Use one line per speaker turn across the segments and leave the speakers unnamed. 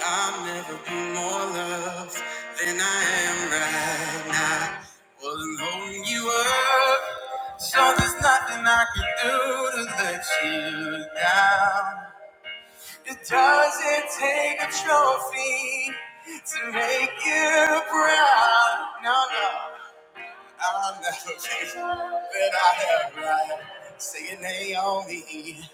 I'll never be more loved than I am right now. Wasn't holding you up, so there's nothing I can do to let you down. It doesn't take a trophy to make you proud. No, no, I'll never be that I am right. Say your name me.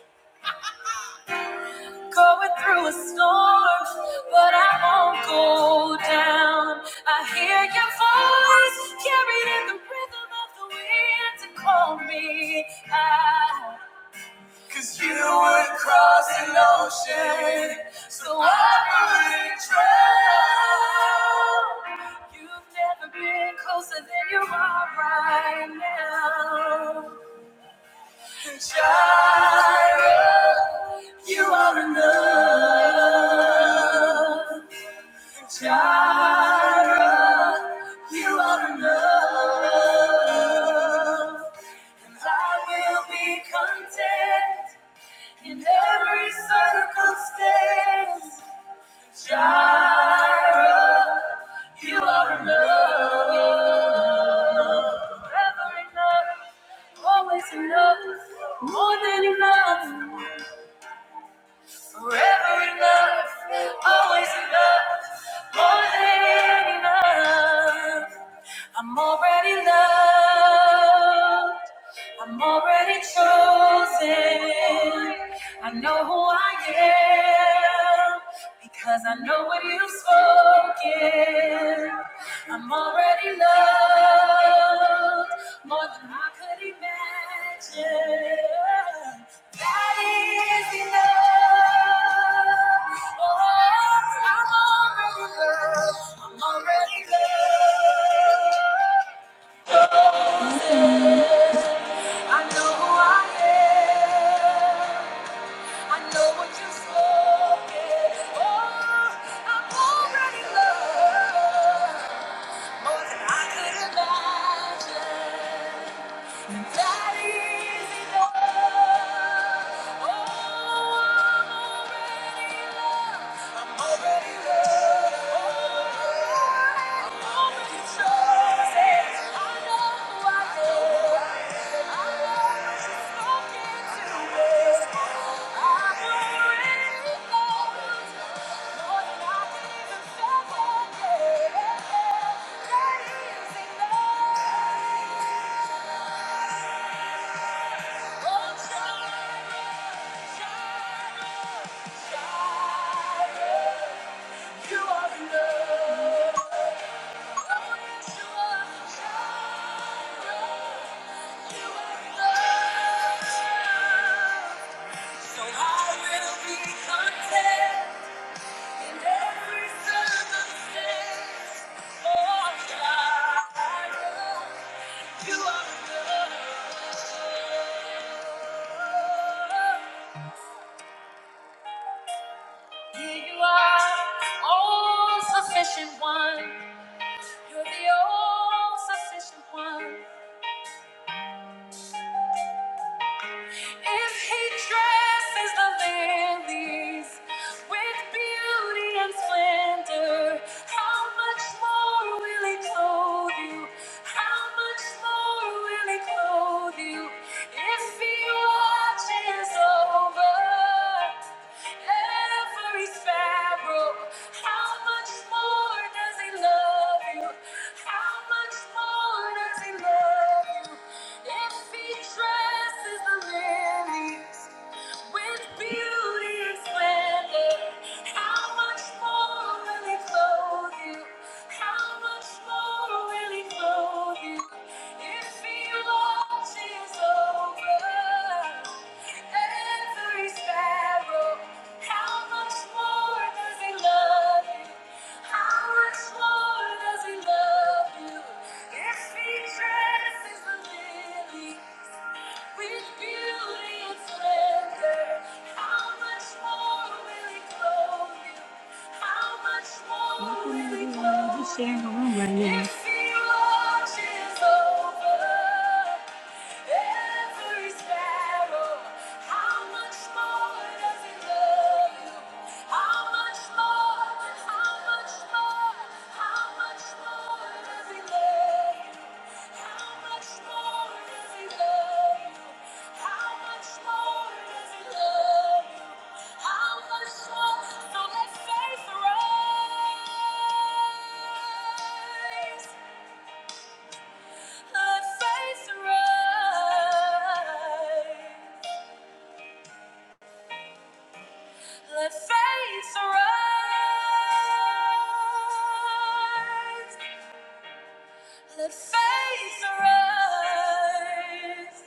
Going through a storm, but I won't go down. I hear your voice carried in the rhythm of the wind to call me out. 'Cause you would cross an ocean, so I wouldn't drown. You've never been closer than you are right now. Child, I will be content. In every circumstance, Jireh, you are enough. Forever enough, always enough, more than enough. Forever enough, always enough, more than enough. I'm already loved. I'm already chosen. I know who I am because I know what you've spoken. I'm already loved more than I could imagine. That is enough. I'm already loved. I'm already loved. I know who I am. I know what you've spoken. Oh, I'm already loved. More than I could imagine. That is enough. Oh, I'm already loved. I'm already loved. Already chosen. I know who I am. I know who's spoken to me. I'm already loved. More than I can even fathom. Yeah. That is enough. You are enough. You are all sufficient one. You're the all sufficient one. If he dresses the lilies with beauty and splendor, how much more will he clothe you? How much more will he clothe you? If he watches over. every sparrow. How much more does he love you? How much more does he love you? If he dresses the lily. With beauty and splendor, how much more will He clothe you? How much more will He clothe you? If He watches over every sparrow, how much more does He love you? How much more does He love you? If He dresses the lily how much more will he clothe you? How much more will he just sharing the room right now. love you? Let faith rise. Let faith rise.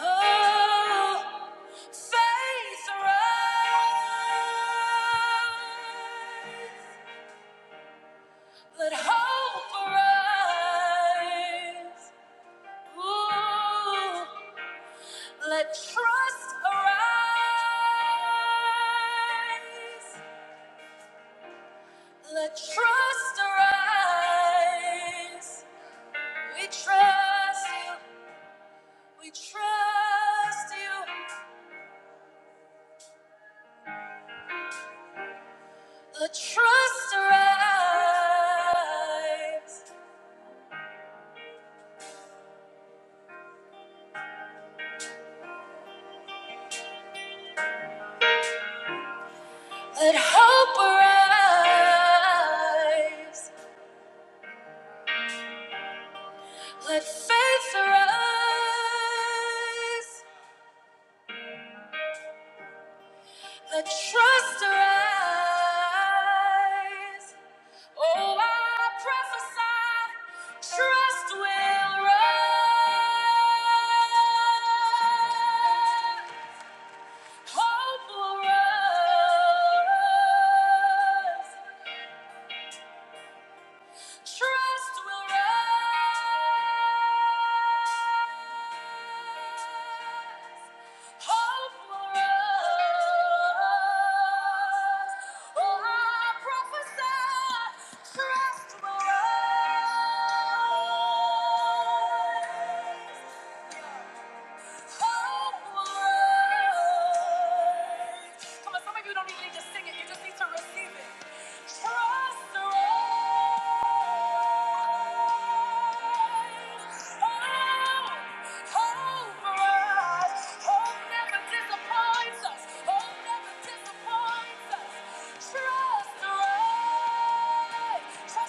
Oh, faith arise. Let hope arise. Ooh, let trust arise. Let trust arise. We trust you. We trust you. Let trust arise. Let hope arise. Let faith arise. Let trust arise. Oh, I prophesy, trust will rise. Hope will rise. Trust will rise. Hope will rise. Oh, I prophesy. Trust will rise. Yeah. Come on, some of you don't even need to sing it, you just need to receive it. Trust the Trust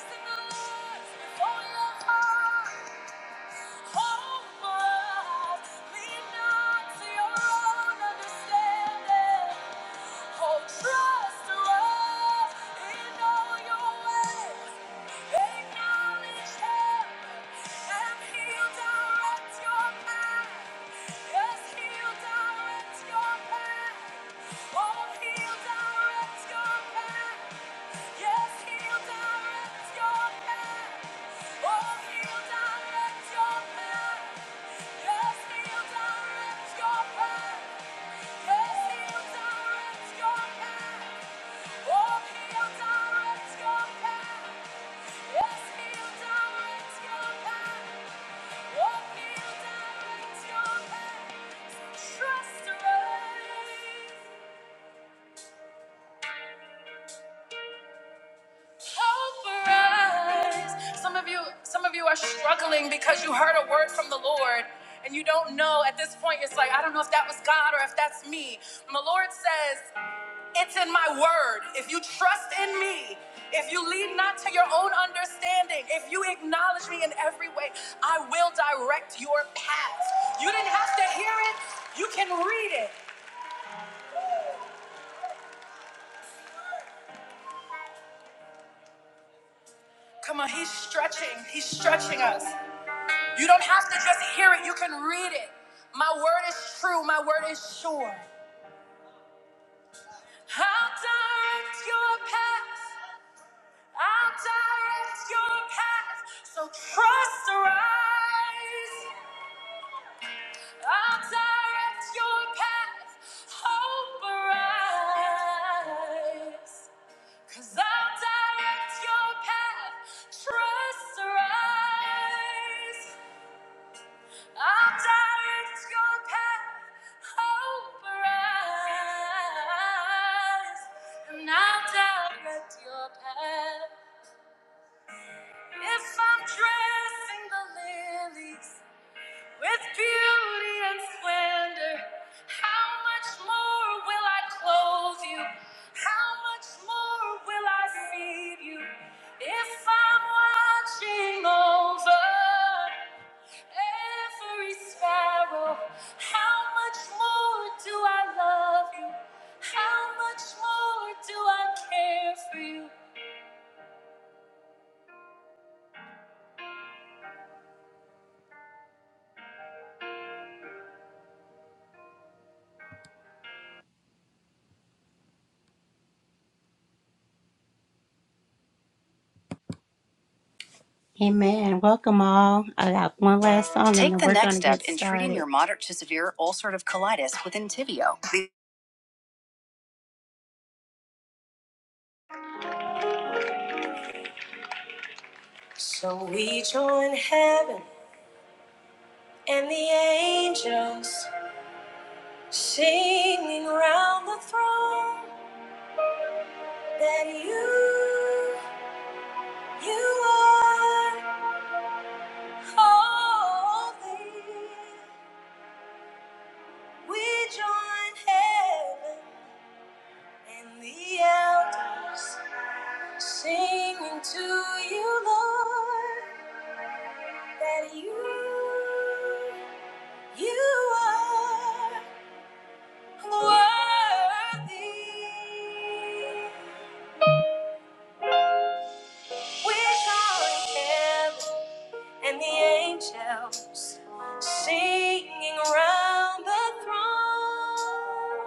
in the Lord with all your heart. Oh, lean not to your own understanding. Hold trust us in all your ways. Acknowledge him and he'll direct your path. Yes, he'll direct your path. Oh, he'll direct your path. Yes, he'll direct your path. Oh, he'll direct your path. Yes, he'll direct your path. Some of you, some of you are struggling because you heard a word from the Lord and you don't know at this point, it's like, I don't know if that was God or if that's me. And the Lord says, It's in my word. If you trust in me, if you lean not to your own understanding, if you acknowledge me in every way, I will direct your path. You didn't have to hear it, you can read it. Come on, he's stretching, he's stretching us. You don't have to just hear it, you can read it. My word is true, my word is sure. I'll direct your path, I'll direct your path. So trust arise. I'll direct your path, hope arise. Cause I'll direct your path, trust arise. I'll direct your path, hope arise. And I'll direct your path. If I'm dressing the lilies, With beauty and splendor, how much more will I clothe you? How much more will I feed you? If I'm watching over every sparrow, how much more do I love you? How much more do I care for you? Amen. Welcome all. I got one last song and Take then the we're next gonna get step get in treating started. your moderate to severe ulcerative colitis with Entyvio. So we join heaven and the angels singing round the throne that you, you are holy. We join heaven and the elders singing to you, Lord. that you, you are worthy. We're calling heaven and the angels singing round the throne.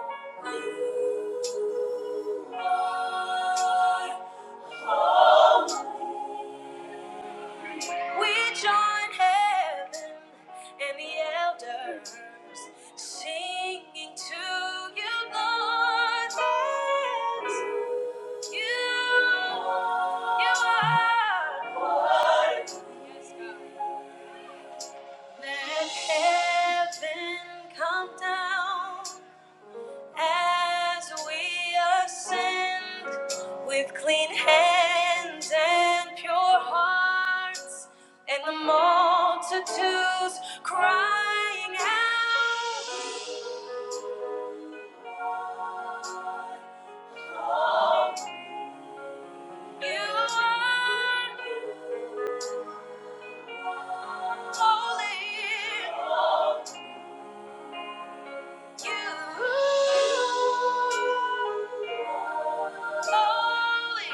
You are holy. We join heaven and the elders singing to you, Lord. that you, you are Lord. Yes, God. Let heaven come down as we ascend with clean hands and pure hearts, and the multitudes crying out, You are holy. You holy, holy,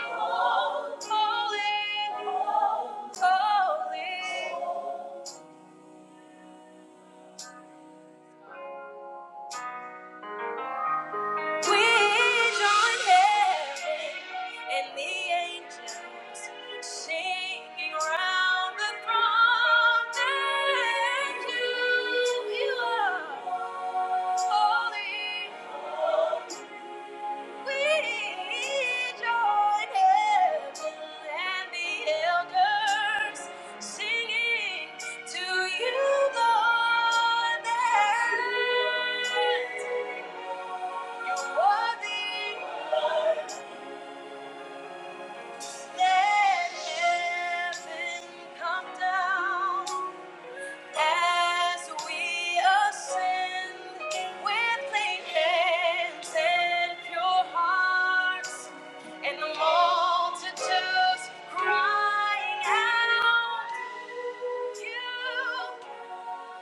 holy. We join heaven and the angels singing round the throne that you, you are holy. We join heaven and the elders singing to you, Lord. that You are the let heaven come down as we ascend with clean hands and pure hearts, and the multitudes crying out, You,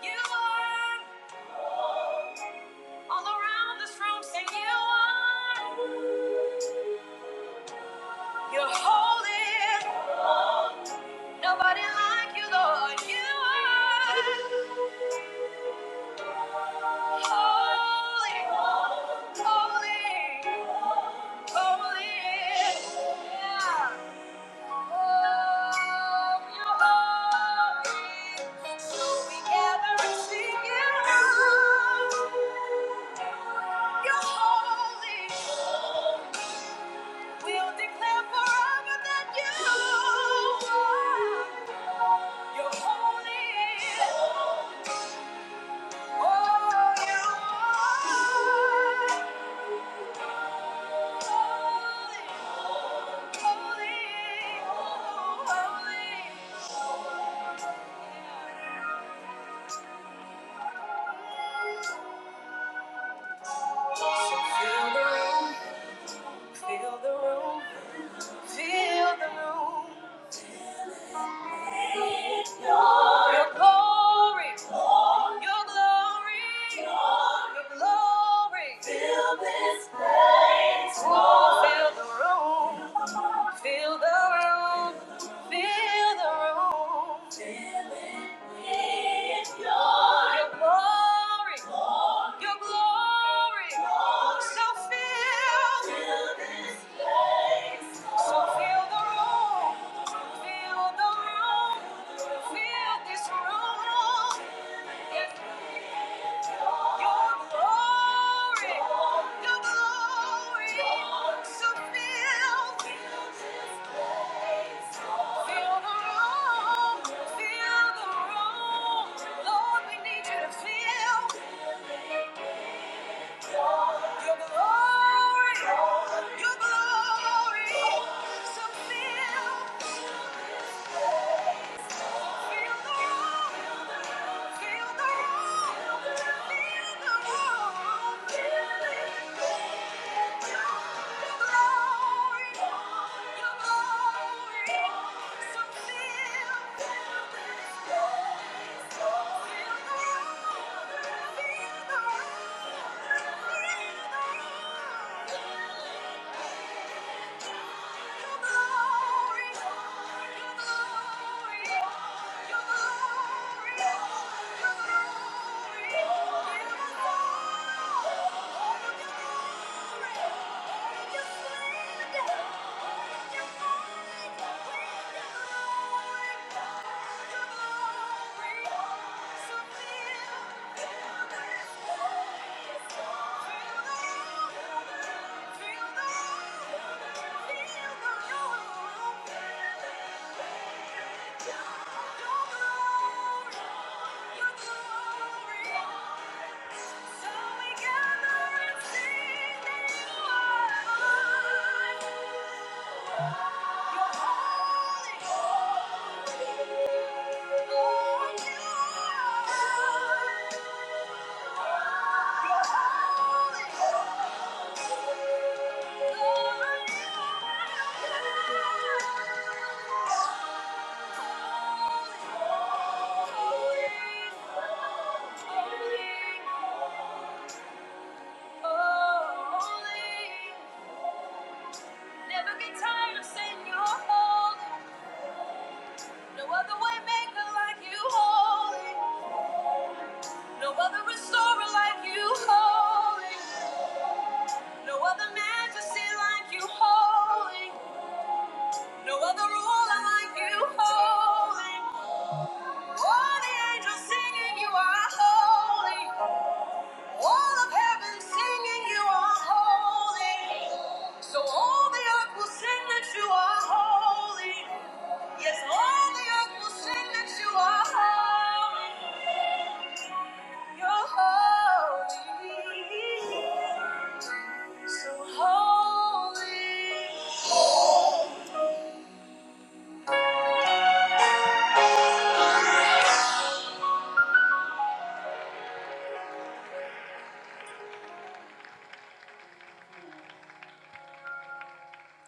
you are all around this room, sing you are. You're holy. Nobody like you, Lord. You are holy, holy, holy. Yeah. Oh, you're holy. So we gather and sing you. You're holy. We'll declare forever that you are, you're holy. Oh, you are holy, holy, holy. So fill the room, fill the room, fill the room. Your glory. Your glory, your glory, fill the room, fill the room, fill the room. Your glory, your glory, so full, full, full, fill. Your glory, so fill. Thank you. You're glory. You're glory. You're glory. You're glory. You're glory. You're glory. Feel the Holy, holy, holy. Never get tired of saying you're holy. No other way like you holy. No other restorer like you holy. No other majesty like you holy. No other ruler like you holy. All the angels singing you are holy. All of heaven singing you are holy. So all the earth will sing that you are holy. Yes, all the earth will sing that you are holy. You're holy. So holy.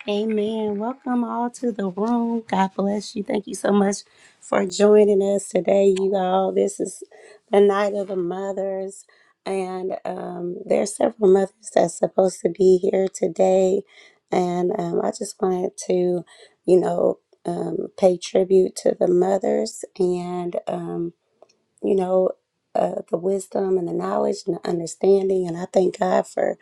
Amen. Welcome all to the room. God bless you. Thank you so much for joining us today, you all. This is the night of the mothers, and um, there are several mothers that's supposed to be here today. And um, I just wanted to, you know, um, pay tribute to the mothers and. Um, you know, uh, the wisdom and the knowledge and the understanding. And I thank God for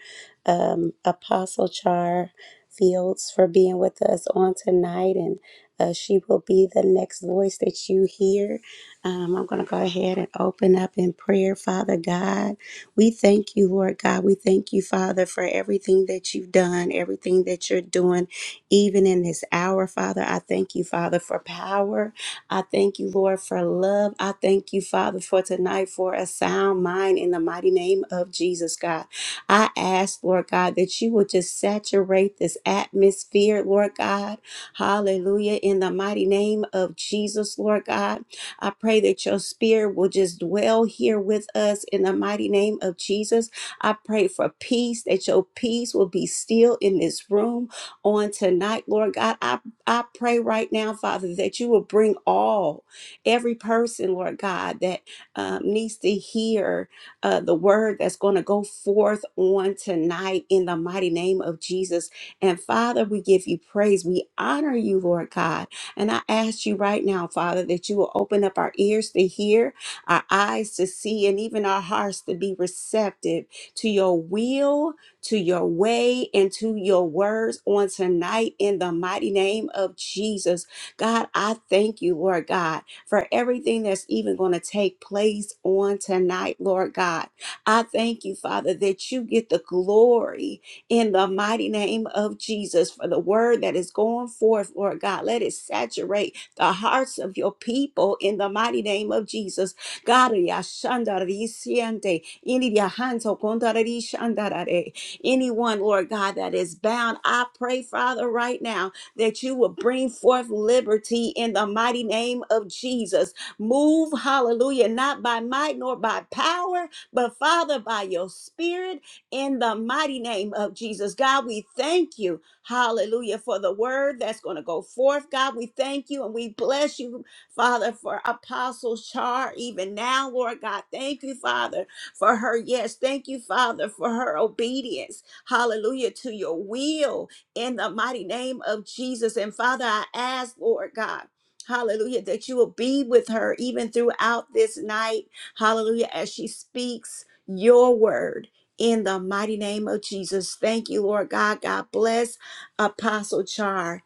um, Apostle Char Fields for being with us on tonight. And uh, she will be the next voice that you hear. Um, I'm going to go ahead and open up in prayer, Father God. We thank you, Lord God. We thank you, Father, for everything that you've done, everything that you're doing, even in this hour, Father. I thank you, Father, for power. I thank you, Lord, for love. I thank you, Father, for tonight for a sound mind in the mighty name of Jesus, God. I ask, Lord God, that you would just saturate this atmosphere, Lord God. Hallelujah. In the mighty name of Jesus, Lord God. I pray that your spirit will just dwell here with us in the mighty name of Jesus. I pray for peace, that your peace will be still in this room on tonight, Lord God. I I pray right now, Father, that you will bring all, every person, Lord God, that um, needs to hear uh, the word that's going to go forth on tonight in the mighty name of Jesus. And Father, we give you praise. We honor you, Lord God. And I ask you right now, Father, that you will open up our ears to hear, our eyes to see, and even our hearts to be receptive to your will to your way and to your words on tonight in the mighty name of Jesus. God, I thank you, Lord God, for everything that's even going to take place on tonight, Lord God. I thank you, Father, that you get the glory in the mighty name of Jesus for the word that is going forth, Lord God. Let it saturate the hearts of your people in the mighty name of Jesus. God, yashandarisiente, inidiahanto kondarari shandarare. Anyone, Lord God, that is bound, I pray, Father, right now that you will bring forth liberty in the mighty name of Jesus. Move, hallelujah, not by might nor by power, but Father, by your spirit in the mighty name of Jesus. God, we thank you, hallelujah, for the word that's going to go forth. God, we thank you and we bless you, Father, for Apostle Char, even now, Lord God. Thank you, Father for her. Yes, thank you, Father, for her obedience. Hallelujah to your will in the mighty name of Jesus. And Father, I ask, Lord God. Hallelujah, that you will be with her even throughout this night. Hallelujah, as she speaks your word in the mighty name of Jesus. Thank you, Lord God. God bless Apostle Char.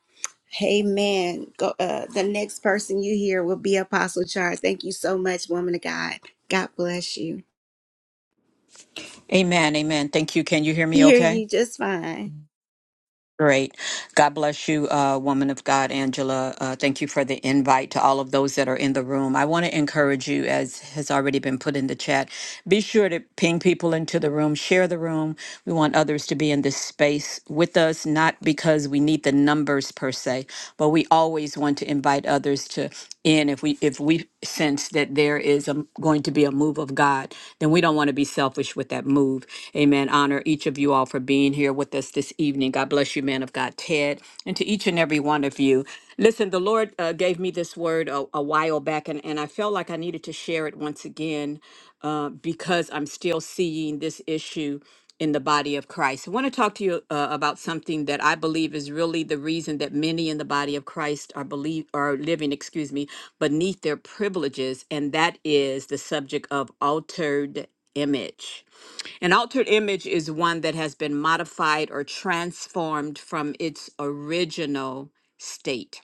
Amen. Go, uh, the next person you hear will be Apostle Char. Thank you so much, woman of God. God bless you.
Amen. Amen. Thank you. Can you hear me
hear
okay?
you just fine.
Great. God bless you, uh, woman of God, Angela. Uh, thank you for the invite to all of those that are in the room. I want to encourage you, as has already been put in the chat, be sure to ping people into the room, share the room. We want others to be in this space with us, not because we need the numbers per se, but we always want to invite others to in if we if we we sense that there is a, going to be a move of God, then we don't want to be selfish with that move. Amen. Honor each of you all for being here with us this evening. God bless you, man of God, Ted, and to each and every one of you. Listen, the Lord uh, gave me this word a, a while back, and, and I felt like I needed to share it once again uh, because I'm still seeing this issue in the body of Christ. I want to talk to you uh, about something that I believe is really the reason that many in the body of Christ are believe are living, excuse me, beneath their privileges, and that is the subject of altered image. An altered image is one that has been modified or transformed from its original state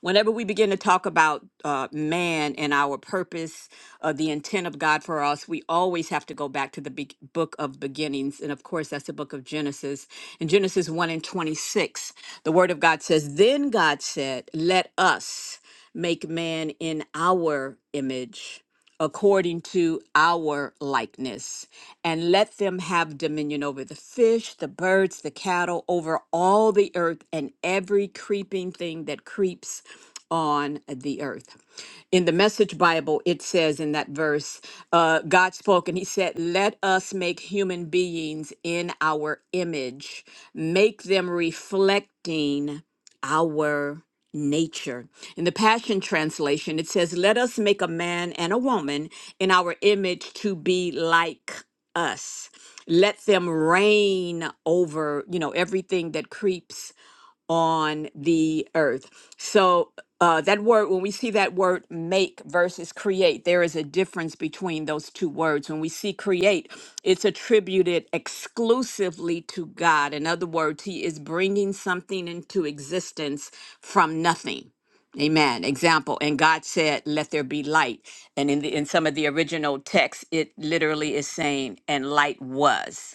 whenever we begin to talk about uh, man and our purpose, uh, the intent of God for us, we always have to go back to the be- book of beginnings. And of course, that's the book of Genesis. In Genesis 1 and 26, the word of God says, Then God said, Let us make man in our image according to our likeness, and let them have dominion over the fish, the birds, the cattle, over all the earth, and every creeping thing that creeps on the earth. In the Message Bible, it says in that verse, uh, God spoke and He said, Let us make human beings in our image, make them reflecting our nature. In the Passion Translation, it says, Let us make a man and a woman in our image to be like us. Let them reign over, you know, everything that creeps on the earth. So uh, that word, when we see that word make versus create, there is a difference between those two words. When we see create, it's attributed exclusively to God. In other words, He is bringing something into existence from nothing. Amen. Example, and God said, "Let there be light." And in the, in some of the original texts, it literally is saying, "And light was."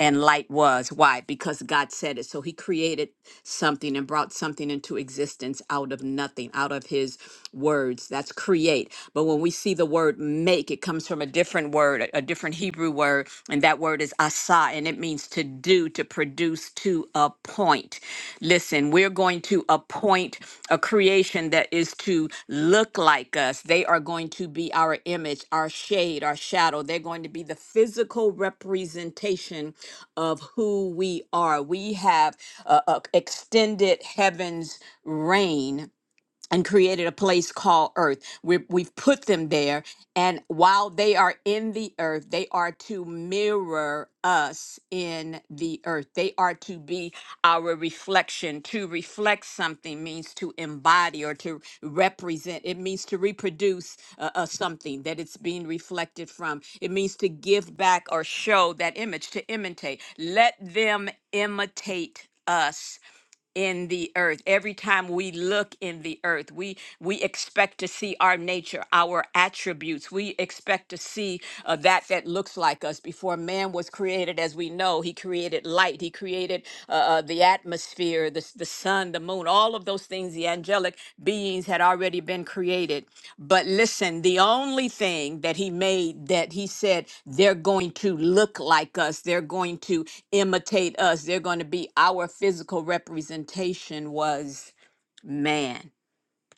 and light was why because god said it so he created something and brought something into existence out of nothing out of his words that's create but when we see the word make it comes from a different word a a different hebrew word and that word is asa and it it means to do, to produce, to appoint. Listen, we're going to appoint a creation that is to look like us. They are going to be our image, our shade, our shadow. They're going to be the physical representation of who we are. We have uh, uh, extended heaven's reign and created a place called earth. We're, we've put them there. And while they are in the earth, they are to mirror us in the earth. They are to be our reflection. To reflect something means to embody or to represent, it means to reproduce uh, uh, something that it's being reflected from. It means to give back or show that image, to imitate. Let them imitate us in the earth every time we look in the earth we we expect to see our nature our attributes we expect to see uh, that that looks like us before man was created as we know he created light he created uh, uh, the atmosphere the, s- the sun the moon, all of those things, the angelic beings had already been created. But listen, the only thing that he made that he said they're going to look like us, they're going to imitate us, they're going to be our physical representation was man.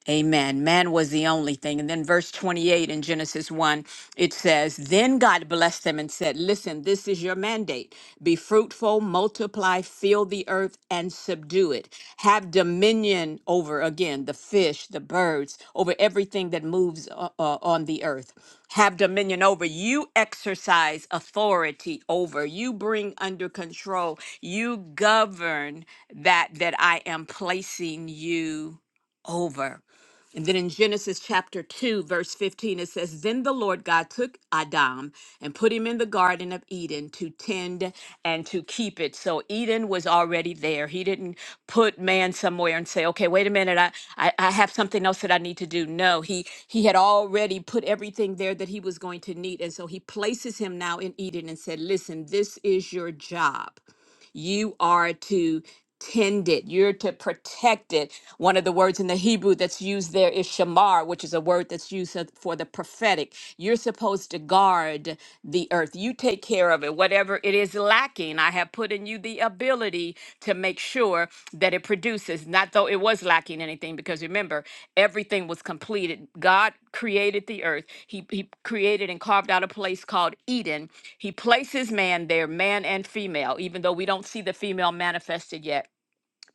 Amen. Man was the only thing. And then verse 28 in Genesis 1, it says, Then God blessed them and said, 'Listen, this is your mandate. Be fruitful, multiply, fill the earth, and subdue it. Have dominion over, again, the fish, the birds, over everything that moves uh, uh, on the earth. Have dominion over. You exercise authority over. You bring under control. You govern that that I am placing you over. And then in Genesis chapter 2, verse 15, it says, Then the Lord God took Adam and put him in the Garden of Eden to tend and to keep it. So Eden was already there. He didn't put man somewhere and say, Okay, wait a minute, I, I, I have something else that I need to do. No, he he had already put everything there that he was going to need. And so he places him now in Eden and said, Listen, this is your job. You are to tend it. You're to protect it. One of the words in the Hebrew that's used there is shamar, which is a word that's used of- for the prophetic. You're supposed to guard the earth. You take care of it. Whatever it is lacking, I have put in you the ability to make sure that it produces. Not though it was lacking anything, because remember, everything was completed. God created the earth. He, he created and carved out a place called Eden. He places man there, man and female, even though we don't see the female manifested yet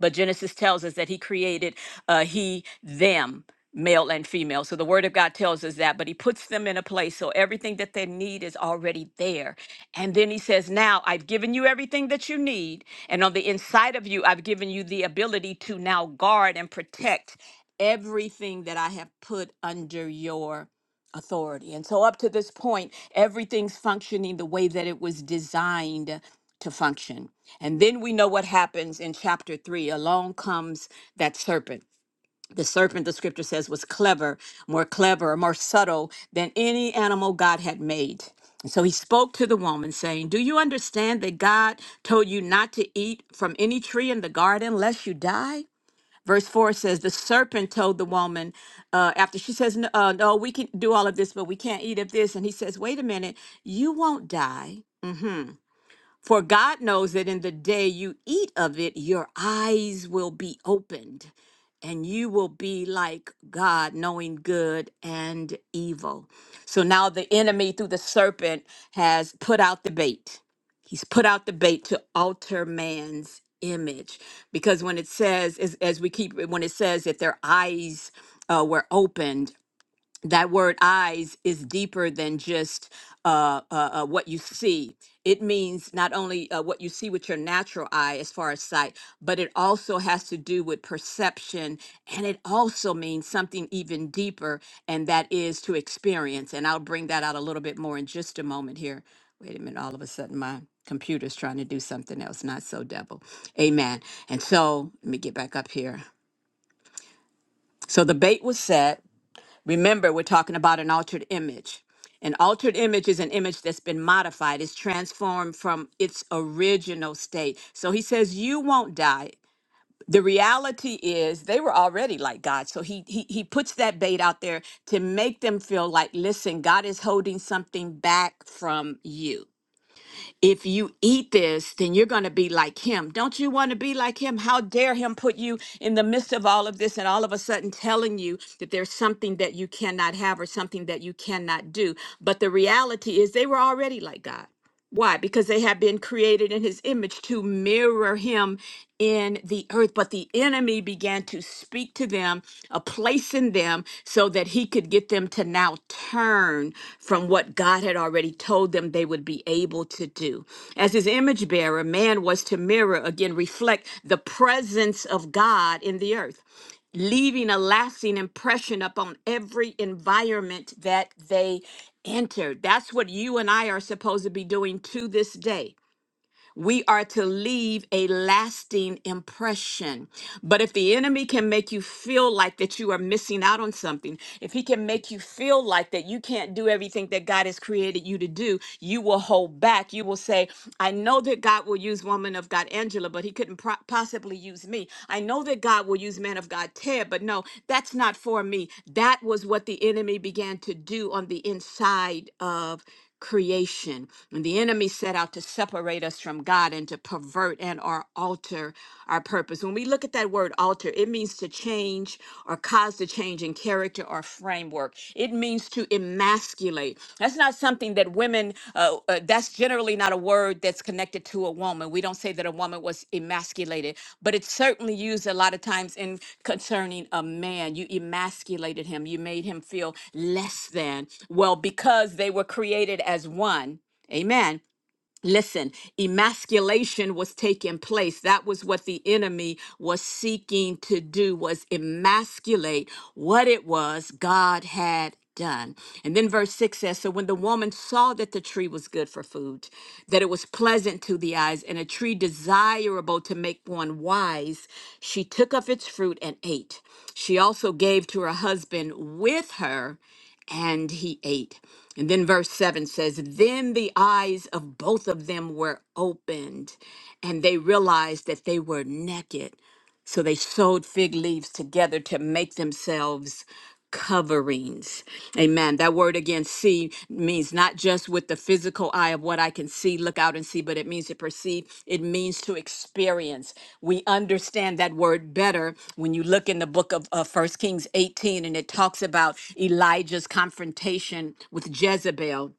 but Genesis tells us that he created uh, he, them, male and female. So the word of God tells us that, but he puts them in a place. So everything that they need is already there. And then he says, Now I've given you everything that you need. And on the inside of you, I've given you the ability to now guard and protect everything that I have put under your authority. And so, up to this point, everything's functioning the way that it was designed to function. And then we know what happens in chapter three. Along comes that serpent. The serpent, the scripture says, was clever, more clever, more subtle than any animal God had made. And so he spoke to the woman, saying, Do you understand that God told you not to eat from any tree in the garden lest you die? Verse 4 says, The serpent told the woman, uh, after she says, "N- uh, No, we can do all of this, but we can't eat of this. And he says, Wait a minute, you won't die. mm-hmm, for God knows that in the day you eat of it, your eyes will be opened, and you will be like God, knowing good and evil. So now the enemy, through the serpent, has put out the bait. He's put out the bait to alter man's image. Because when it says, as, as we keep, when it says that their eyes uh, were opened, that word eyes is deeper than just uh, uh, uh, what you see. It means not only uh, what you see with your natural eye as far as sight, but it also has to do with perception. And it also means something even deeper, and that is to experience. And I'll bring that out a little bit more in just a moment here. Wait a minute, all of a sudden my computer's trying to do something else. Not so, devil. Amen. And so let me get back up here. So the bait was set Remember, we're talking about an altered image. An altered image is an image that's been modified, it's transformed from its original state. So he says, You won't die. The reality is they were already like God. So he, he he puts that bait out there to make them feel like, listen, God is holding something back from you if you eat this, then you're going to be like him. Don't you want to be like him? How dare him put you in the midst of all of this and all of a sudden telling you that there's something that you cannot have or something that you cannot do? But the reality is, they were already like God. Why? Because they have been created in his image to mirror him in the earth. But the enemy began to speak to them, a place in them, so that he could get them to now turn from what God had already told them they would be able to do. As his image bearer, man was to mirror, again, reflect the presence of God in the earth leaving a lasting impression upon every environment that they entered. That's what you and I are supposed to be doing to this day. We are to leave a lasting impression. But if the enemy can make you feel like that you are missing out on something, if he can make you feel like that you can't do everything that God has created you to do, you will hold back. You will say, I know that God will use woman of God Angela, but he couldn't pro- possibly use me. I know that God will use man of God Ted, but no, that's not for me. That was what the enemy began to do on the inside of creation. And the enemy set out to separate us from God and to pervert and or alter our purpose. When we look at that word alter, it means to change or cause to change in character or framework. It means to emasculate. That's not something that women uh, uh, uh, that's generally not a word that's connected to a woman. We don't say that a woman was emasculated, but it's certainly used a lot of times in concerning a man. You emasculated him, you made him feel less than. Well, because they were created as one. Amen. Listen, emasculation was taking place. That was what the enemy was seeking to do was emasculate what it was God had done. And then verse 6 says, so when the woman saw that the tree was good for food, that it was pleasant to the eyes and a tree desirable to make one wise, she took of its fruit and ate. She also gave to her husband with her and he ate. And then verse 7 says, Then the eyes of both of them were opened, and they realized that they were naked. So they sewed fig leaves together to make themselves coverings. Amen. That word again, see, means not just with the physical eye of what I can see, look out and see, but it means to perceive. It means to experience. We understand that word better when you look in the book of uh, 1 Kings 18 and it talks about Elijah's confrontation with Jezebel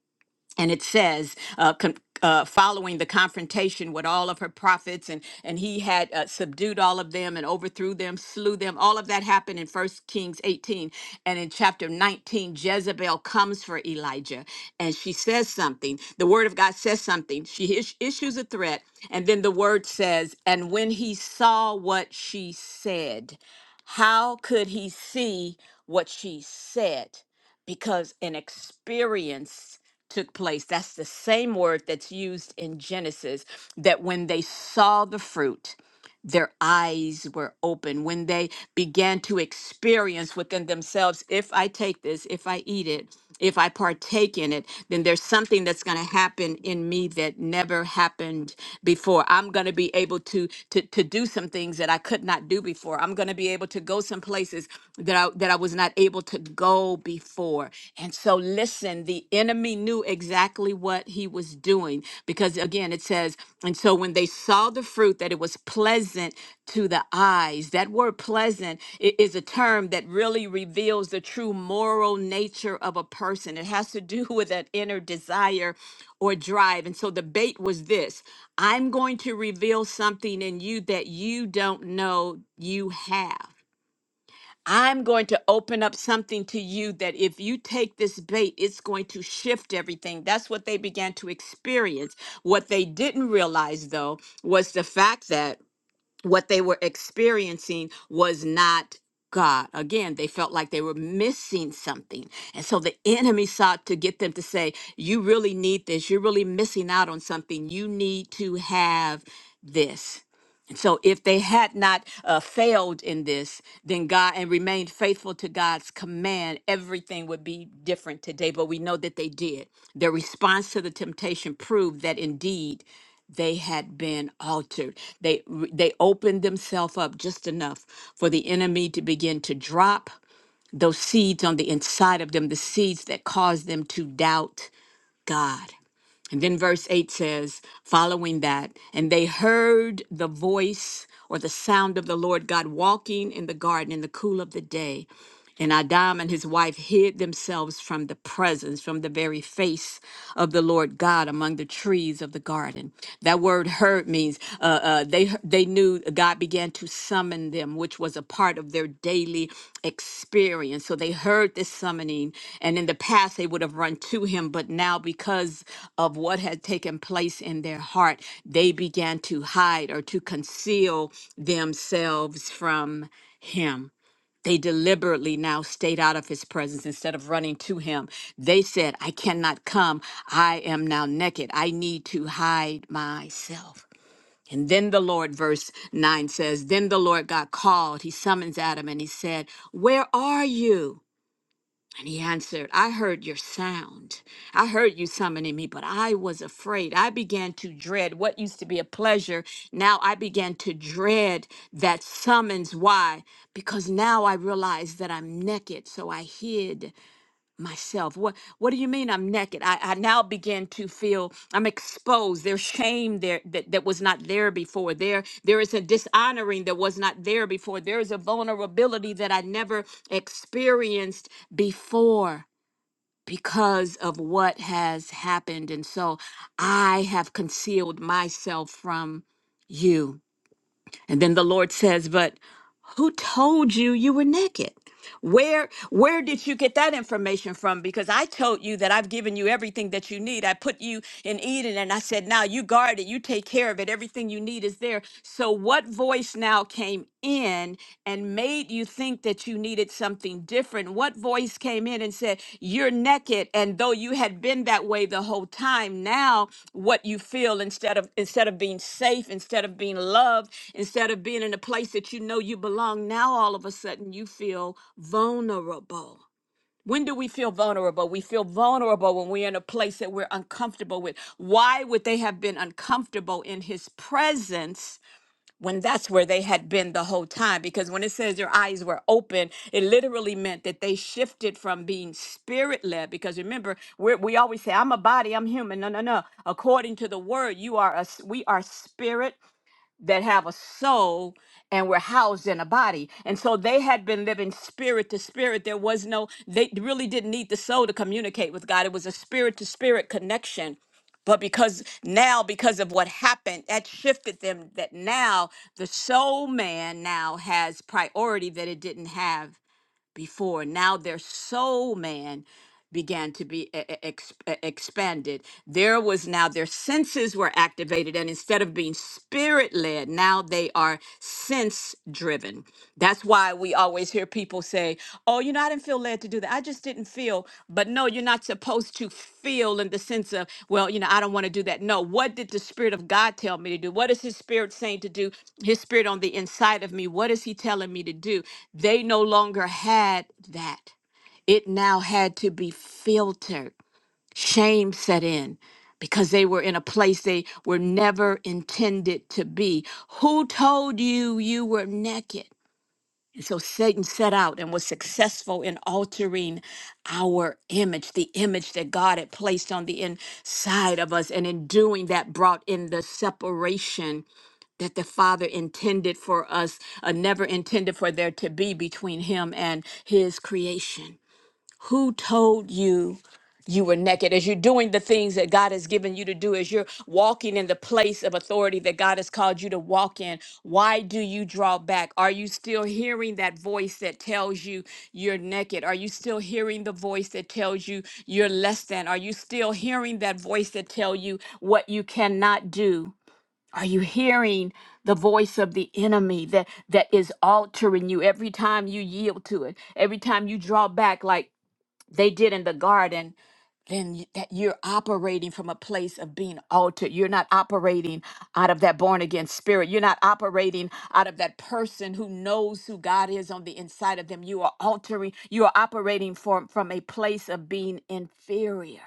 and it says uh, con- uh, following the confrontation with all of her prophets and and he had uh, subdued all of them and overthrew them slew them all of that happened in first kings 18 and in chapter 19 jezebel comes for elijah and she says something the word of god says something she is- issues a threat and then the word says and when he saw what she said how could he see what she said because an experience took place. That's the same word that's used in Genesis that when they saw the fruit, their eyes were open. When they began to experience within themselves, if I take this, if I eat it, if I partake in it, then there's something that's going to happen in me that never happened before. I'm going to be able to, to to do some things that I could not do before. I'm going to be able to go some places that I that I was not able to go before. And so, listen, the enemy knew exactly what he was doing because, again, it says, and so when they saw the fruit, that it was pleasant to the eyes. That word pleasant i- is a term that really reveals the true moral nature of a person. It has to do with an inner desire or drive. And so the bait was this I'm going to reveal something in you that you don't know you have. I'm going to open up something to you that if you take this bait, it's going to shift everything. That's what they began to experience. What they didn't realize, though, was the fact that what they were experiencing was not. God. Again, they felt like they were missing something. And so the enemy sought to get them to say, You really need this. You're really missing out on something. You need to have this so if they had not uh, failed in this then god and remained faithful to god's command everything would be different today but we know that they did their response to the temptation proved that indeed they had been altered they they opened themselves up just enough for the enemy to begin to drop those seeds on the inside of them the seeds that caused them to doubt god and then verse 8 says, following that, and they heard the voice or the sound of the Lord God walking in the garden in the cool of the day. And Adam and his wife hid themselves from the presence, from the very face of the Lord God among the trees of the garden. That word heard means uh, uh, they, they knew God began to summon them, which was a part of their daily experience. So they heard this summoning. And in the past, they would have run to him. But now, because of what had taken place in their heart, they began to hide or to conceal themselves from him they deliberately now stayed out of his presence instead of running to him. They said, I cannot come. I am now naked. I need to hide myself. And then the Lord, verse 9 says, Then the Lord God called. He summons Adam and he said, Where are you? And he answered, I heard your sound. I heard you summoning me, but I was afraid. I began to dread what used to be a pleasure. Now I began to dread that summons. Why? Because now I realized that I'm naked. So I hid myself what what do you mean i'm naked i, I now begin to feel i'm exposed there's shame there that, that was not there before there there is a dishonoring that was not there before there is a vulnerability that i never experienced before because of what has happened and so i have concealed myself from you and then the Lord says, But who told you you were naked? Where where did you get that information from? Because I told you that I've given you everything that you need. I put you in Eden and I said, now you guard it, you take care of it. Everything you need is there. So what voice now came in and made you think that you needed something different? different? What voice came in and said, You're naked? And though you had been that way the whole time, now what you feel instead of instead of being safe, instead of being loved, instead of being in a place that you know you belong, now all of a sudden you feel vulnerable. When do we feel vulnerable? We feel vulnerable when we're in a place that we're uncomfortable with. Why would they have been uncomfortable in his presence when that's where they had been the whole time. Because when it says your eyes were open, it literally meant that they shifted from being spirit led. Because remember, we're, we always say, "I'm a body, I'm human." No, no, no. According to the word, you are a s- we are spirit that have a soul and were housed in a body. And so they had been living spirit to spirit. There was no, they really didn't need the soul to communicate with God. It was a spirit to spirit connection. But because now, because of what happened, that shifted them that now the soul man now has priority that it didn't have before. Now their soul man began to be e- e- ex- e- expanded. There was now their senses were activated, and instead of being spirit led, now they are sense driven. That's why we always hear people say, "Oh, you know." No, I didn't feel led to do that. I just didn't feel, but no, you're not supposed to feel in the sense of, well, you know, I don't want to do that. No, what did the Spirit of God tell me to do? What is His Spirit saying to do? His Spirit on the inside of me, what is He telling me to do? They no longer had that. It now had to be filtered. Shame set in because they were in a place they were never intended to be. Who told you you were naked? so Satan set out and was successful in altering our image, the image that God had placed on the inside of us. And in doing that, brought in the separation that the Father intended for us, uh, never intended for there to be between Him and His creation. Who told you? you were naked, as you're doing the things that God has given you to do, as you're walking in the place of authority that God has called you to walk in, why do you draw back? Are you still hearing that voice that tells you you're naked? Are you still hearing the voice that tells you you're less than? Are you still hearing that voice that tell you what you cannot do? Are you hearing the voice of the enemy that that is altering you every time you yield to it? Every time you draw back like they did in the garden, then y- that you're operating from a place of being altered. You're not operating out of that born again spirit. You're not operating out of that person who knows who God is on the inside of them. You are altering, you are operating from, from a place of being inferior.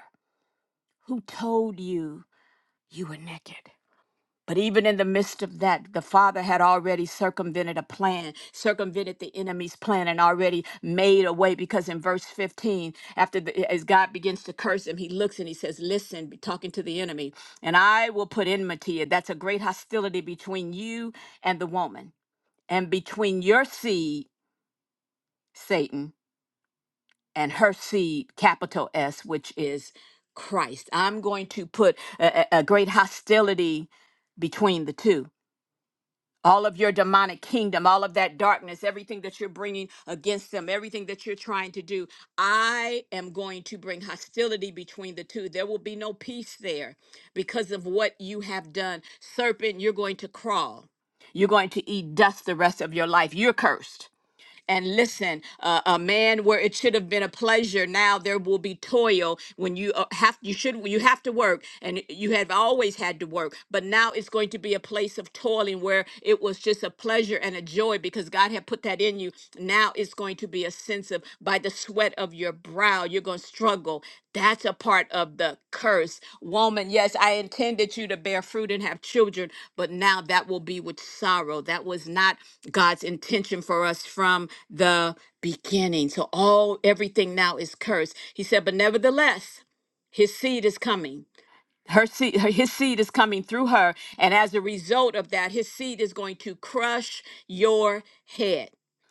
Who told you you were naked? But even in the midst of that, the Father had already circumvented a plan, circumvented the enemy's plan, and already made a way. Because in verse 15, after the, as God begins to curse him, he looks and he says, Listen, be talking to the enemy, and I will put enmity. That's a great hostility between you and the woman, and between your seed, Satan, and her seed, capital S, which is Christ. I'm going to put a, a a great hostility between the two. all of your demonic kingdom, all of that darkness, everything that you're bringing against them, everything that you're trying to do. I am going to bring hostility between the two. There will be no peace there because of what you have done. Serpent, you're going to crawl. You're going to eat dust the rest of your life. You're cursed. And listen, uh, a man where it should have been a pleasure, now there will be toil when you uh, have you should you have to work, and you have always had to work, but now it's going to be a place of toiling where it was just a pleasure and a joy because God had put that in you. Now it's going to be a sense of by the sweat of your brow you're going to struggle that's a part of the curse woman yes i intended you to bear fruit and have children but now that will be with sorrow that was not god's intention for us from the beginning so all everything now is cursed he said but nevertheless his seed is coming her seed her, his seed is coming through her and as a result of that his seed is going to crush your head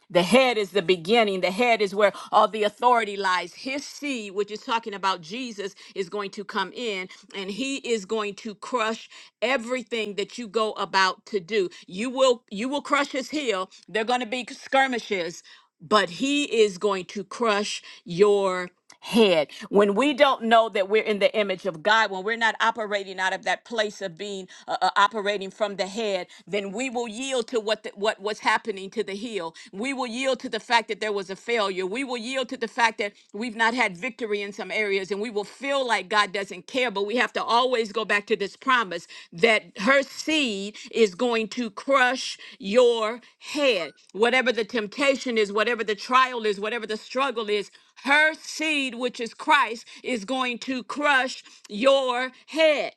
the head is the beginning the head is where all the authority lies his seed which is talking about jesus is going to come in and he is going to crush everything that you go about to do you will you will crush his heel there are going to be skirmishes but he is going to crush your head, when we don't know that we're in the image of God, when we're not operating out of that place of being uh, uh, operating from the head, then we will yield to what the, what what's happening to the heel. We will yield to the fact that there was a failure. We will yield to the fact that we've not had victory in some areas, and we will feel like God doesn't care. But we have to always go back to this promise that her seed is going to crush your head. Whatever the temptation is, whatever the trial is, whatever the struggle is, her seed, which is Christ, is going to crush your head.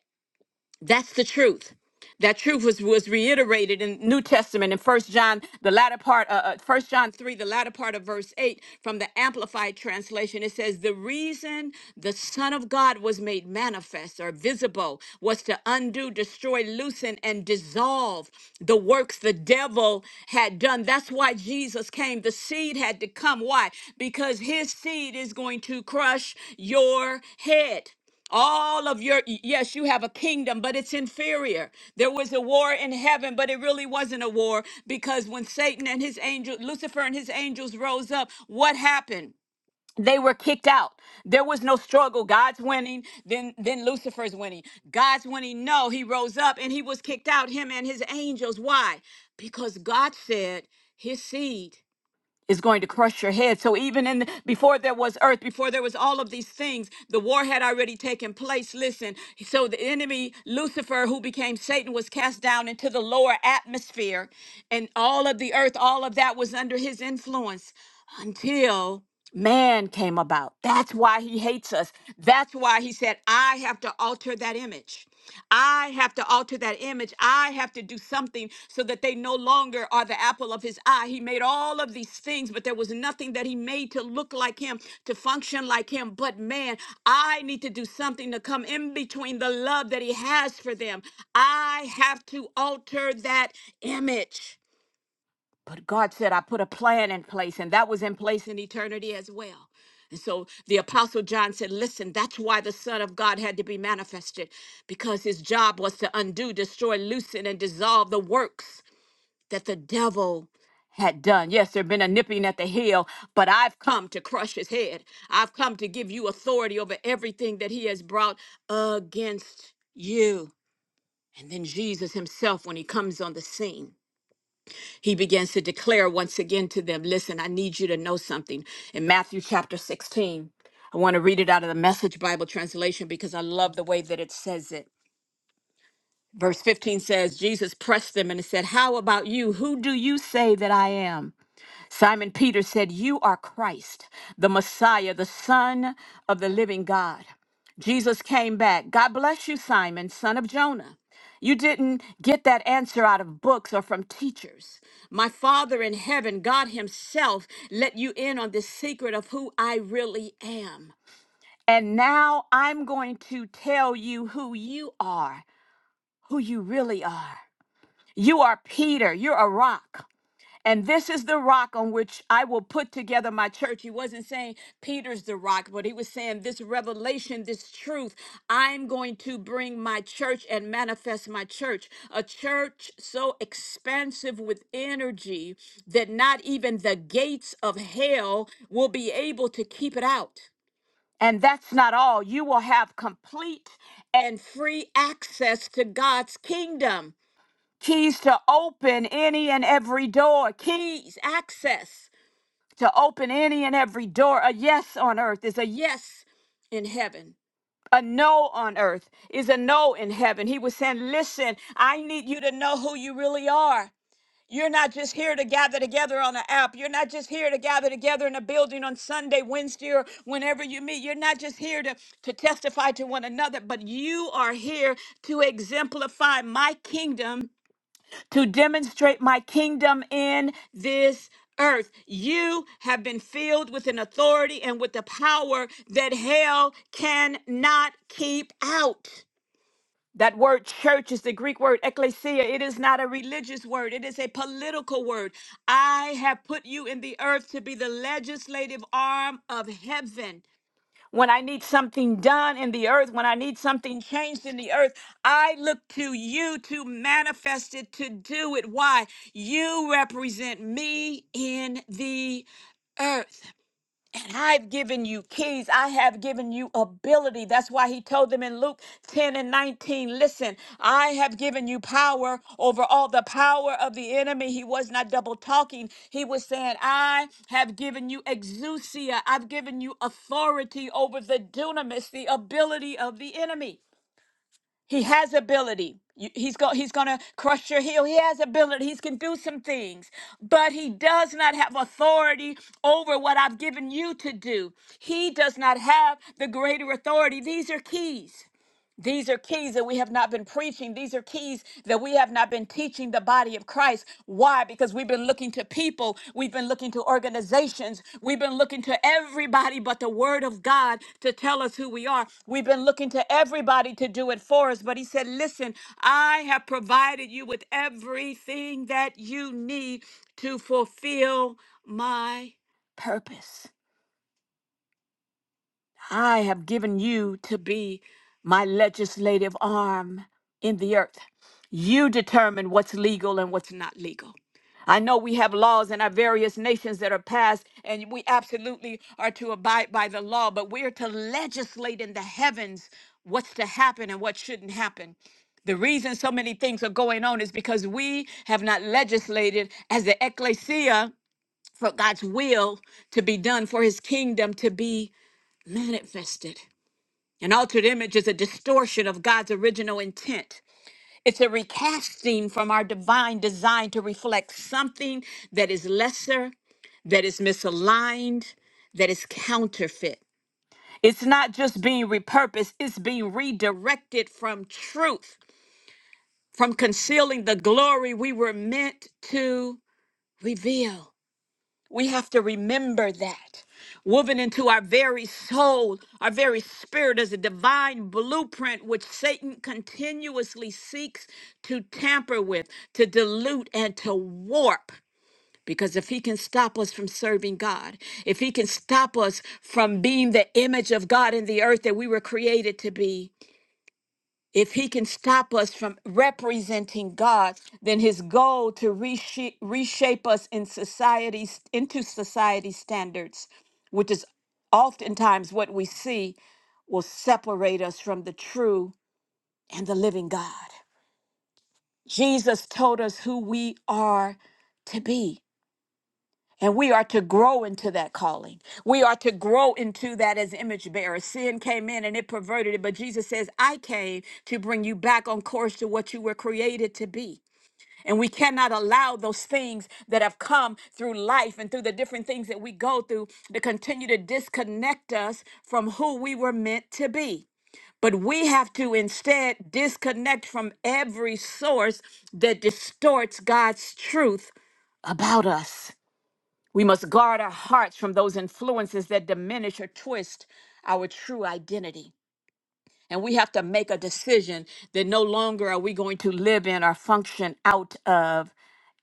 That's the truth. That truth was, was reiterated in New Testament in First John, the latter part, uh, uh, First John three, the latter part of verse eight, from the Amplified translation. It says, "The reason the Son of God was made manifest or visible was to undo, destroy, loosen, and dissolve the works the devil had done." That's why Jesus came. The seed had to come. Why? Because his seed is going to crush your head all of your yes you have a kingdom but it's inferior there was a war in heaven but it really wasn't a war because when satan and his angel lucifer and his angels rose up what happened they were kicked out there was no struggle god's winning then then lucifer's winning god's winning no he rose up and he was kicked out him and his angels why because god said his seed is going to crush your head. So even in the, before there was earth, before there was all of these things, the war had already taken place. Listen, so the enemy Lucifer, who became Satan, was cast down into the lower atmosphere, and all of the earth, all of that was under his influence until man came about. That's why he hates us. That's why he said, "I have to alter that image." I have to alter that image. I have to do something so that they no longer are the apple of his eye. He made all of these things, but there was nothing that he made to look like him, to function like him. But man, I need to do something to come in between the love that he has for them. I have to alter that image. But God said, I put a plan in place, and that was in place in eternity as well. And so the Apostle John said, Listen, that's why the Son of God had to be manifested, because his job was to undo, destroy, loosen, and dissolve the works that the devil had done. Yes, there had been a nipping at the heel, but I've come to crush his head. I've come to give you authority over everything that he has brought against you. And then Jesus himself, when he comes on the scene he begins to declare once again to them, Listen, I need you to know something. In Matthew chapter 16, I want to read it out of the Message Bible translation because I love the way that it says it. Verse 15 says, Jesus pressed them and said, How about you? Who do you say that I am? Simon Peter said, You are Christ, the Messiah, the Son of the living God. Jesus came back. God bless you, Simon, son of Jonah. You didn't get that answer out of books or from teachers. My Father in heaven, God Himself, let you in on the secret of who I really am. And now I'm going to tell you who you are, who you really are. You are Peter, you're a rock. And this is the rock on which I will put together my church. He wasn't saying Peter's the rock, but he was saying this revelation, this truth, I'm going to bring my church and manifest my church. A church so expansive with energy that not even the gates of hell will be able to keep it out. And that's not all. You will have complete and free access to God's kingdom keys to open any and every door, keys, access to open any and every door. A yes on earth is a yes in heaven. A no on earth is a no in heaven. He was saying, Listen, I need you to know who you really are. You're not just here to gather together on an app. You're not just here to gather together in a building on Sunday, Wednesday, or whenever you meet. You're not just here to, to testify to one another, but you are here to exemplify my kingdom to demonstrate my kingdom in this earth. You have been filled with an authority and with the power that hell cannot keep out. That word church is the Greek word ecclesia. It is not a religious word, it is a political word. I have put you in the earth to be the legislative arm of heaven. When I need something done in the earth, when I need something changed in the earth, I look to you to manifest it, to do it. Why? You represent me in the earth. And I've given you keys. I have given you ability. That's why he told them in Luke 10 and 19 listen, I have given you power over all the power of the enemy. He was not double talking. He was saying, I have given you exousia. I've given you authority over the dunamis, the ability of the enemy. He has ability. You- He's go, he's gonna crush your heel. He has ability. He can do some things, but he does not have authority over what I've given you to do. He does not have the greater authority. These are keys. These are keys that we have not been preaching. These are keys that we have not been teaching the body of Christ. Why? Because we've been looking to people, we've been looking to organizations, we've been looking to everybody but the Word of God to tell us who we are. We've been looking to everybody to do it for us. But He said, Listen, I have provided you with everything that you need to fulfill my purpose. I have given you to be my legislative arm in the earth. You determine what's legal and what's not legal. I know we have laws in our various nations that are passed, and we absolutely are to abide by the law, but we're to legislate in the heavens what's to happen and what shouldn't happen. The reason so many things are going on is because we have not legislated as the ecclesia for God's will to be done, for his kingdom to be manifested. An altered image is a distortion of God's original intent. It's a recasting from our divine design to reflect something that is lesser, that is misaligned, that is counterfeit. It's not just being repurposed, it's being redirected from truth, from concealing the glory we were meant to reveal. We have to remember that. Woven into our very soul, our very spirit is a divine blueprint which Satan continuously seeks to tamper with, to dilute, and to warp. Because if he can stop us from serving God, if he can stop us from being the image of God in the earth that we were created to be, if he can stop us from representing God, then his goal to reshape, reshape us in society into society standards, which is oftentimes what we see, will separate us from the true and the living God. Jesus told us who we are to be. And we are to grow into that calling. We are to grow into that as image bearers. Sin came in and it perverted it, but Jesus says, I came to bring you back on course to what you were created to be. And we cannot allow those things that have come through life and through the different things that we go through to continue to disconnect us from who we were meant to be. But we have to instead disconnect from every source that distorts God's truth about us. We must guard our hearts from those influences that diminish or twist our true identity. And we have to make a decision that no longer are we going to live in or function out of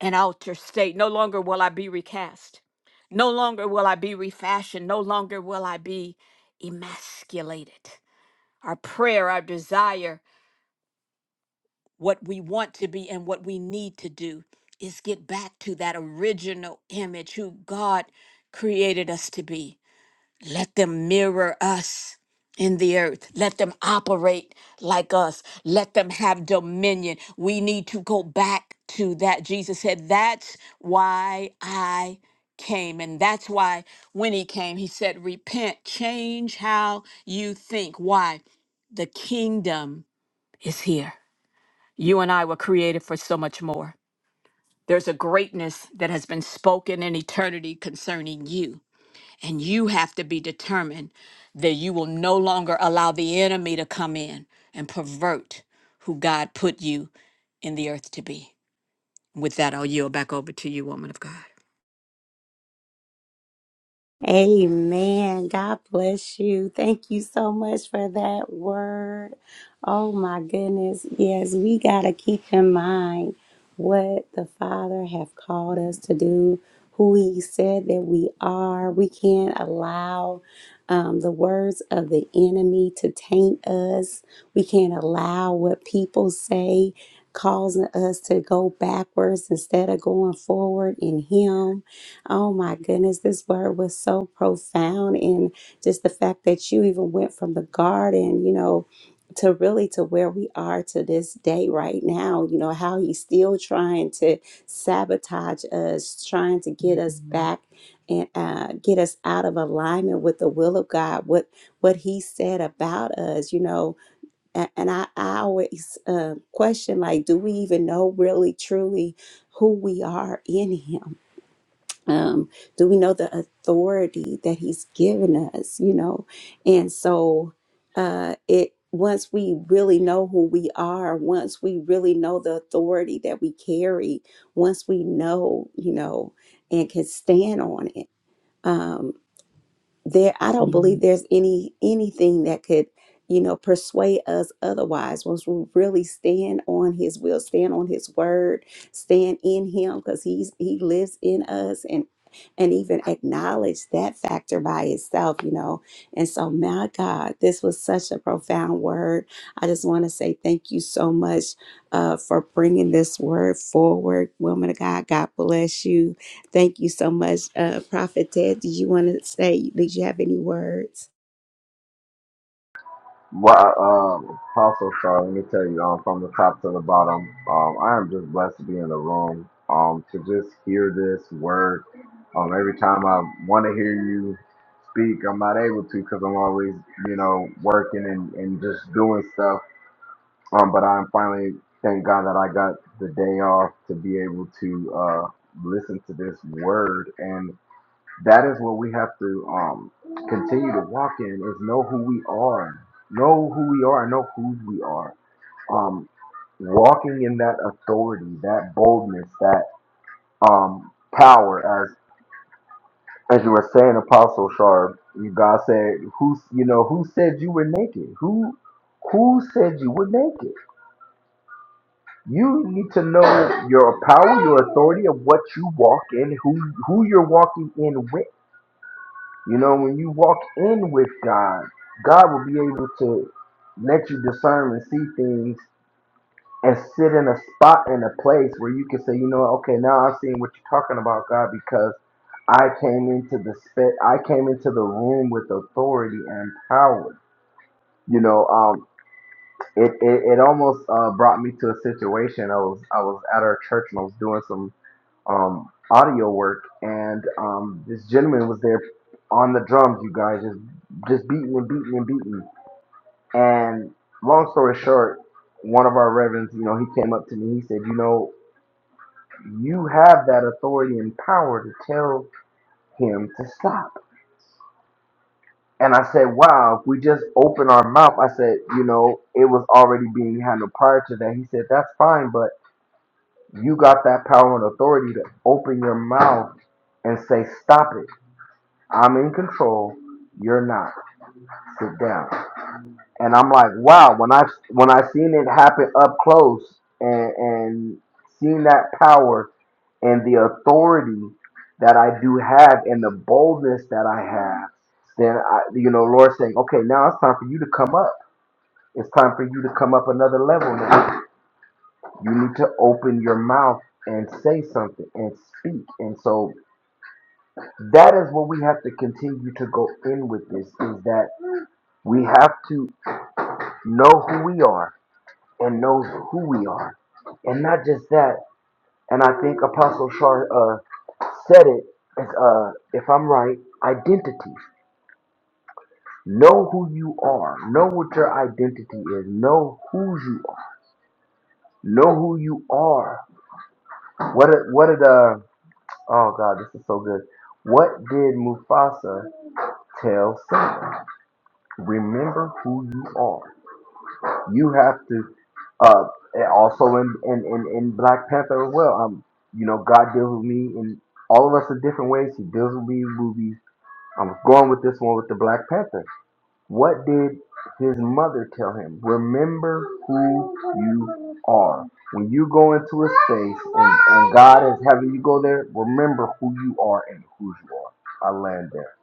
an outer state. No longer will I be recast. No longer will I be refashioned. No longer will I be emasculated. Our prayer, our desire, what we want to be and what we need to do is get back to that original image who God created us to be Let them mirror us in the earth. Let them operate like us. Let them have dominion. We need to go back to that. Jesus said, That's why I came. And that's why when he came, he said, Repent, change how you think. Why? The kingdom is here. You and I were created for so much more. There's a greatness that has been spoken in eternity concerning you and you have to be determined that you will no longer allow the enemy to come in and pervert who God put you in the earth to be. With that, I'll yield back over to you, woman of God.
Amen. God bless you. Thank you so much for that word. Oh my goodness. Yes, we got to keep in mind what the Father have called us to do, who he said that we are. We can't allow um, the words of the enemy to taint us. We can't allow what people say causing us to go backwards instead of going forward in him Oh my goodness, this word was so profound and just the fact that you even went from the garden, you know, to really to where we are to this day right now, you know, how he's still trying to sabotage us, trying to get us Mhm. back and uh, get us out of alignment with the will of God, what what he said about us, you know. And, and I, I always uh, question like, do we even know really truly who we are in him? um, do we know the authority that he's given us you know and so uh it once we really know who we are once we really know the authority that we carry once we know you know and can stand on it um, there i don't believe there's any anything that could you know persuade us otherwise once we really stand on his will stand on his word stand in him because he's he lives in us and and even acknowledge that factor by itself you know and so my god this was such a profound word i just want to say thank you so much uh, for bringing this word forward woman of god god bless you Thank you so much, uh, Prophet Ted. Did you want to say, did you have any words?
Well, um, also sorry. Let me tell you, um, from the top to the bottom, um, I am just blessed to be in the room. Um, to just hear this word. Um, every time I want to hear you speak, I'm not able to because I'm always, you know, working and, and just doing stuff. Um, but I'm finally thank God that I got the day off to be able to uh listen to this word that is what we have to um, continue to walk in is know who we are, know who we are, know who we are. Um, walking in that authority, that boldness, that um, power. As as you were saying, Apostle Sharp, you God said, "Who you know who said you were naked? Who who said you were naked? You need to know your power, your authority of what you walk in, who who you're walking in with." You know, when you walk in with God, God will be able to let you discern and see things and sit in a spot in a place where you can say, you know, okay, now I'm seeing what you're talking about, God, because I came into the spe- I came into the room with authority and power. You know, um, it, it, it almost uh, brought me to a situation. I was I was at our church and I was doing some um, audio work, and um, this gentleman was there on the drums, you guys, just just beating and beating and beating. And long story short, one of our reverends, you know, he came up to me. He said, "You know, you have that authority and power to tell him to stop." And I said, "Wow, if we just open our mouth," I said, "You know, it was already being handled prior to that." He said, "That's fine, but." You got that power and authority to open your mouth and say, Stop it I'm in control. You're not. Sit down. And I'm like, wow. When I when I seen it happen up close and and seeing that power and the authority that I do have and the boldness that I have, then I, you know, Lord saying, okay, now it's time for you to come up. It's time for you to come up another level now. You need to open your mouth and say something and speak. And so that is what we have to continue to go in with this is that We have to know who we are and know who we are. And not just that, and I think Apostle Shar uh, said it, it's, uh, if I'm right, identity. Know who you are. Know what your identity is. Know who you are. Know who you are. What did, what did, uh, oh God, this is so good. What did Mufasa tell Simba? Remember who you are. You have to uh, and also in, in, in, in Black Panther as well. Um, you know, God deals with me in all of us in different ways. He deals with me in movies. I am going with this one with the Black Panther. What did his mother tell him? Remember who you are. When you go into a space and, and God is having you go there, remember who you are and who you are. I land there.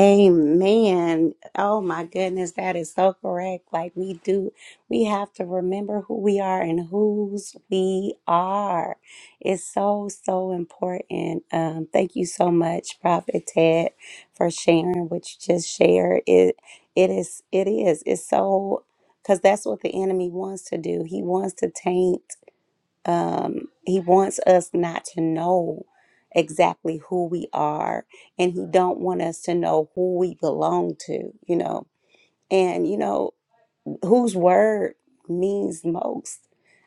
Amen. Oh my goodness, that is so correct. Like we do, we have to remember who we are and whose we are. It's so, so important. Um, thank you so much, Prophet Ted, for sharing what you just shared. It it is, it is. It's so because that's what the enemy wants to do. He wants to taint um, he wants us not to know exactly who we are and he don't want us to know who we belong to you know and you know whose word means most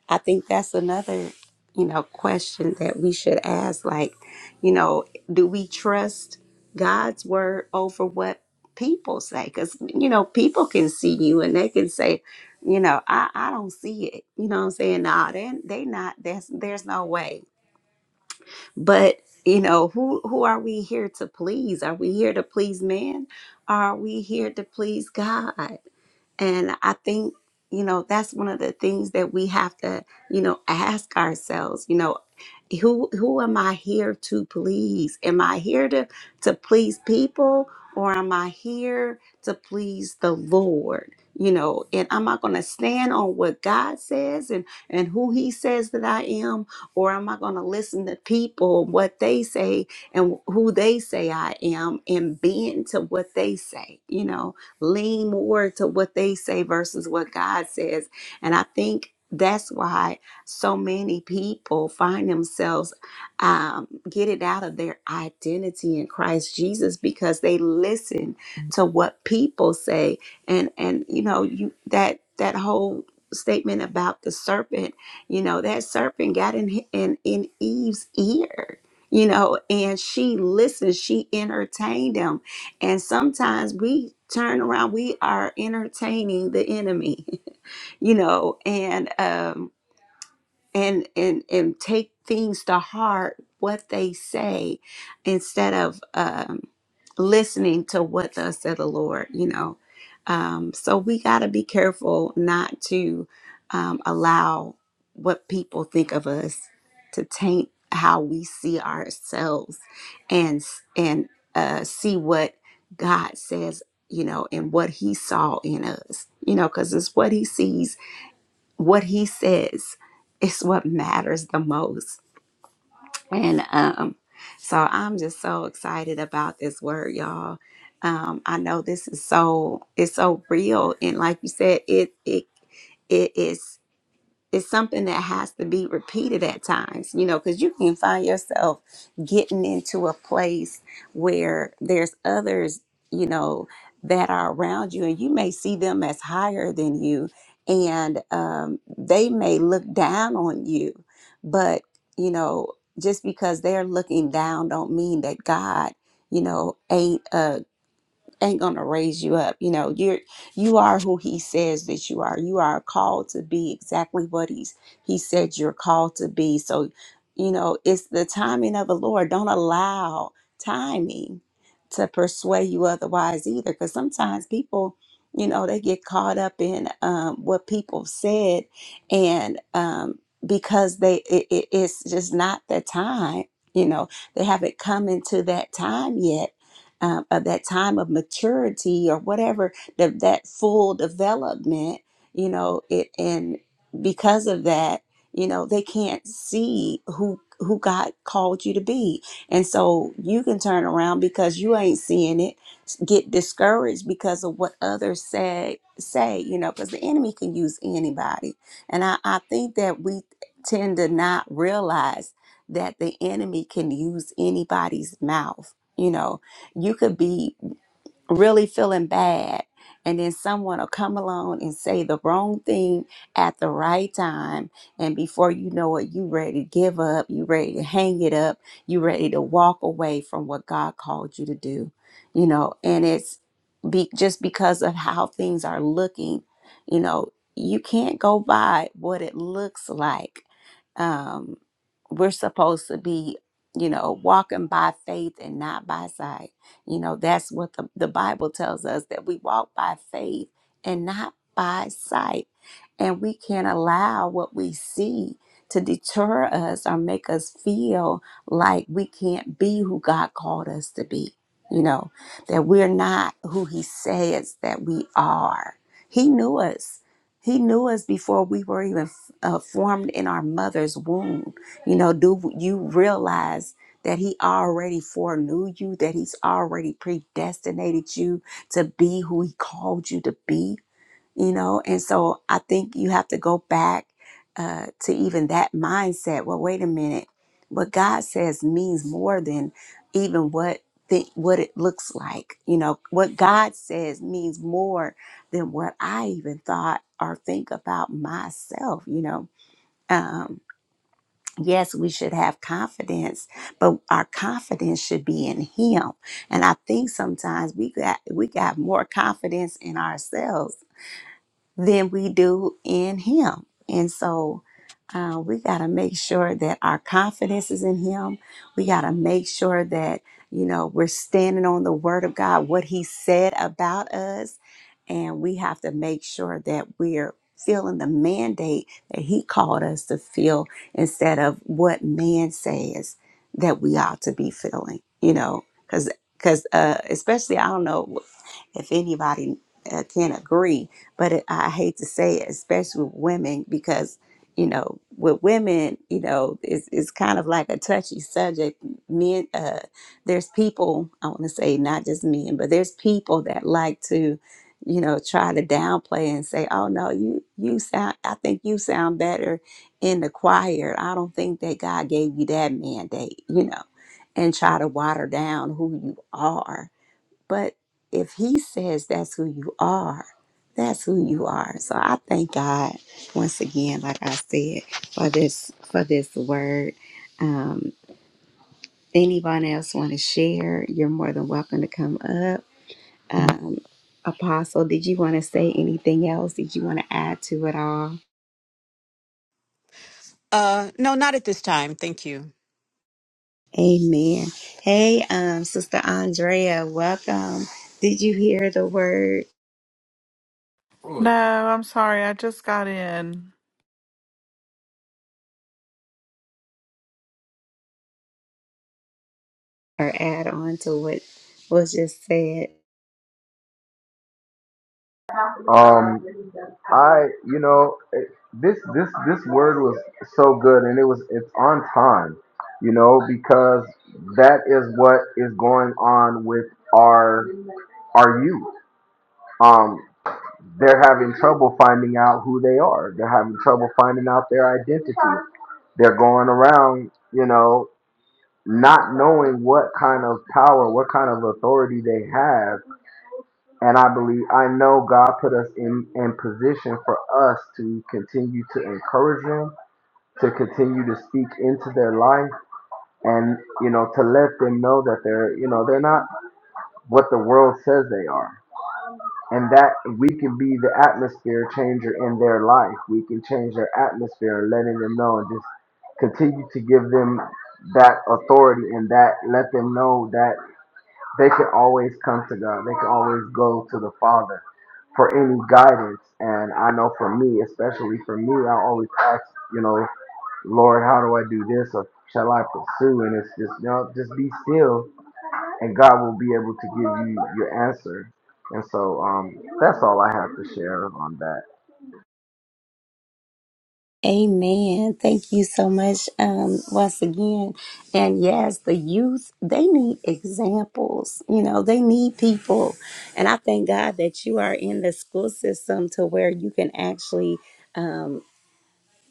i think that's another you know question that we should ask like you know do we trust god's word over what people say because you know people can see you and they can say you know i, I don't see it you know what i'm saying nah they, they not that's there's no way but you know who who are we here to please are we here to please man are we here to please god and I think, you know, that's one of the things that we have to, you know, ask ourselves, you know, who who am I here to please? Am I here to to please people or am I here to please the Lord? You know, and am I going to stand on what God says and and who he says that I am or am I going to listen to people what they say and who they say I am and bend to what they say, you know? lean more to what they say versus what God says. And I think that's why so many people find themselves um, get it out of their identity in Christ Jesus because they listen to what people say and and you know you that that whole statement about the serpent you know that serpent got in in, in Eve's ear you know and she listened she entertained him and sometimes we turn around, we are entertaining the enemy, you know, and um and and and take things to heart what they say instead of um listening to what thus said the lord you know um so we got to be careful not to um allow what people think of us to taint how we see ourselves and s- and uh see what god says you know and what he saw in us you know because it's what he sees what he says is what matters the most. And um, so I'm just so excited about this word, y'all. Um, I know this is so it's so real, and like you said, it it it is it's something that has to be repeated at times, you know, because you can find yourself getting into a place where there's others, you know, that are around you, and you may see them as higher than you, and um, they may look down on you, but you know, just because they're looking down, don't mean that God, you know, ain't uh ain't gonna raise you up. You know, you're you are who he says that you are. You are called to be exactly what he's he said you're called to be. So, you know, it's the timing of the Lord. Don't allow timing to persuade you otherwise either. Because sometimes people, you know, they get caught up in um, what people said, and um, because they it, it, it's just not the time. You know, they haven't come into that time yet um, of that time of maturity or whatever the, that full development you know it and because of that you know they can't see who who god called you to be and so you can turn around because you ain't seeing it get discouraged because of what others say say you know because the enemy can use anybody and I, I think that we tend to not realize that the enemy can use anybody's mouth you know you could be really feeling bad and then someone will come along and say the wrong thing at the right time and before you know it you ready to give up you ready to hang it up you ready to walk away from what god called you to do you know and it's be, just because of how things are looking you know you can't go by what it looks like um, we're supposed to be, you know, walking by faith and not by sight. You know, that's what the, the Bible tells us that we walk by faith and not by sight. And we can't allow what we see to deter us or make us feel like we can't be who God called us to be. You know, that we're not who He says that we are. He knew us he knew us before we were even uh, formed in our mother's womb. You know, do you realize that He already foreknew you, that He's already predestinated you to be who He called you to be? you know and so i think you have to go back uh, to even that mindset well wait a minute what god says means more than even what think what it looks like you know what god says means more than what i even thought or think about myself you know um yes we should have confidence but our confidence should be in him and i think sometimes we got we got more confidence in ourselves than we do in Him. And so uh, we got to make sure that our confidence is in Him. We got to make sure that, you know, we're standing on the Word of God, what He said about us. And we have to make sure that we're feeling the mandate that He called us to feel instead of what man says that we ought to be feeling, you know, because. Because uh, especially, I don't know if anybody uh, can agree. But it, I hate to say it, especially with women, because you know, with women, you know, it's it's kind of like a touchy subject. Men, uh, there's people I want to say not just men, but there's people that like to, you know, try to downplay and say, "Oh no, you you sound. I think you sound better in the choir. I don't think that God gave you that mandate," you know, and try to water down who you are but if he says that's who you are, that's who you are. So I thank God once again, like I said, for this for this word. Um, anyone else want to share? You're more than welcome to come up. Um, Apostle, did you want to say anything else? Did you want to add to it all?
Uh, no, not at this time. Thank you.
Amen. Hey, um, Sister Andrea, welcome. Did you hear the word
No, I'm sorry. I just got in.
or add on to what was just said?
Um. I, you know, it, this this this word was so good, and it was it's on time, you know, because that is what is going on with our our youth. Um, they're having trouble finding out who they are. They're having trouble finding out their identity. They're going around, you know, not knowing what kind of power, what kind of authority they have and I believe, I know God put us in, in position for us to continue to encourage them, to continue to speak into their life, and, you know, to let them know that they're, you know, they're not what the world says they are. And that we can be the atmosphere changer in their life. We can change their atmosphere, letting them know and just continue to give them that authority and that let them know that they can always come to God. They can always go to the Father for any guidance. And I know for me, especially for me, I always ask, you know, Lord, how do I do this or shall I pursue? And it's just, you know, just be still and God will be able to give you your answer. And so um, that's all I have to share on that.
Amen. Thank you so much um, once again. And yes, the youth, they need examples. You know, they need people. And I thank God that you are in the school system to where you can actually. um,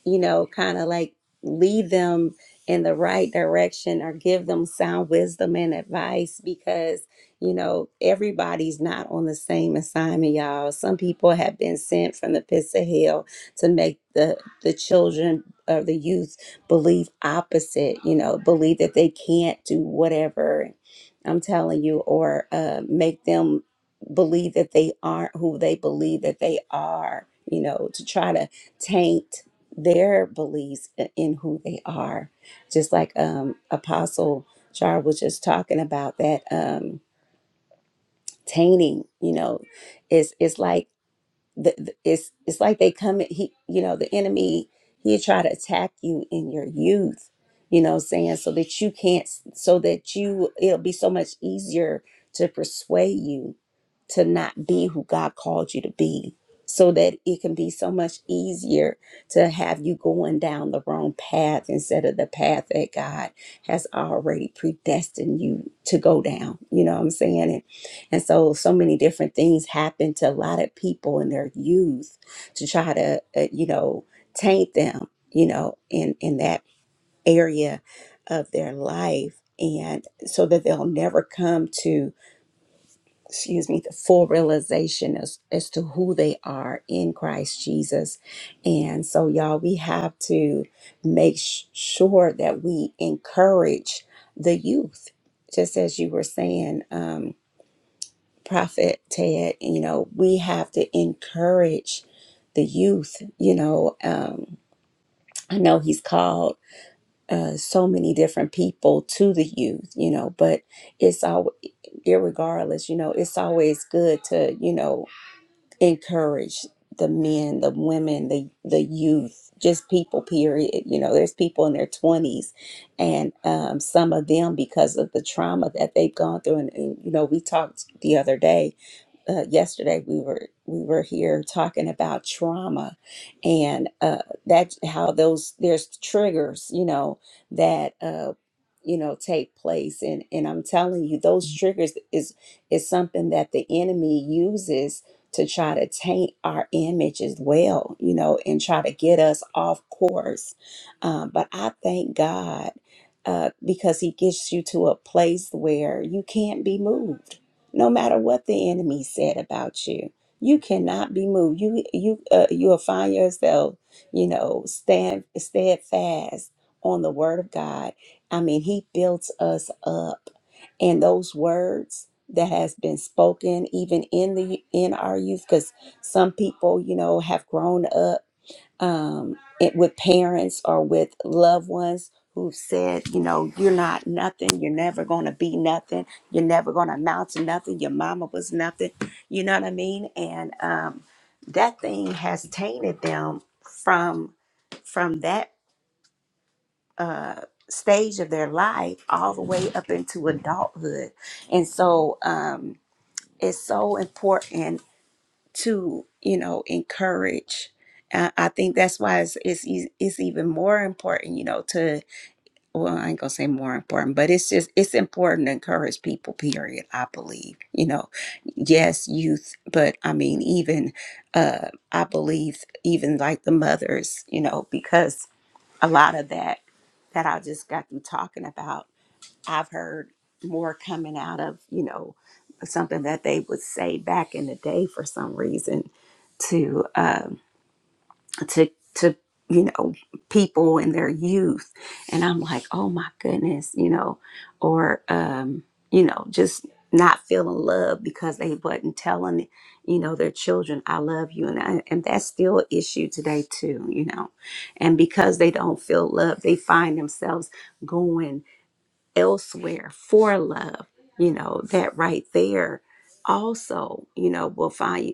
you know, kind of like lead them in the right direction or give them sound wisdom and advice because, you know, everybody's not on the same assignment, y'all. Some people have been sent from the pits of hell to make the, the children or the youth believe opposite, you know, believe that they can't do whatever I'm telling you, or uh, make them believe that they aren't who they believe that they are, you know, to try to taint their beliefs in who they are. Just like um, Apostle Char was just talking about that um, tainting, you know, it's it's like the, the- it's it's like they come at- he you know the enemy he'll try to attack you in your youth you know what I'm saying so that you can't so that you it'll be so much easier to persuade you to not be who god called you to be so that it can be so much easier to have you going down the wrong path instead of the path that god has already predestined you to go down you know what i'm saying and so, so many different things happen to a lot of people in their youth to try to, uh, you know, taint them, you know, in, in that area of their life. And so that they'll never come to, excuse me, the full realization as, as to who they are in Christ Jesus. And so, y'all, we have to make sh- sure that we encourage the youth, just as you were saying. Um, Prophet Ted, you know, we have to encourage the youth. You know, um, I know he's called uh, so many different people to the youth, you know, but it's all, irregardless, you know, it's always good to, you know, encourage the men, the women, the, the youth, just people, period. You know, there's people in their 20s, and um, some of them, because of the trauma that they've gone through, and, and you know, we talked the other day uh, yesterday we were we were here talking about trauma and uh, that's how those there's triggers you know that uh, you know take place and and I'm telling you those triggers is is something that the enemy uses to try to taint our image as well you know and try to get us off course um, but I thank God uh, because he gets you to a place where you can't be moved no matter what the enemy said about you you cannot be moved you you uh, you will find yourself you know stand steadfast on the word of god i mean he builds us up and those words that has been spoken even in the in our youth because some people you know have grown up um, it, with parents or with loved ones who said, you know, you're not nothing, you're never gonna be nothing, you're never gonna amount to nothing, your mama was nothing, you know what I mean? And um, that thing has tainted them from from that uh, stage of their life all the way up into adulthood, and so um, it's so important to you know encourage uh, i think that's why it's, it's e- it's even more important you know to well i ain't gonna say more important but it's just it's important to encourage people period i believe you know yes youth but i mean even uh i believe even like the mothers you know because a lot of that that i just got through talking about I've heard more coming out of, you know, something that they would say back in the day for some reason to um to to you know people in their youth and I'm like, "Oh my goodness," you know, or um you know, just not feeling love because they wasn't telling, you know, their children, "I love you," and I, and that's still an issue today too, you know, and because they don't feel love, they find themselves going elsewhere for love, you know, that right there also, you know, will find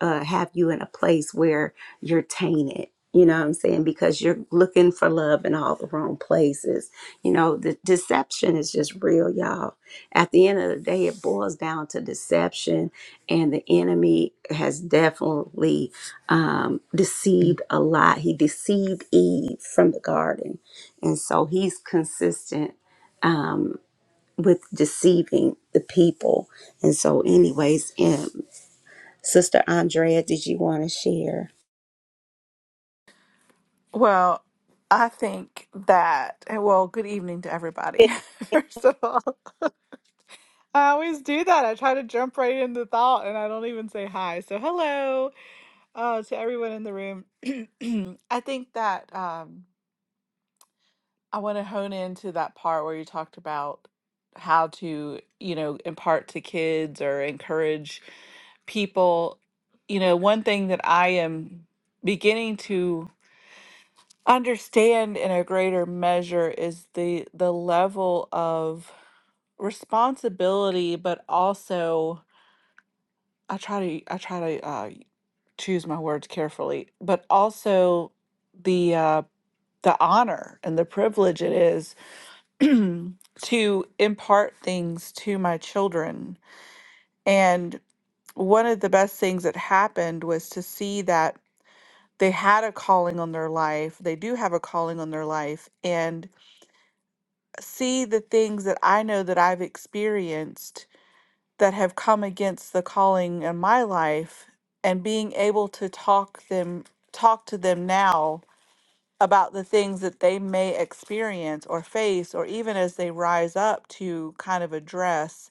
uh, have you in a place where you're tainted. You know what I'm saying? Because you're looking for love in all the wrong places. You know, the deception is just real, y'all. At the end of the day, it boils down to deception, and the enemy has definitely um, deceived a lot. He deceived Eve from the garden, and so he's consistent um, with deceiving the people. And so, anyways, um, Sister Andrea, did you want to share?
Well, I think that, well, good evening to everybody, first of all. I always do that. I try to jump right into thought and I don't even say hi. So, hello uh, to everyone in the room. I think that um, I want to hone into that part where you talked about how to, you know, impart to kids or encourage people. You know, one thing that I am beginning to understand in a greater measure is the the level of responsibility but also i try to i try to uh, choose my words carefully but also the uh, the honor and the privilege it is to impart things to my children and one of the best things that happened was to see that they had a calling on their life they do have a calling on their life and see the things that I know that I've experienced that have come against the calling in my life and being able to talk them talk to them now about the things that they may experience or face or even as they rise up to kind of address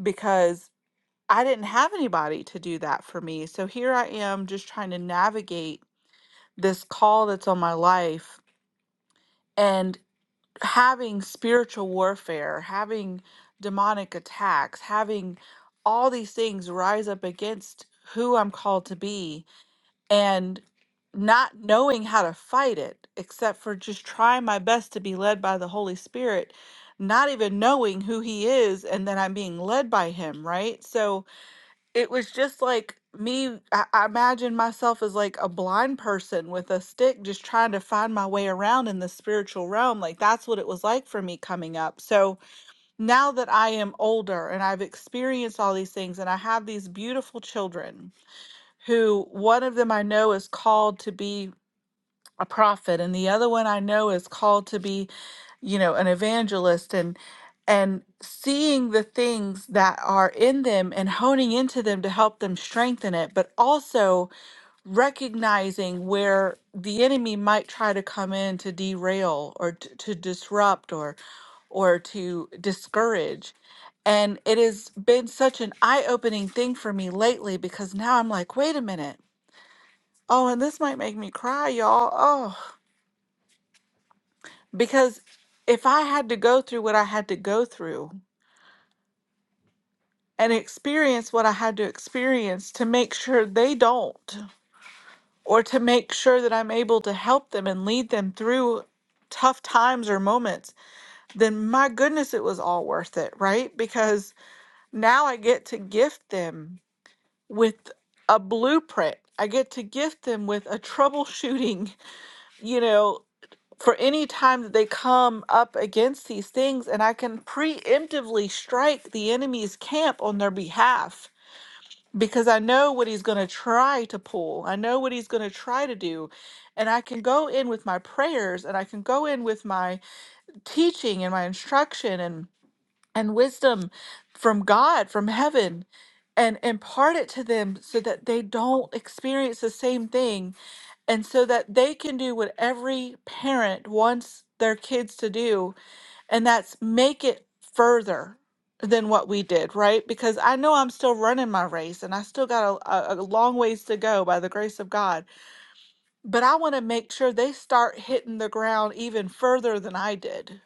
because I didn't have anybody to do that for me. So here I am just trying to navigate this call that's on my life and. having spiritual warfare, having demonic attacks, having all these things rise up against who I'm called to be and not knowing how to fight it except for just trying my best to be led by the Holy Spirit, not even knowing who he is and then I'm being led by him, right? So it was just like me I, I imagine myself as like a blind person with a stick just trying to find my way around in the spiritual realm like that's what it was like for me coming up so now that i am older and i've experienced all these things and i have these beautiful children who one of them i know is called to be a prophet and the other one I know is called to be, you know, an evangelist and and seeing the things that are in them and honing into them to help them strengthen it, but also recognizing where the enemy might try to come in to derail or t- to disrupt or or to discourage. And it has been such an eye-opening thing for me lately because now I'm like, wait a minute. Oh, and this might make me cry, y'all. Oh." Because if I had to go through what I had to go through and experience what I had to experience to make sure they don't, or to make sure that I'm able to help them and lead them through tough times or moments, then my goodness, it was all worth it, right? Because now I get to gift them with a blueprint. I get to gift them with a troubleshooting, you know, for any time that they come up against these things and I can preemptively strike the enemy's camp on their behalf because I know what he's going to try to pull. I know what he's going to try to do. And I can go in with my prayers and I can go in with my teaching and my instruction and and wisdom from God, from heaven, and impart it to them so that they don't experience the same thing and so that they can do what every parent wants their kids to do, and that's make it further than what we did, right? Because I know I'm still running my race and I still got a, a, a long ways to go by the grace of God, but I want to make sure they start hitting the ground even further than I did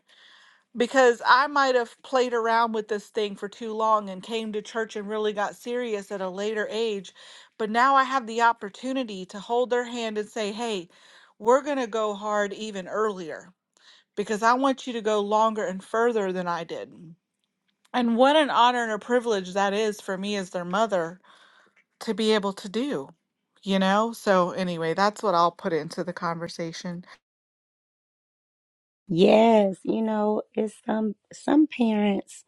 because I might have played around with this thing for too long and came to church and really got serious at a later age. But now I have the opportunity to hold their hand and say, hey, we're going to go hard even earlier because I want you to go longer and further than I did. And what an honor and a privilege that is for me as their mother to be able to do, you know? So, anyway, that's what I'll put into the conversation.
Yes, you know, it's some some parents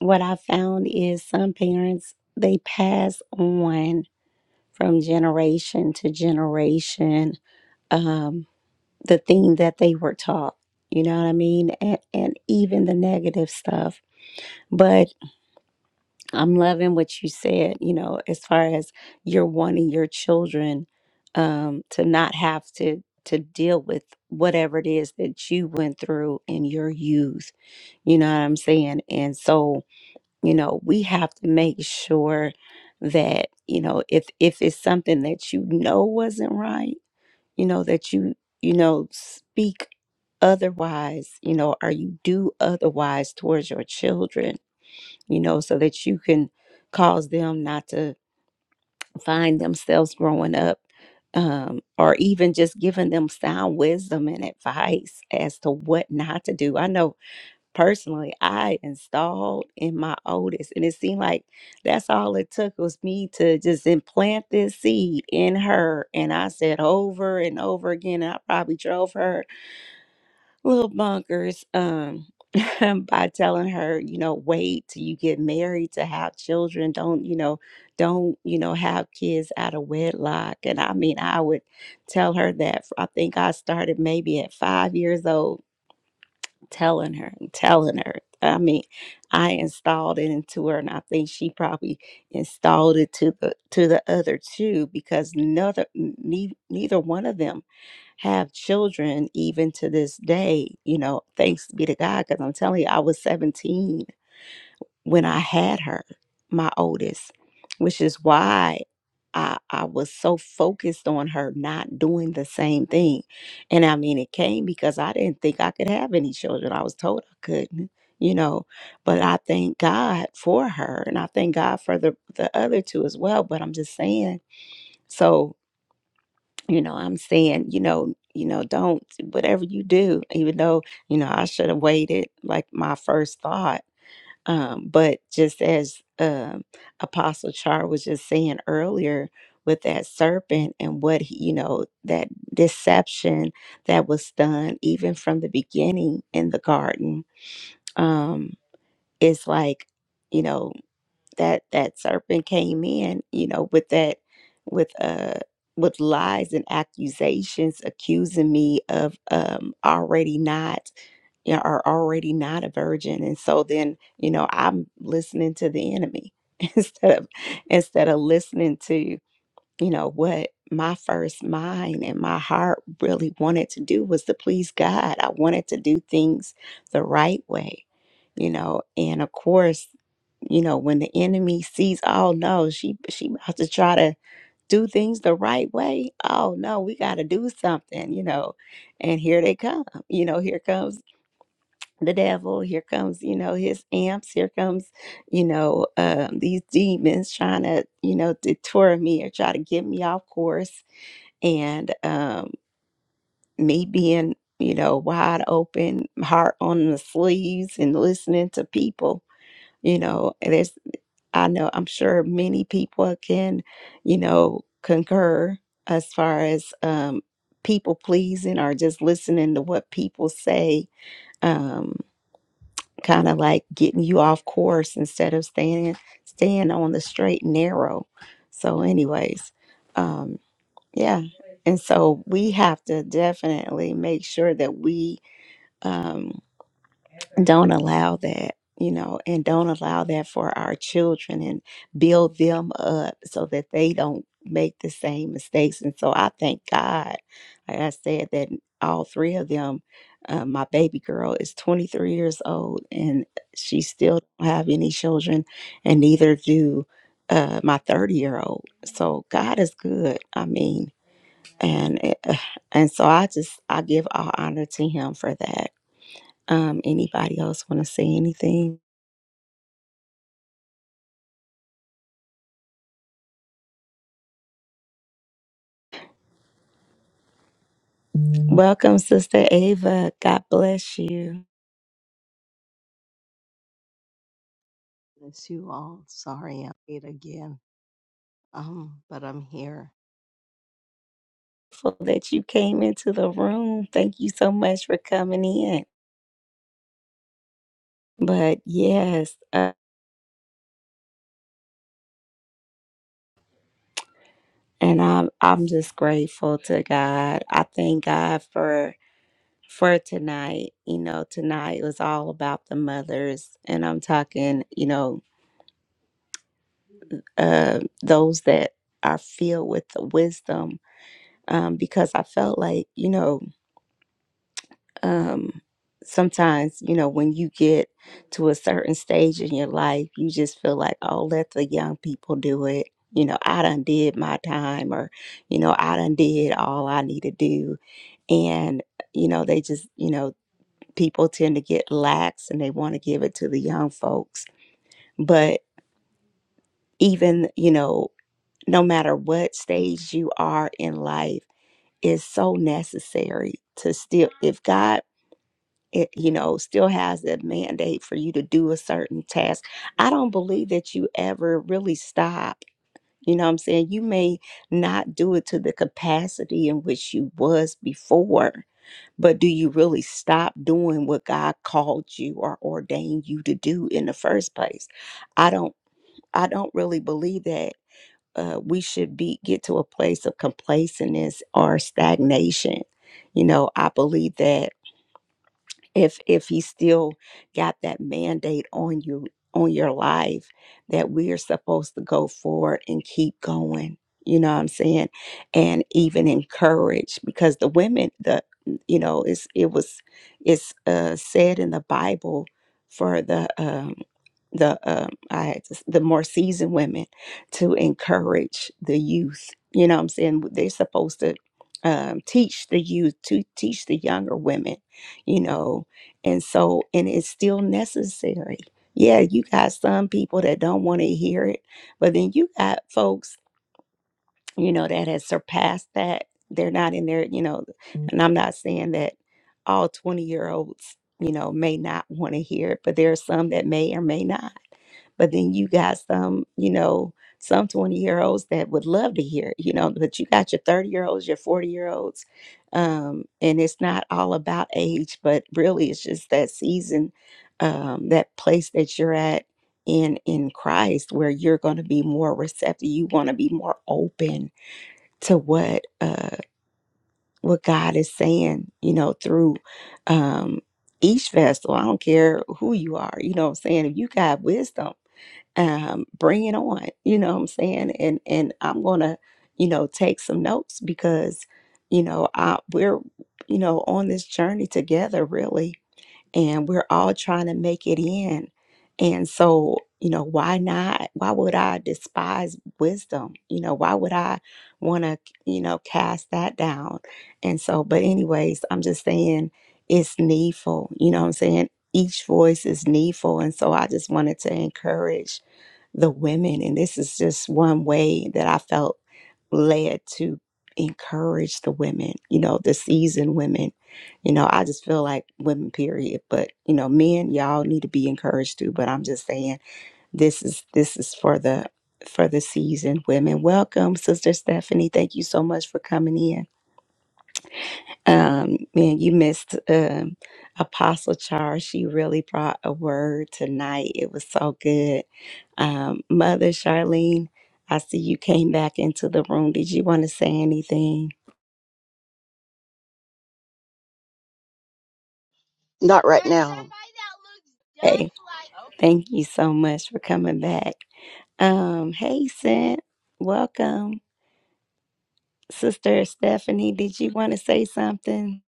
what I found is some parents they pass on from generation to generation um the thing that they were taught. You know what I mean? And and even the negative stuff. but. I'm loving what you said, you know, as far as you're wanting your children um, to not have to to deal with whatever it is that you went through in your youth. You know what I'm saying? And so, you know, we have to make sure that, you know, if if it's something that you know wasn't right, you know, that you, you know, speak otherwise, you know, or you do otherwise towards your children you know, so that you can cause them not to find themselves growing up um, or even just giving them sound wisdom and advice as to what not to do. I know personally, I installed in my oldest, and it seemed like that's all it took was me to just implant this seed in her. And I said over and over again, and I probably drove her little bonkers um by telling her you know wait till you get married to have children don't you know don't you know have kids out of wedlock and i mean i would tell her that I think i started maybe at five years old telling her and telling her i mean i installed it into her and i think she probably installed it to the to the other two because neither n- neither one of them have children even to this day, you know, thanks be to God, because I'm telling you, I was 17 when I had her, my oldest, which is why I, I was so focused on her not doing the same thing. And I mean, it came because I didn't think I could have any children. I was told I couldn't, you know, but I thank God for her and I thank God for the, the other two as well. But I'm just saying, so you know i'm saying you know you know don't whatever you do even though you know i should have waited like my first thought um but just as um apostle char was just saying earlier with that serpent and what he, you know that deception that was done even from the beginning in the garden um it's like you know that that serpent came in you know with that with uh with lies and accusations accusing me of um already not you know, are already not a virgin and so then you know i'm listening to the enemy instead of instead of listening to you know what my first mind and my heart really wanted to do was to please god i wanted to do things the right way you know and of course you know when the enemy sees oh no she she about to try to do things the right way oh no we got to do something you know and here they come you know here comes the devil here comes you know his amps here comes you know um, these demons trying to you know detour me or try to get me off course and um, me being you know wide open heart on the sleeves and listening to people you know, there's I know I'm sure many people can, you know, concur as far as um, people pleasing or just listening to what people say, um, kind of like getting you off course instead of staying staying on the straight and narrow. So, anyways, um, yeah, and so we have to definitely make sure that we. Um, don't allow that you know and don't allow that for our children and build them up so that they don't make the same mistakes and so i thank god like i said that all three of them uh, my baby girl is 23 years old and she still don't have any children and neither do uh, my 30 year old so god is good i mean and it, and so i just i give all honor to him for that um, anybody else want to say anything? Welcome, Sister Ava. God bless you.
bless you all. Sorry I'm late again, um, but I'm here.
For that you came into the room. Thank you so much for coming in. But yes, uh, and I'm I'm just grateful to God. I thank God for for tonight. You know, tonight was all about the mothers, and I'm talking, you know, uh, those that are filled with the wisdom. Um, because I felt like, you know, um sometimes you know when you get to a certain stage in your life you just feel like oh let the young people do it you know i done did my time or you know i done did all i need to do and you know they just you know people tend to get lax and they want to give it to the young folks but even you know no matter what stage you are in life is so necessary to still if god it you know still has that mandate for you to do a certain task i don't believe that you ever really stop you know what i'm saying you may not do it to the capacity in which you was before but do you really stop doing what god called you or ordained you to do in the first place i don't i don't really believe that uh, we should be get to a place of complacentness or stagnation you know i believe that if if he still got that mandate on you on your life that we are supposed to go forward and keep going you know what i'm saying and even encourage because the women the you know it's it was it's uh said in the bible for the um the um i had to s- the more seasoned women to encourage the youth you know what i'm saying they're supposed to um, teach the youth to teach the younger women you know and so, and it's still necessary. Yeah, you got some people that don't want to hear it, but then you got folks, you know, that has surpassed that. They're not in there, you know, Mm. and I'm not saying that all 20 year olds, you know, may not want to hear it, but there are some that may or may not. But then you got some, you know, some 20 year olds that would love to hear, it, you know, but you got your 30 year olds, your 40 year olds. Um, and it's not all about age, but really it's just that season, um, that place that you're at in in Christ where you're going to be more receptive. You want to be more open to what uh what God is saying, you know, through um, each vessel. I don't care who you are, you know what I'm saying? If you got wisdom, um, bring it on, you know what I'm saying? And and I'm gonna, you know, take some notes because, you know, I we're, you know, on this journey together really and we're all trying to make it in. And so, you know, why not? Why would I despise wisdom? You know, why would I want to, you know, cast that down? And so, but anyways, I'm just saying it's needful. You know what I'm saying? Each voice is needful. And so I just wanted to encourage the women. And this is just one way that I felt led to encourage the women, you know, the seasoned women. You know, I just feel like women, period. But, you know, men, y'all need to be encouraged too. But I'm just saying this is this is for the for the seasoned women. Welcome, Sister Stephanie. Thank you so much for coming in. Um, man, you missed um, Apostle Charles. She really brought a word tonight. It was so good. Um, Mother Charlene, I see you came back into the room. Did you want to say anything? Hey, thank you so much for coming back. Um, hey, Sent, welcome. Sister Stephanie, did you want to say something?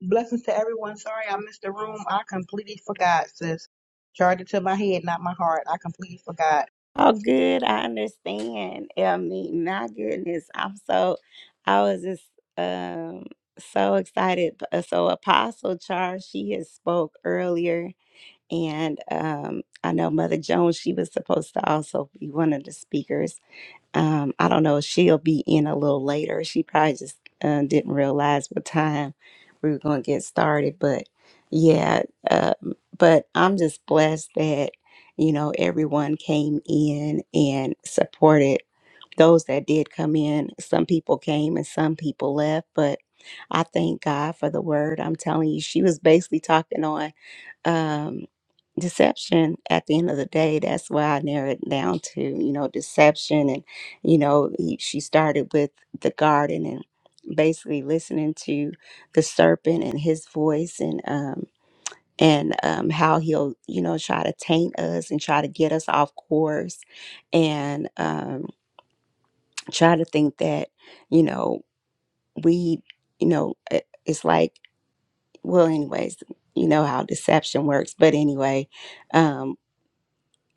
Blessings to everyone. Sorry I missed the room. I completely forgot, sis. Charged it to my head, not my heart. I completely forgot.
Oh, good. I understand. I mean, my goodness. I'm so, I was just um, so excited. B- uh, So, Apostle Charles, she had spoke earlier, and um, I know Mother Jones, she was supposed to also be one of the speakers. Um, I don't know if she'll be in a little later. She probably just uh, didn't realize what time we were going to get started. But yeah, uh, but I'm just blessed that, you know, everyone came in and supported those that did come in. Some people came and some people left, but I thank God for the word. I'm telling you, she was basically talking on um, deception at the end of the day that's why i narrowed it down to you know deception and you know he, she started with the garden and basically listening to the serpent and his voice and um and um how he'll you know try to taint us and try to get us off course and um try to think that you know we you know it- it's like well anyways you know how deception works but anyway um,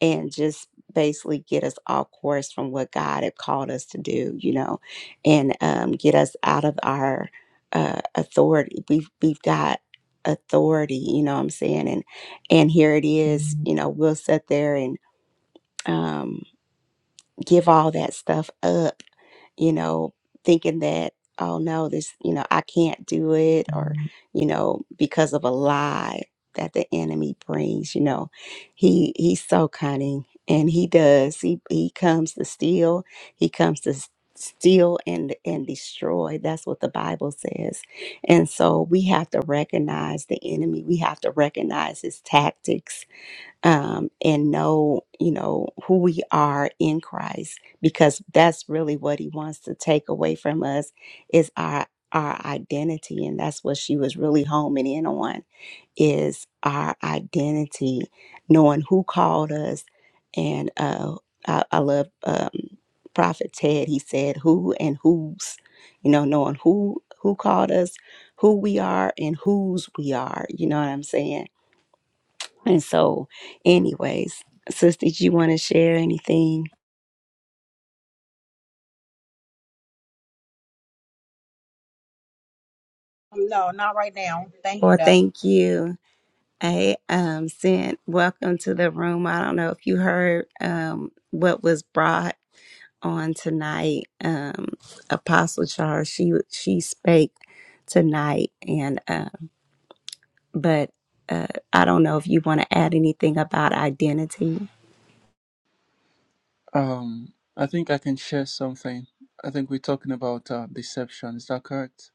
and just basically get us off course from what God had called us to do, you know, and um, get us out of our uh, authority. We've we've got authority, you know what I'm saying? And and here it is, you know, we'll sit there and um, give all that stuff up you know, thinking that, oh no, this, you know, I can't do it, or, you know, because of a lie that the enemy brings, you know. He he's so cunning and he does. He he comes to steal, he comes to s- steal and and destroy. That's what the Bible says. And so we have to recognize the enemy. We have to recognize his tactics um, and know, you know, who we are in Christ, because that's really what He wants to take away from us is our our identity, and that's what she was really homing in on is our identity, knowing who called us, and uh, I, I love um, Prophet Ted. He said, "Who and whose," you know, knowing who who called us, who we are, and whose we are. You know what I'm saying? And so, anyways, sis, did you want to share anything?
Um, No, not right now. Thank you,
Well,
though.
thank you. I um sent welcome to the room. I don't know if you heard um what was brought on tonight. Um Apostle Charles, she she spake tonight and uh but uh I don't know if you want to add anything about identity.
Um, I think I can share something. I think we're talking about uh, deception. Is that correct?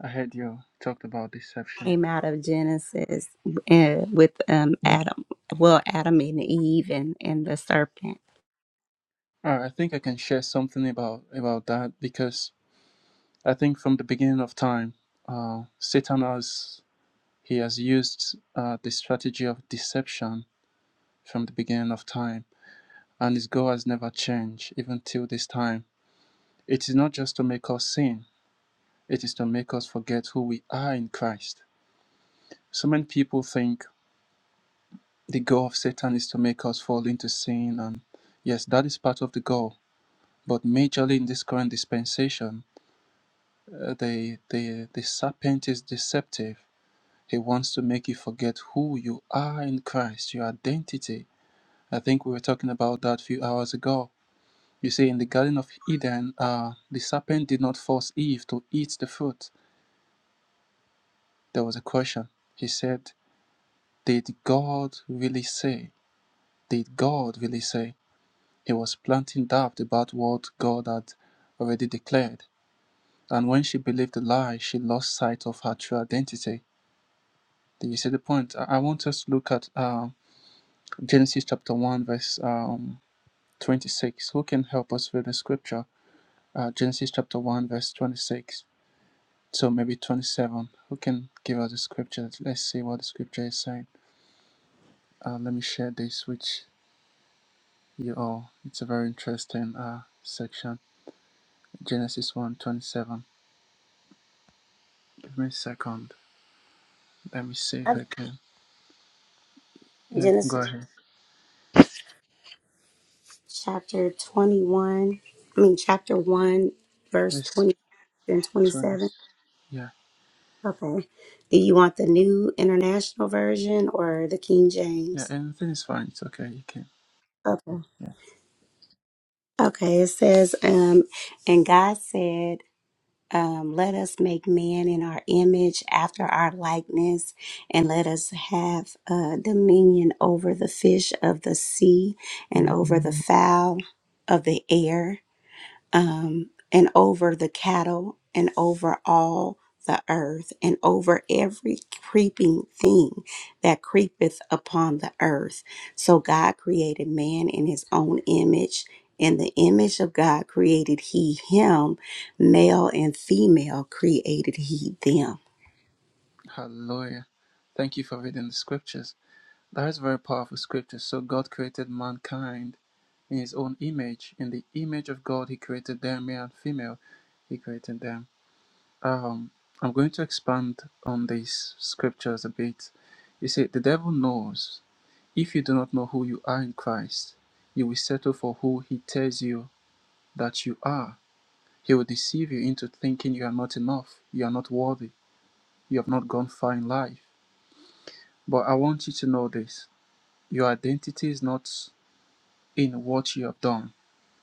I heard you talked about deception.
Came out of Genesis uh, with um Adam, well Adam and Eve and and the serpent.
All right, I think I can share something about about that because I think from the beginning of time, uh, Satan has he has used uh, the strategy of deception from the beginning of time, and his goal has never changed even till this time. It is not just to make us sin; it is to make us forget who we are in Christ. So many people think the goal of Satan is to make us fall into sin. And yes, that is part of the goal. But majorly in this current dispensation, uh, the, the, the serpent is deceptive. He wants to make you forget who you are in Christ, your identity. I think we were talking about that a few hours ago. You see, in the Garden of Eden, uh, the serpent did not force Eve to eat the fruit. There was a question. He said, Did God really say? Did God really say? He was planting doubt about what God had already declared. And when she believed the lie, she lost sight of her true identity. Do you see the point? I want us to look at uh, Genesis chapter 1, verse um, 26. Who can help us read the scripture? Uh, Genesis chapter 1, verse 26. So maybe 27. Who can give us the scripture? Let's see what the scripture is saying. Uh, let me share this with you all. It's a very interesting uh, section. Genesis one 27. Give me a second. Let me see if I can. Yeah, you can go ahead.
chapter 21, I mean, chapter 1, verse
It's
20 and
20.
27.
Yeah,
Okay. Do you want the new international version or the King
yeah,
James?
anything is fine. It's okay. You can.
Okay. Okay. It says, um, and God said, um, let us make man in our image after our likeness, and let us have uh, dominion over the fish of the sea and over the fowl of the air um, and over the cattle and over all the earth and over every creeping thing that creepeth upon the earth. So God created man in his own image. In the image of God created he him, male and female created he them.
Hallelujah. Thank you for reading the scriptures. That is very powerful scripture. So God created mankind in his own image. In the image of God, he created them, male and female. He created them. Um, I'm going to expand on these scriptures a bit. You see, the devil knows if you do not know who you are in Christ, you will settle for who he tells you that you are He will deceive you into thinking you are not enough, you are not worthy, you have not gone far in life. But I want you to know this your identity is not in what you have done,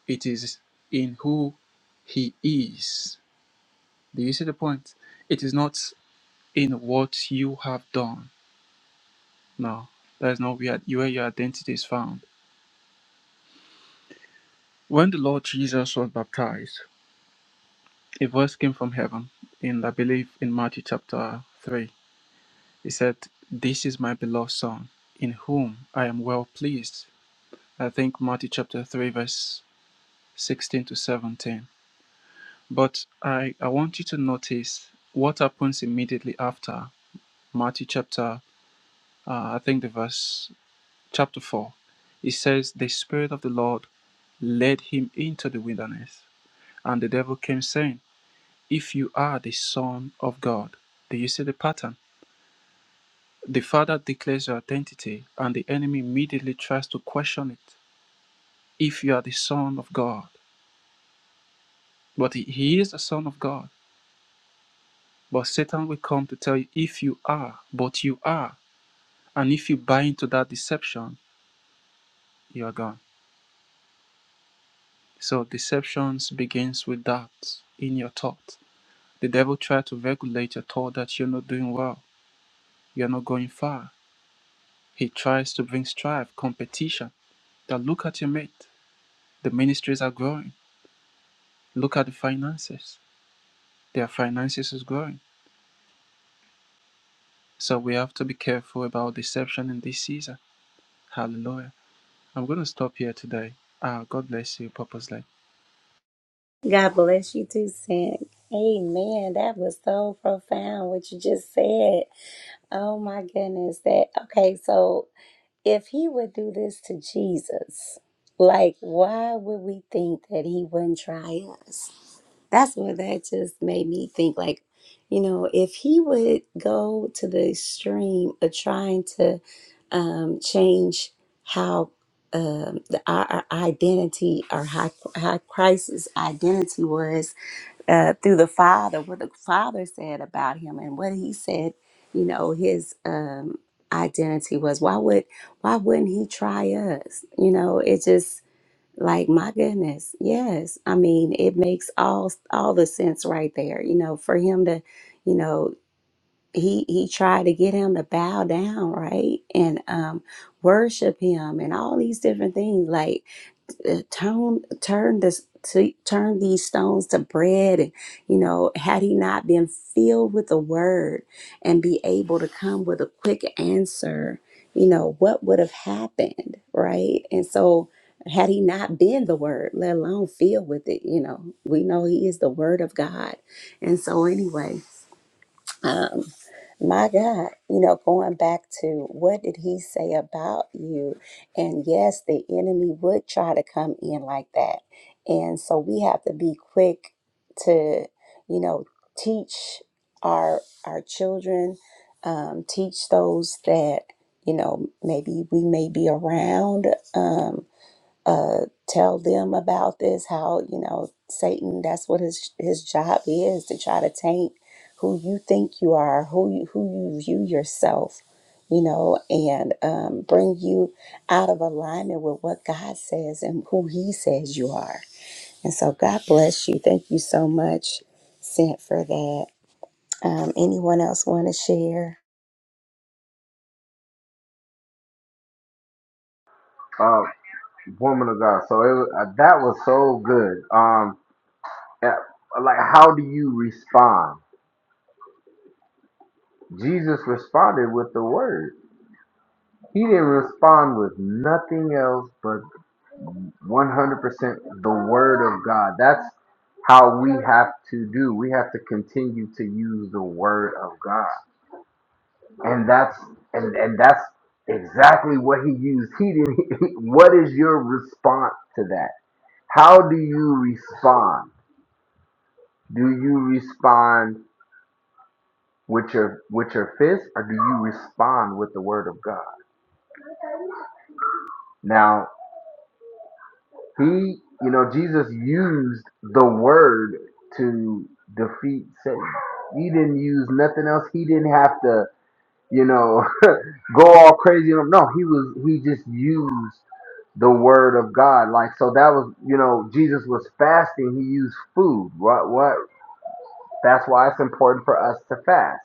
it is in who He is. Do you see the point? It is not in what you have done. No, that is not where where your identity is found. When the Lord Jesus was baptized, a voice came from heaven, in I believe in Matthew chapter 3 He said, This is my beloved Son, in whom I am well pleased. I think Matthew chapter 3, verse 16 to 17. But I, I want you to notice what happens immediately after Matthew chapter, uh, I think the verse, chapter 4. It says, The Spirit of the Lord led him into the wilderness. And the devil came saying, 'If you are the Son of God. Do you see the pattern? The Father declares your identity, and the enemy immediately tries to question it if you are the Son of God. But he he is the Son of God. But Satan will come to tell you if you are, but you are. And if you buy into that deception, you are gone. So deceptions begins with doubts in your thought. The devil tries to regulate your thought that you're not doing well, you're not going far. He tries to bring strife, competition. That look at your mate. The ministries are growing. Look at the finances. Their finances is growing. So we have to be careful about deception in this season. Hallelujah. I'm going to stop here today. Uh, God bless you purposely.
God bless you too, Sam. Amen. That was so profound what you just said. Oh my goodness. That okay, so if he would do this to Jesus, like why would we think that he wouldn't try us? that's what that just made me think like you know if he would go to the extreme of trying to um, change how um, the, our, our identity our high, high crisis identity was uh, through the father what the father said about him and what he said you know his um, identity was why would why wouldn't he try us you know it just like my goodness, yes. I mean, it makes all all the sense right there. You know, for him to, you know, he he tried to get him to bow down, right, and um, worship him, and all these different things. Like uh, turn turn this to turn these stones to bread and you know had he not been filled with the word and be able to come with a quick answer you know what would have happened right and so had he not been the word let alone filled with it you know we know he is the word of god and so anyway um, my God, you know, going back to what did he say about you? And yes, the enemy would try to come in like that. And so we have to be quick to, you know, teach our our children, um, teach those that, you know, maybe we may be around. Um, uh, tell them about this how you know satan that's what his his job is to try to taint who you think you are who you who you view yourself you know and um, bring you out of alignment with what god says and who he says you are and so god bless you thank you so much sent for that um, anyone else want to share
Uh, woman of God. So it, was- uh, that was so good. Um, uh, like, how do you respond? Jesus responded with the word. He didn't respond with nothing else but 100% the word of God. That's how we have to do. We have to continue to use the word of God. And that's and and that's exactly what he used. He didn't what is your response to that? How do you respond? Do you respond with your with your fist or do you respond with the word of God? Now He, you know, Jesus used the word to defeat Satan. He didn't use nothing else. He didn't have to, you know, go all crazy. No, he was he just used the word of God. Like so that was, you know, Jesus was fasting. He used food. What what that's why it's important for us to fast.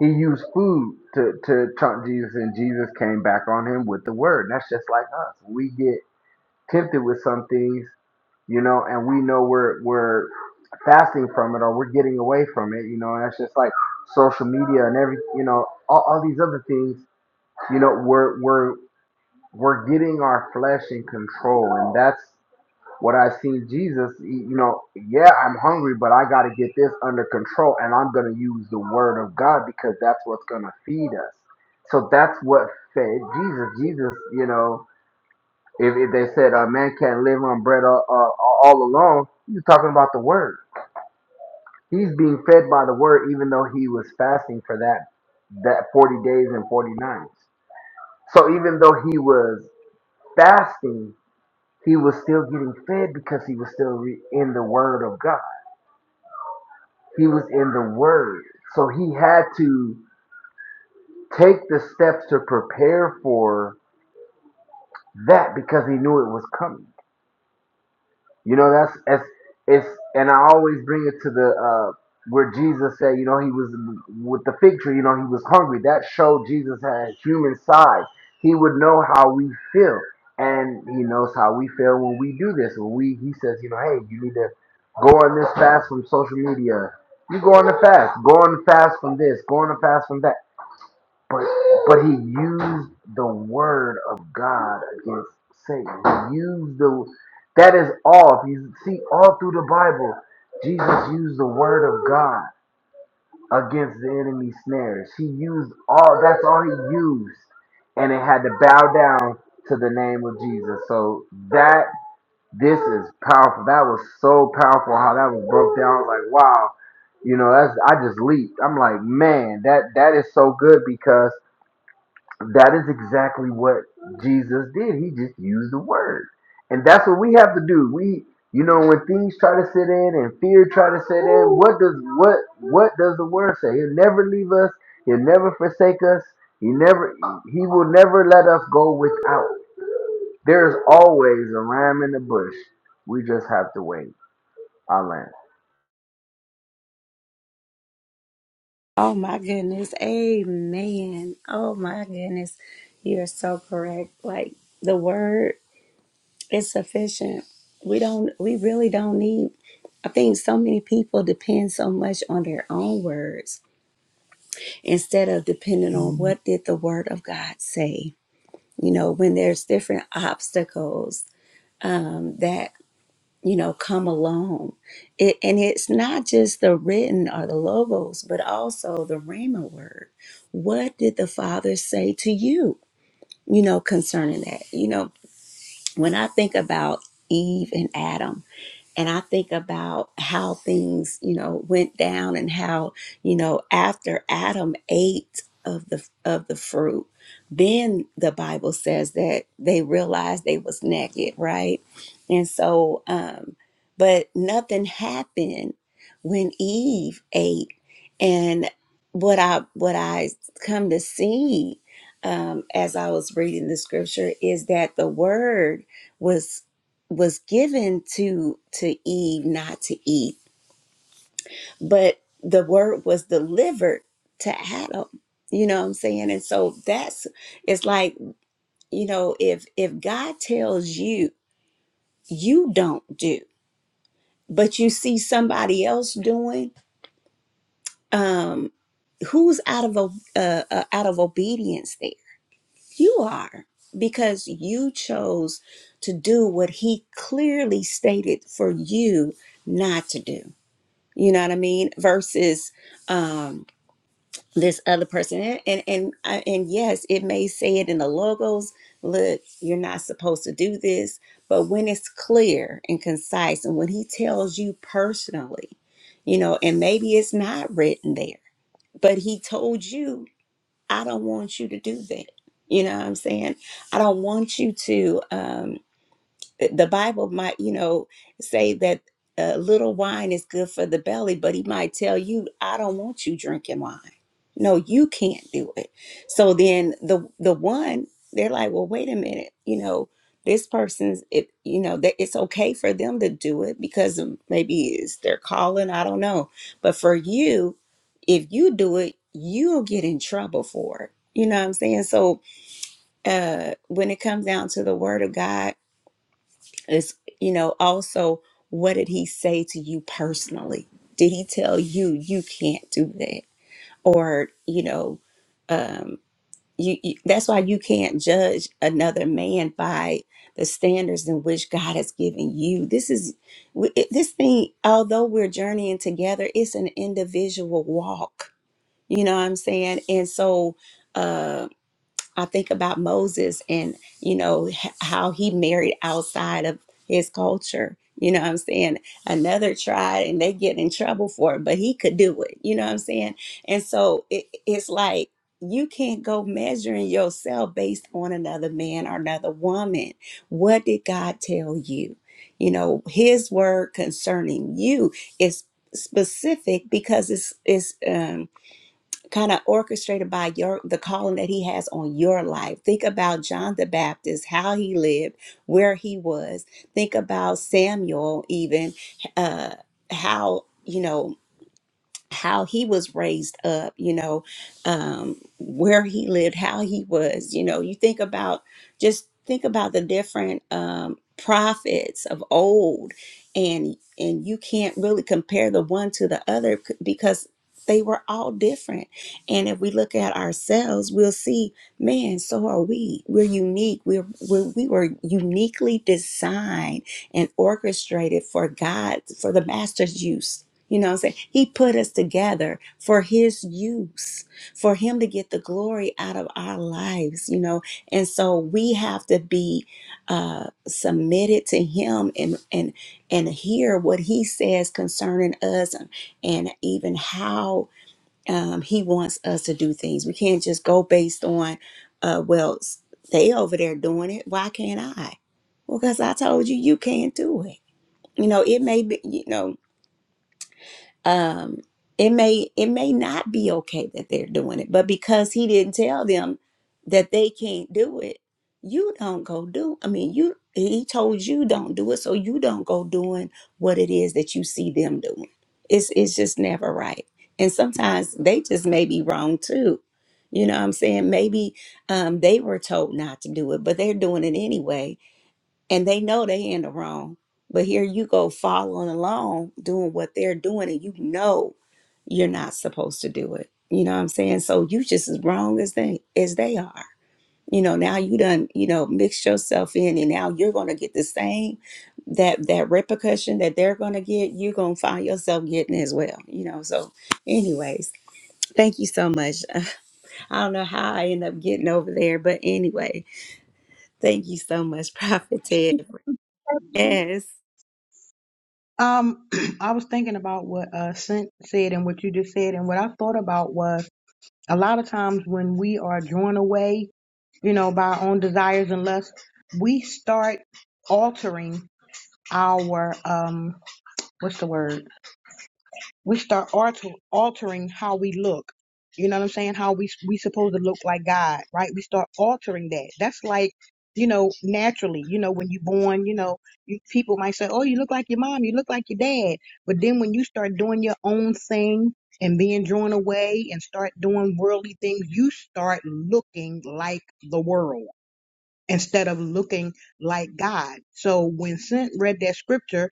He used food to to trump Jesus and Jesus came back on him with the word. And that's just like us. We get tempted with some things, you know, and we know we're we're fasting from it or we're getting away from it, you know, and that's just like social media and every you know, all, all these other things, you know, we're we're we're getting our flesh in control and that's what I see Jesus, he- you know, yeah, I'm hungry, but I got to get this under control and I'm going to use the word of God because that's what's going to feed us. So that's what fed Jesus. Jesus, you know, if, if they said a man can't live on bread all, uh, all alone, he's talking about the word. He's being fed by the word, even though he was fasting for that that forty days and forty nights. So even though he was fasting, he was still getting fed because he was still re- in the word of God. He was in the word, so he had to take the steps to prepare for that because he knew it was coming. You know, that's it's, it's and I always bring it to the uh where Jesus said, you know, he was with the fig tree, you know, he was hungry. That showed Jesus had a human side. He would know how we feel. And he knows how we feel when we do this. When we he says, you know, hey, you need to go on this fast from social media. You go on the fast. Go on the fast from this. Go on the fast from that. But but he used the word of God against Satan. He used the that is all. If you see all through the Bible, Jesus used the word of God against the enemy's snares. He used all that's all he used. And it had to bow down to the name of Jesus. So that this is powerful. That was so powerful how that was broke down. I was like, wow. You know, that's I just leaped. I'm like, man, that that is so good because that is exactly what Jesus did. He just used the word. And that's what we have to do. We you know when things try to sit in and fear try to sit in, what does what what does the word say? He'll never leave us, he'll never forsake us, he never he will never let us go without. There's always a ram in the bush. We just have to wait. I land.
Oh my goodness. Amen. Oh my goodness. You're so correct. Like the word is sufficient. We don't we really don't need I think so many people depend so much on their own words instead of depending on what did the word of God say. You know, when there's different obstacles um, that you know, come along. It, and it's not just the written or the logos, but also the Rhema word. What did the Father say to you, you know, concerning that? You know, when I think about Eve and Adam, and I think about how things, you know, went down and how, you know, after Adam ate of the of the fruit, then the Bible says that they realized they was naked, right? And so um but nothing happened when Eve ate and what I what I come to see um, as I was reading the scripture is that the word was was given to to Eve not to eat, but the word was delivered to Adam. You know what I'm saying? And so that's it's like, you know, if if God tells you you don't do, but you see somebody else doing, um who's out of a uh, uh, out of obedience there? You are because you chose to do what he clearly stated for you not to do. you know what i mean versus um this other person and and and, I- and yes it may say it in the logos look you're not supposed to do this but when it's clear and concise and when he tells you personally you know and maybe it's not written there but he told you i don't want you to do that you know what i'm saying i don't want you to Um, eh, the Bible might, you know, say that a little wine is good for the belly, but he might tell you, I don't want you drinking wine. No, you can't do it. So then the the one, they're like, well, wait a minute, you know, this person's it, you know, that it's okay for them to do it because of maybe it's their calling, I don't know. But for you, if you do it, you'll get in trouble for it. You know what I'm saying? So uh when it comes down to the word of God, it's, you know, also what did he say to you personally? Did he tell you you can't do that? Or, you know, um, you, you that's why you can't judge another man by the standards in which God has given you. This is w- it- this thing, although we're journeying together, it's an individual walk. You know what I'm saying? And so uh, I think about Moses and, you know, h- how he married outside of his culture. You know what I'm saying? Another tribe and they get in trouble for it, but he could do it. You know what I'm saying? And so it, it's like you can't go measuring yourself based on another man or another woman. What did God tell you? You know, his word concerning you is specific because it's it's um kind of orchestrated by your the calling that he has on your life. Think about John the Baptist, how he lived, where he was. Think about Samuel, even uh, how you know how he was raised up, you know, um, where he lived, how he was, you know, you think about just think about the different um, prophets of old, and and you can't really compare the one to the other c- because they were all different. And if we look at ourselves, we'll see, man, so are we. We're unique. We're, we're we were uniquely designed and orchestrated for God for the master's use you know what I'm saying? He put us together for his use, for him to get the glory out of our lives, you know. And so we have to be uh submitted to him and and and hear what he says concerning us and, and even how um he wants us to do things. We can't just go based on uh well s- they over there doing it. Why can't I? Well, because I told you you can't do it. You know, it may be, you know, um, it may it may not be okay that they're doing it, but because he didn't tell them that they can't do it, you don't go do. I mean, you he told you don't do it, so you don't go doing what it is that you see them doing. It's it's just never right, and sometimes they just may be wrong too. You know what I'm saying? Maybe um, they were told not to do it, but they're doing it anyway and they know they in the wrong but here you go following along doing what they're doing and you know you're not supposed to do it you know what i'm saying so you just as wrong as they as they are you know now you done you know mixed yourself in and now you're gonna get the same that that repercussion that they're gonna get you're gonna find yourself getting as well you know so anyways thank you so much i don't know how i end up getting over there but anyway thank you so much prophet ted
Purposely.
yes
Um, I was thinking about what uh Sent said and what you just said, and what I thought about was a lot of times when we are drawn away, you know, by our own desires and lusts, we start altering our um, what's the word? we start alter, altering how we look. You know what I'm saying? How we we supposed to look like God, right? We start altering that. That's like, you know, naturally, you know, when you're born, you know, you, people might say, "Oh, you look like your mom, you look like your dad," but then when you start doing your own thing and being drawn away and start doing worldly things, you start looking like the world instead of looking like God. So when Sent read that scripture,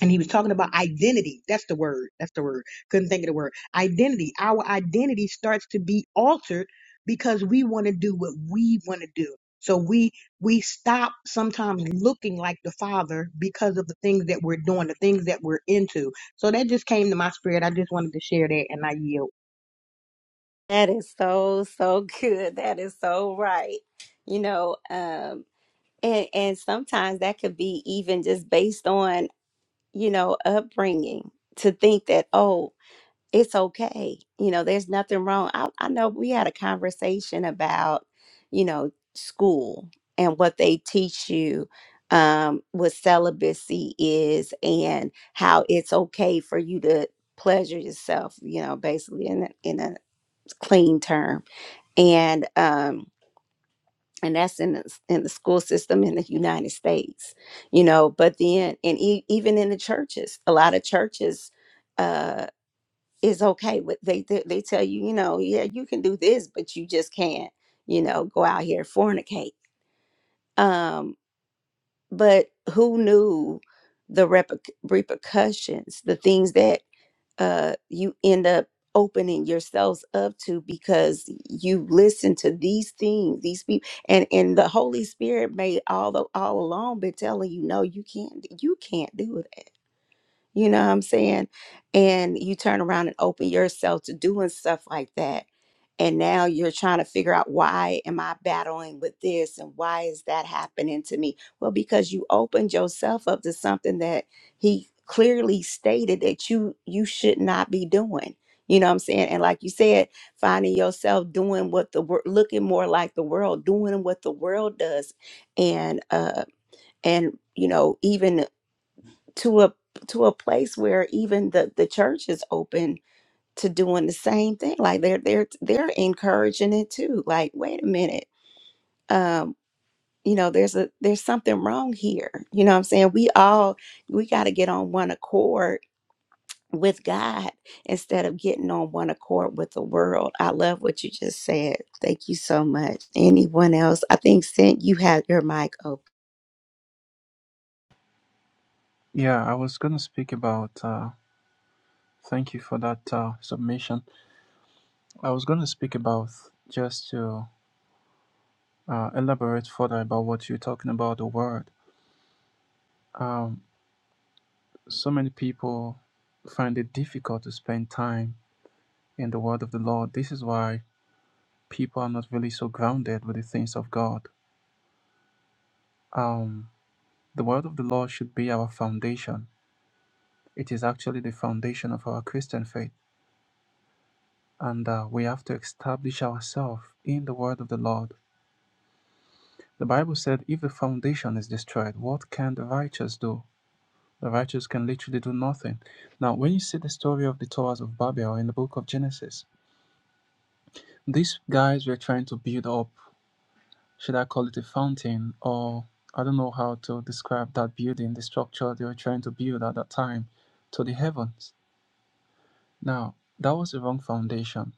and he was talking about identity. That's the word. That's the word. Couldn't think of the word. Identity. Our identity starts to be altered because we want to do what we want to do. So we we stop sometimes looking like the Father because of the things that we're doing, the things that we're into. So that just came to my spirit. I just wanted to share that, and I yield.
That is so, so good. That is so right. You know, um, and and sometimes that could be even just based on, you know, upbringing to think that, oh, it's okay. You know, there's nothing wrong. I, I know we had a conversation about, you know, school and what they teach you, um, what celibacy is and how it's okay for you to pleasure yourself, you know, basically in a, in a clean term and um and that's in the, s- in the school system in the United States, you know. But then, and e- even in the churches, a lot of churches uh, is okay with they, they they tell you, you know, yeah, you can do this, but you just can't, you know, go out here and fornicate. Um, but who knew the reper- repercussions, the things that uh, you end up opening yourselves up to because you listen to these things these people and and the holy spirit may all the, all along been telling you no you can't you can't do that you know what i'm saying and you turn around and open yourself to doing stuff like that and now you're trying to figure out why am i battling with this and why is that happening to me well because you opened yourself up to something that he clearly stated that you you should not be doing you know what i'm saying and like you said finding yourself doing what the world looking more like the world doing what the world does and uh and you know even to a to a place where even the the church is open to doing the same thing. Like they're they're they're encouraging it too. Like, wait a minute. Um, you know, there's a there's something wrong here. You know what I'm saying? We all we gotta get on one accord with God instead of getting on one accord with the world. I love what you just said. Thank you so much. Anyone else? I think Sint, you had your mic open.
Yeah, I was going to speak about, uh, thank you for that uh, submission. I was going to speak about just to uh, elaborate further about what you're talking about the word. Um, so many people find it difficult to spend time in the word of the Lord. This is why people are not really so grounded with the things of God. Um, The Word of the Lord should be our foundation. It is actually the foundation of our Christian faith, and uh, we have to establish ourselves in the Word of the Lord. The Bible said, If the foundation is destroyed, what can the righteous do? The righteous can literally do nothing. Now, when you see the story of the Towers of Babel in the book of Genesis, these guys were trying to build up, should I call it a fountain, or I don't know how to describe that building, the structure they were trying to build at that time, to the heavens Now, that was the wrong foundation.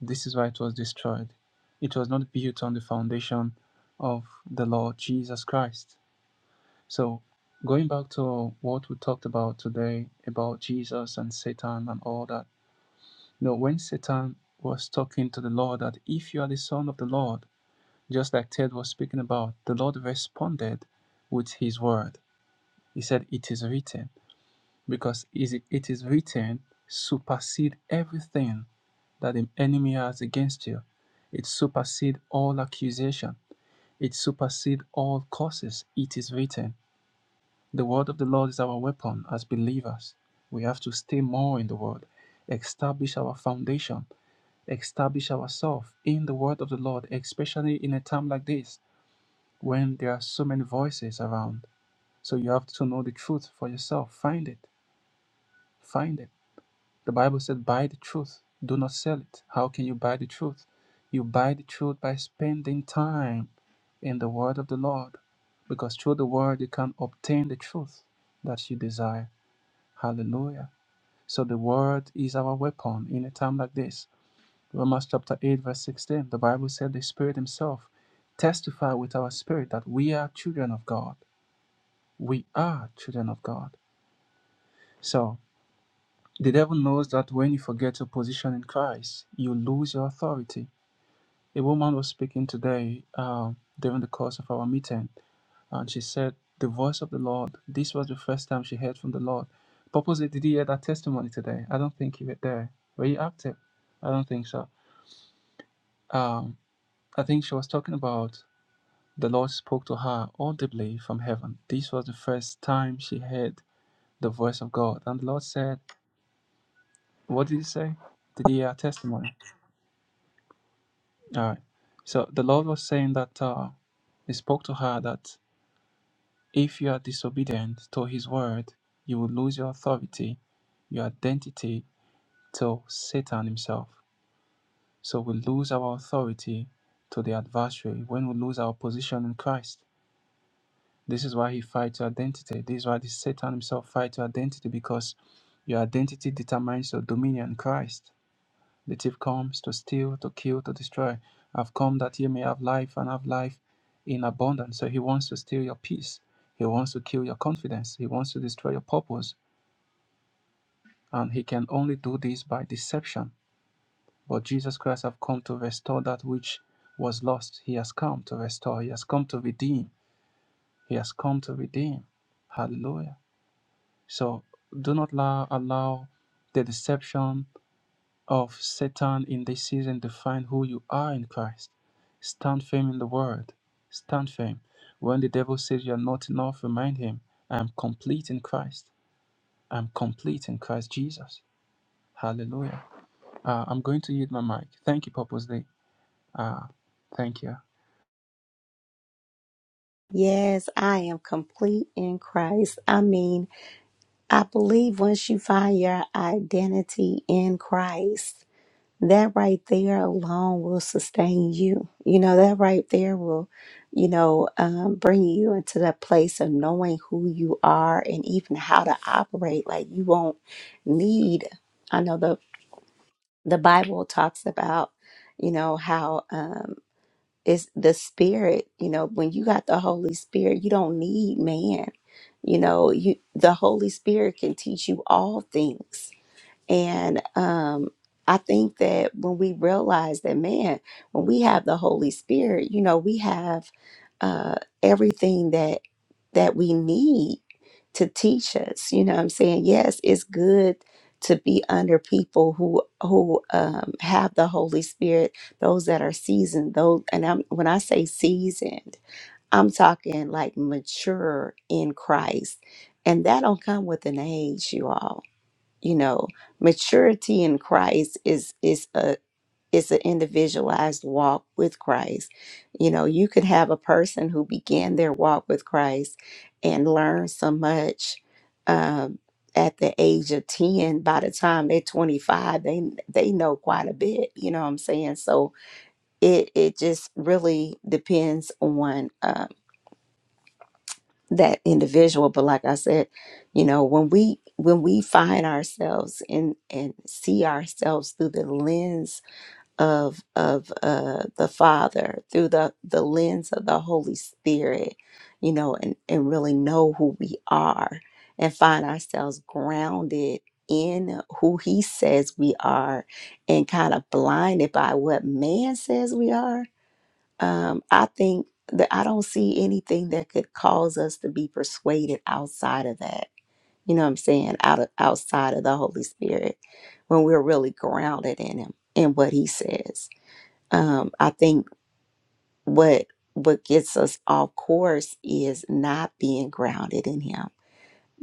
This is why it was destroyed. It was not built on the foundation of the Lord Jesus Christ. So, going back to what we talked about today about Jesus and Satan and all that, you know, when Satan was talking to the Lord that if you are the Son of the Lord, just like Ted was speaking about, the Lord responded with his word. He said, It is written. because it is written, supersede everything that the enemy has against you. It supersede all accusation. It supersede all curses. It is written. The word of the Lord is our weapon as believers. We have to stay more in the word, establish our foundation, establish ourselves in the word of the Lord, especially in a time like this when there are so many voices around. So you have to know the truth for yourself. Find it. Find it The Bible said, buy the truth, do not sell it. How can you buy the truth? You buy the truth by spending time in the word of the Lord, because through the word you can obtain the truth that you desire. Hallelujah. So the word is our weapon in a time like this. Romans chapter 8, verse 16, the Bible said, the Spirit Himself testify with our spirit that we are children of God. We are children of God. So The devil knows that when you forget your position in Christ, you lose your authority. A woman was speaking today uh, during the course of our meeting, and she said, The voice of the Lord. This was the first time she heard from the Lord. Purposely, did you hear that testimony today? I don't think you were there. Were you active? I don't think so. Um, I think she was talking about the Lord spoke to her audibly from heaven. This was the first time she heard the voice of God. And the Lord said, What did he say? Did you hear her testimony? All right. So the Lord was saying that uh, He spoke to her that if you are disobedient to His word, you will lose your authority, your identity to Satan himself. So we lose our authority to the adversary when we lose our position in Christ. This is why He fights your identity. This is why the Satan himself fights your identity because your identity determines your dominion in Christ. The thief comes to steal, to kill, to destroy. I've come that you may have life and have life in abundance. So he wants to steal your peace. He wants to kill your confidence. He wants to destroy your purpose. And he can only do this by deception. But Jesus Christ has come to restore that which was lost. He has come to restore. He has come to redeem. He has come to redeem. Hallelujah. So do not allow, allow the deception of Satan in this season define who you are in Christ. Stand firm in the word. Stand firm. When the devil says you're not enough, remind him, I'm complete in Christ. I'm complete in Christ Jesus. Hallelujah. Uh, I'm going to yield my mic. Thank you, Purpose Day. Uh, thank you.
Yes, I am complete in Christ. I mean, I believe once you find your identity in Christ, that right there alone will sustain you. You know, that right there will, you know, um, bring you into that place of knowing who you are and even how to operate. Like you won't need, I know the, the Bible talks about, you know, how, um, it's the spirit, you know, when you got the Holy Spirit, you don't need man. You know, you the Holy Spirit can teach you all things and um, I think that when we realize that, man, when we have the Holy Spirit, you know, we have uh, everything that that we need to teach us. You know, what I'm saying, yes, it's good to be under people who who um, have the Holy Spirit, those that are seasoned. Those, and I'm, when I say seasoned, I'm talking like mature in Christ, and that don't come with an age, you all you know maturity in christ is is a is an individualized walk with christ you know you could have a person who began their walk with christ and learn so much um, at the age of 10 by the time they're 25 they they know quite a bit you know what i'm saying so it it just really depends on uh, that individual but like i said you know when we when we find ourselves and and see ourselves through the lens of of uh the father through the the lens of the holy spirit you know and and really know who we are and find ourselves grounded in who he says we are and kind of blinded by what man says we are um, I think that I don't see anything that could cause us to be persuaded outside of that. You know what I'm saying? Out of outside of the Holy Spirit, when we're really grounded in Him and what He says. Um, I think what what gets us off course is not being grounded in Him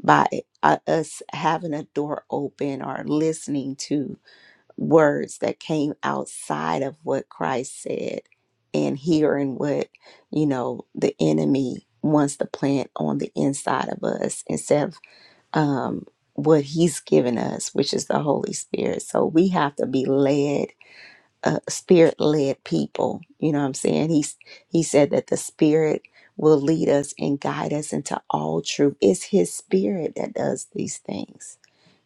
by uh, us having a door open or listening to words that came outside of what Christ said and hearing what, you know, the enemy wants to plant on the inside of us instead of um, what he's given us, which is the Holy Spirit. So we have to be led uh, spirit led people. You know what I'm saying? He's he said that the spirit will lead us and guide us into all truth. It's his spirit that does these things.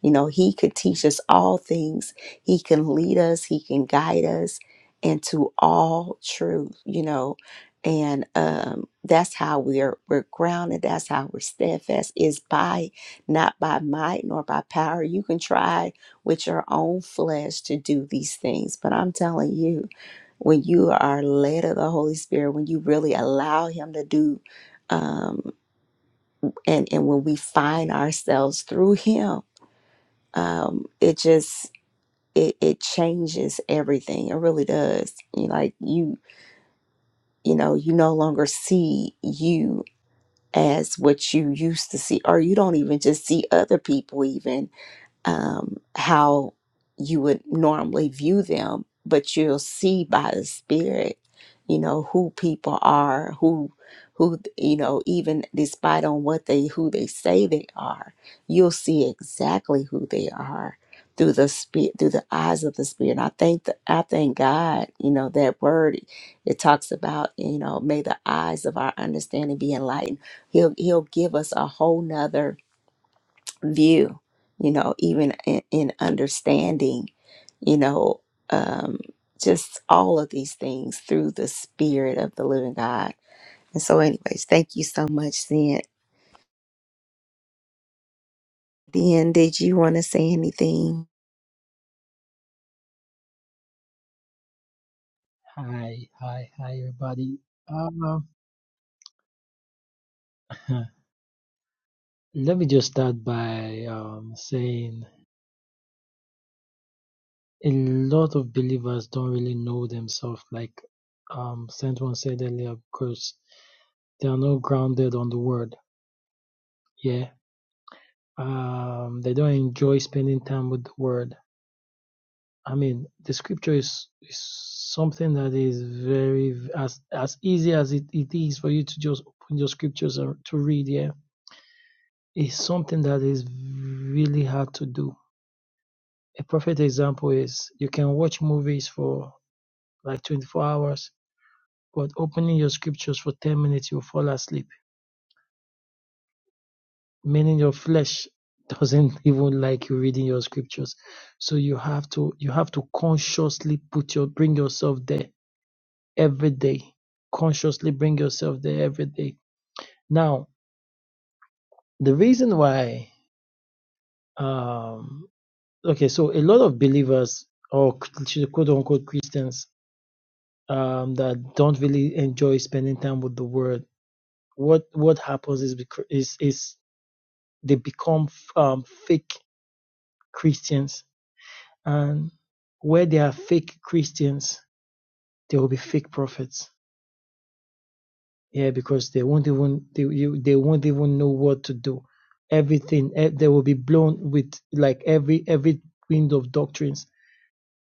You know, he could teach us all things. He can lead us, he can guide us into all truth, you know. And um, that's how we're we're grounded. That's how we're steadfast. Is by not by might nor by power. You can try with your own flesh to do these things. But I'm telling you, when you are led of the Holy Spirit, when you really allow Him to do, um, and and when we find ourselves through Him, um, it just it, it changes everything. It really does. You like you you know you no longer see you as what you used to see, or you don't even just see other people even um, how you would normally view them, but you'll see by the spirit, you know, who people are, who who you know, even despite on what they who they say they are, you'll see exactly who they are through the spirit through the eyes of the spirit. And I thank the, I thank God, you know, that word it talks about, you know, may the eyes of our understanding be enlightened. He'll he'll give us a whole nother view, you know, even in, in understanding, you know, um, just all of these things through the Spirit of the Living God. And so, anyways, thank you so much, Sin. Then, did you want to say anything?
Hi, hi, hi, everybody. Um, let me just start by um, saying a lot of believers don't really know themselves, like um, Saint one said earlier, because they are not grounded on the word. Yeah, um, they don't enjoy spending time with the word. I mean, the scripture is, is something that is very as as easy as it, it is for you to just open your scriptures and to read. Yeah, it's something that is really hard to do A perfect example is you can watch movies for like 24 hours, but opening your scriptures for 10 minutes, you'll fall asleep, meaning your flesh doesn't even like you reading your scriptures. So you have to, you have to consciously put your, bring yourself there every day. Consciously bring yourself there every day. Now, the reason why, um, okay, so a lot of believers or quote unquote Christians um, that don't really enjoy spending time with the word, what what happens is becau- is is they become um, fake Christians, and where they are fake Christians, they will be fake prophets. Yeah, because they won't even they you, they won't even know what to do. Everything eh, they will be blown with like every every wind of doctrines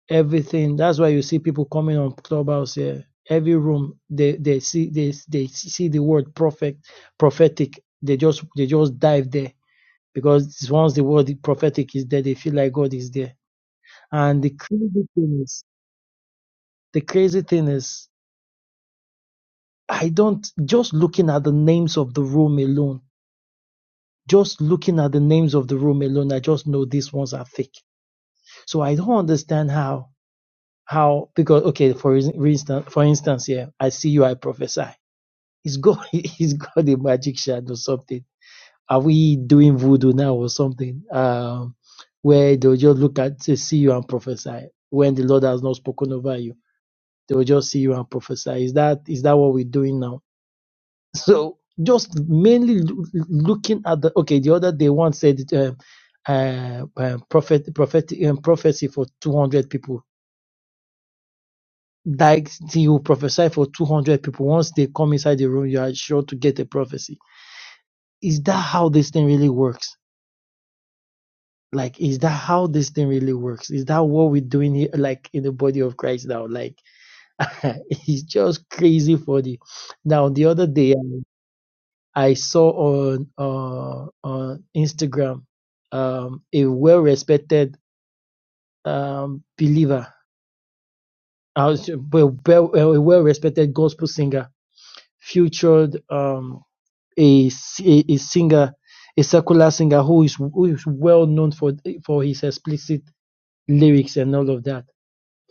everything. That's why you see people coming on Clubhouse here. Every room they they see they they see the word prophet prophetic. They just they just dive there because once the word prophetic is there, they feel like God is there. And the crazy thing is the crazy thing is I don't just looking at the names of the room alone. Just looking at the names of the room alone, I just know these ones are fake. So I don't understand how how because okay for instance for instance yeah I see you I prophesy He's got he's got a magic magician or something? Are we doing voodoo now or something? Um, where they'll just look at say, see you and prophesy when the Lord has not spoken over you. They will just see you and prophesy. Is that is that what we're doing now? So just mainly loo- looking at the okay. The other day, one said um, uh, um, prophet prophet um, prophecy for two hundred people. Like till you prophesy for two hundred people, once they come inside the room, you are sure to get a prophecy is that how this thing really works? Like, is that how this thing really works? Is that what we're doing here, like in the body of Christ now? Like, it's just crazy funny. Now, the other day, um, I saw on uh, on Instagram um, a well-respected um, believer, uh, well, well, well, a well-respected gospel singer, featured um, a si, a a singer, a secular singer who is who is well known for for his explicit lyrics and all of that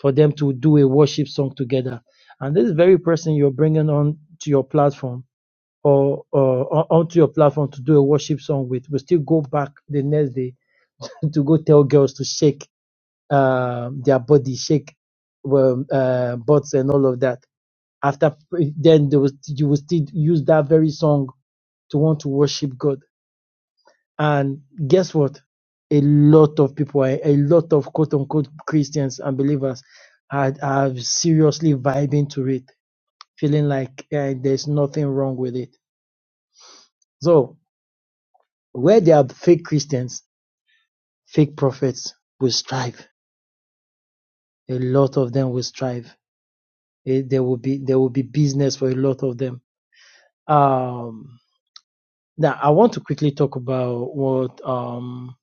for them to do a worship song together. And this very person you're bringing on to your platform or, or on- onto your platform to do a worship song with will still go back the next day to go tell girls to shake um their body, shake well, uh, butts and all of that. After then, they will, you will still use that very song to want to worship God And guess what? A lot of people, a a lot of quote unquote Christians and believers are, are seriously vibing to it, feeling like uh, there's nothing wrong with it. So, where there are fake Christians, fake prophets will strive. A lot of them will strive. Eh, There will be there will be business for a lot of them. Um, now, I want to quickly talk about what um,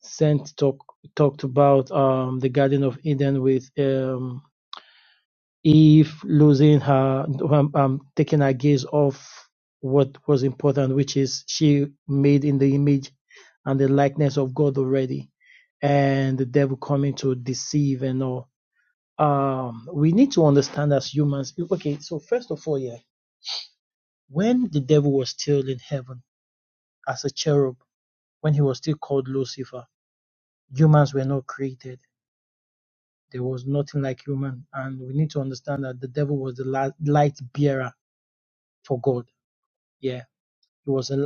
Saint talk, talked about um, the Garden of Eden with. Um, if losing her, um, um, taking her gaze off what was important, which is she made in the image and the likeness of God already, and the devil coming to deceive and all. Um, we need to understand as humans. Okay, so first of all, yeah, when the devil was still in heaven as a cherub, when he was still called Lucifer, humans were not created. There was nothing like human, and we need to understand that the devil was the la- light bearer for God. Yeah He was a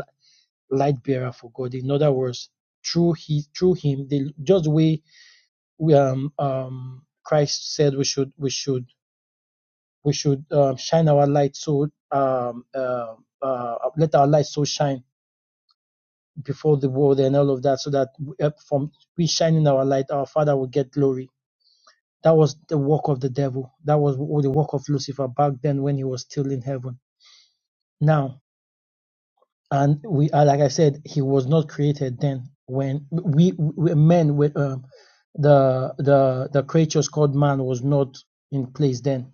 light bearer for God. In other words, through he through him, they, just the way we, um, um, Christ said we should we should we should um, shine our light so um, uh, uh, let our light so shine before the world and all of that, so that we- uh, from we shining our light, our Father will get glory. That was the work of the devil. That was w- the work of Lucifer back then when he was still in heaven. Now and we uh, like i said he was not created then when we, we men with um, the the the creatures called man was not in place then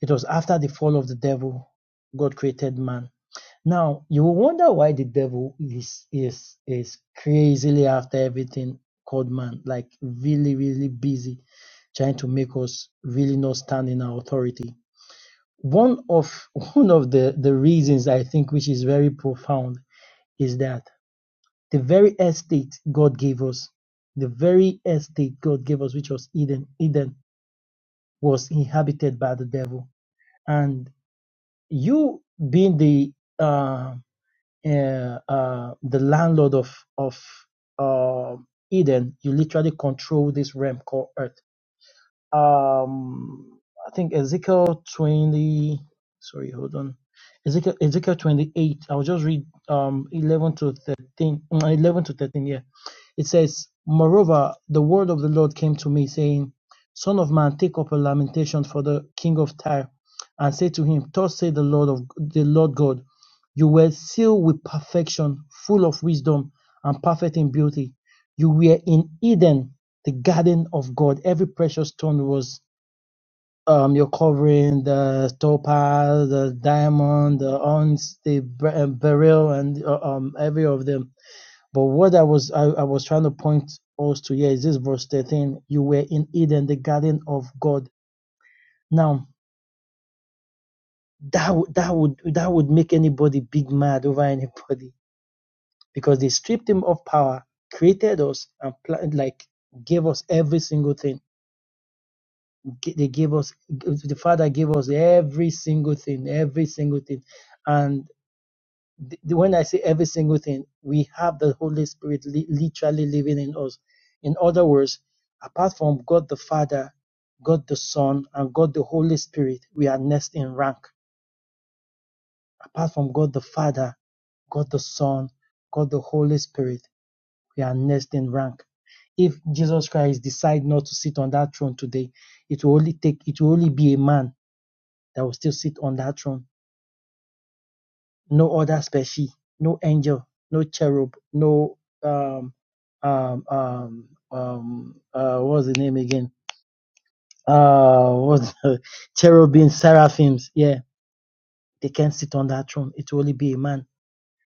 it was after the fall of the devil god created man now you will wonder why the devil is is is crazily after everything called man like really really busy trying to make us really not stand in our authority one of one of the the reasons i think which is very profound is that the very estate God gave us, the very estate God gave us, which was Eden, Eden was inhabited by the devil. And you being the uh, uh, uh, the landlord of of uh, Eden, you literally control this realm called Earth um I think Ezekiel 20 sorry hold on Ezekiel Ezekiel 28 I'll just read um 11 to 13 mm, 11 to 13 yeah it says moreover the word of the Lord came to me saying son of man take up a lamentation for the king of Tyre and say to him thus say the Lord of the Lord God you were sealed with perfection full of wisdom and perfect in beauty you were in Eden the garden of God. Every precious stone was um, your covering, the topaz, the diamond, the ons, the ber- uh, beryl, and uh, um, every of them. But what I was I, I was trying to point us to here is this verse 13. You were in Eden, the garden of God. Now that would that would that would make anybody big mad over anybody because they stripped him of power, created us, and pla- like gave us every single thing they gave us the father gave us every single thing every single thing and th- when i say every single thing we have the holy spirit li- literally living in us in other words apart from god the father god the son and god the holy spirit we are next in rank apart from god the father god the son god the holy spirit we are next in rank if jesus christ decide not to sit on that throne today it will only take it will only be a man that will still sit on that throne. No other specie, no angel, no cherub, no um um um um uh what's the name again? Uh what's the, cherubim, seraphims, yeah. They can't sit on that throne. It will only be a man.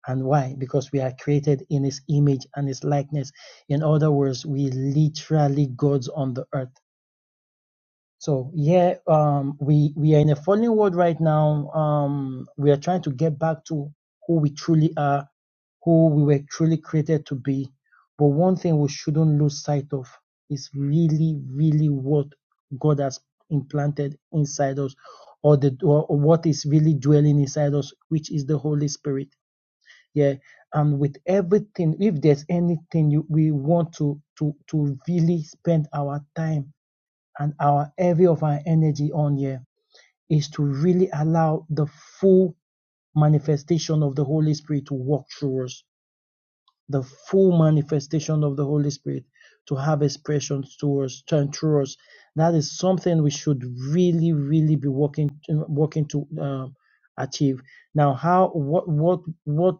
And why? Because we are created in his image and his likeness. In other words, we literally gods on the earth. So yeah, um we we are in a fallen world right now. Um we are trying to get back to who we truly are who we were truly created to be. But one thing we shouldn't lose sight of is really, really what God has implanted inside us, or the or what is really dwelling inside us, which is the Holy Spirit. Yeah, and with everything, if there's anything you, we want to to to really spend our time and our every of our energy on, yeah, is to really allow the full manifestation of the Holy Spirit to walk through us the full manifestation of the Holy Spirit to have expressions to us, turn through us. That is something we should really, really be working working to um, achieve. Now, how what what what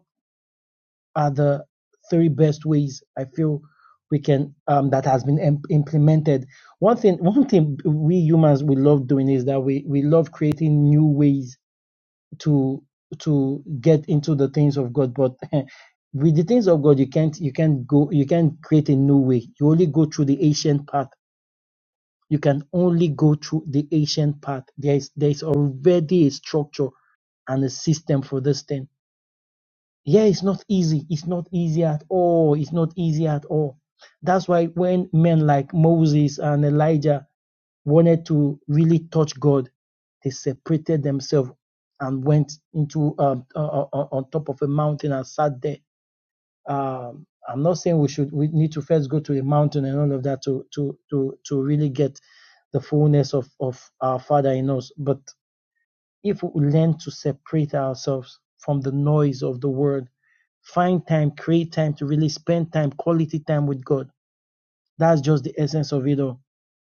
are the three best ways I feel we can um, that has been im- implemented? One thing one thing we humans we love doing is that we we love creating new ways to to get into the things of God. But with the things of God, you can't you can't go you can't create a new way. You only go through the ancient path. You can only go through the ancient path. There is there is already a structure and a system for this thing. Yeah, it's not easy. It's not easy at all. It's not easy at all. That's why when men like Moses and Elijah wanted to really touch God, they separated themselves and went into um, uh, uh, uh, on top of a mountain and sat there. Um, I'm not saying we should we need to first go to a mountain and all of that to to to to really get the fullness of of our Father in us. But if we learn to separate ourselves from the noise of the world, find time, create time to really spend time, quality time with God that's just the essence of it all.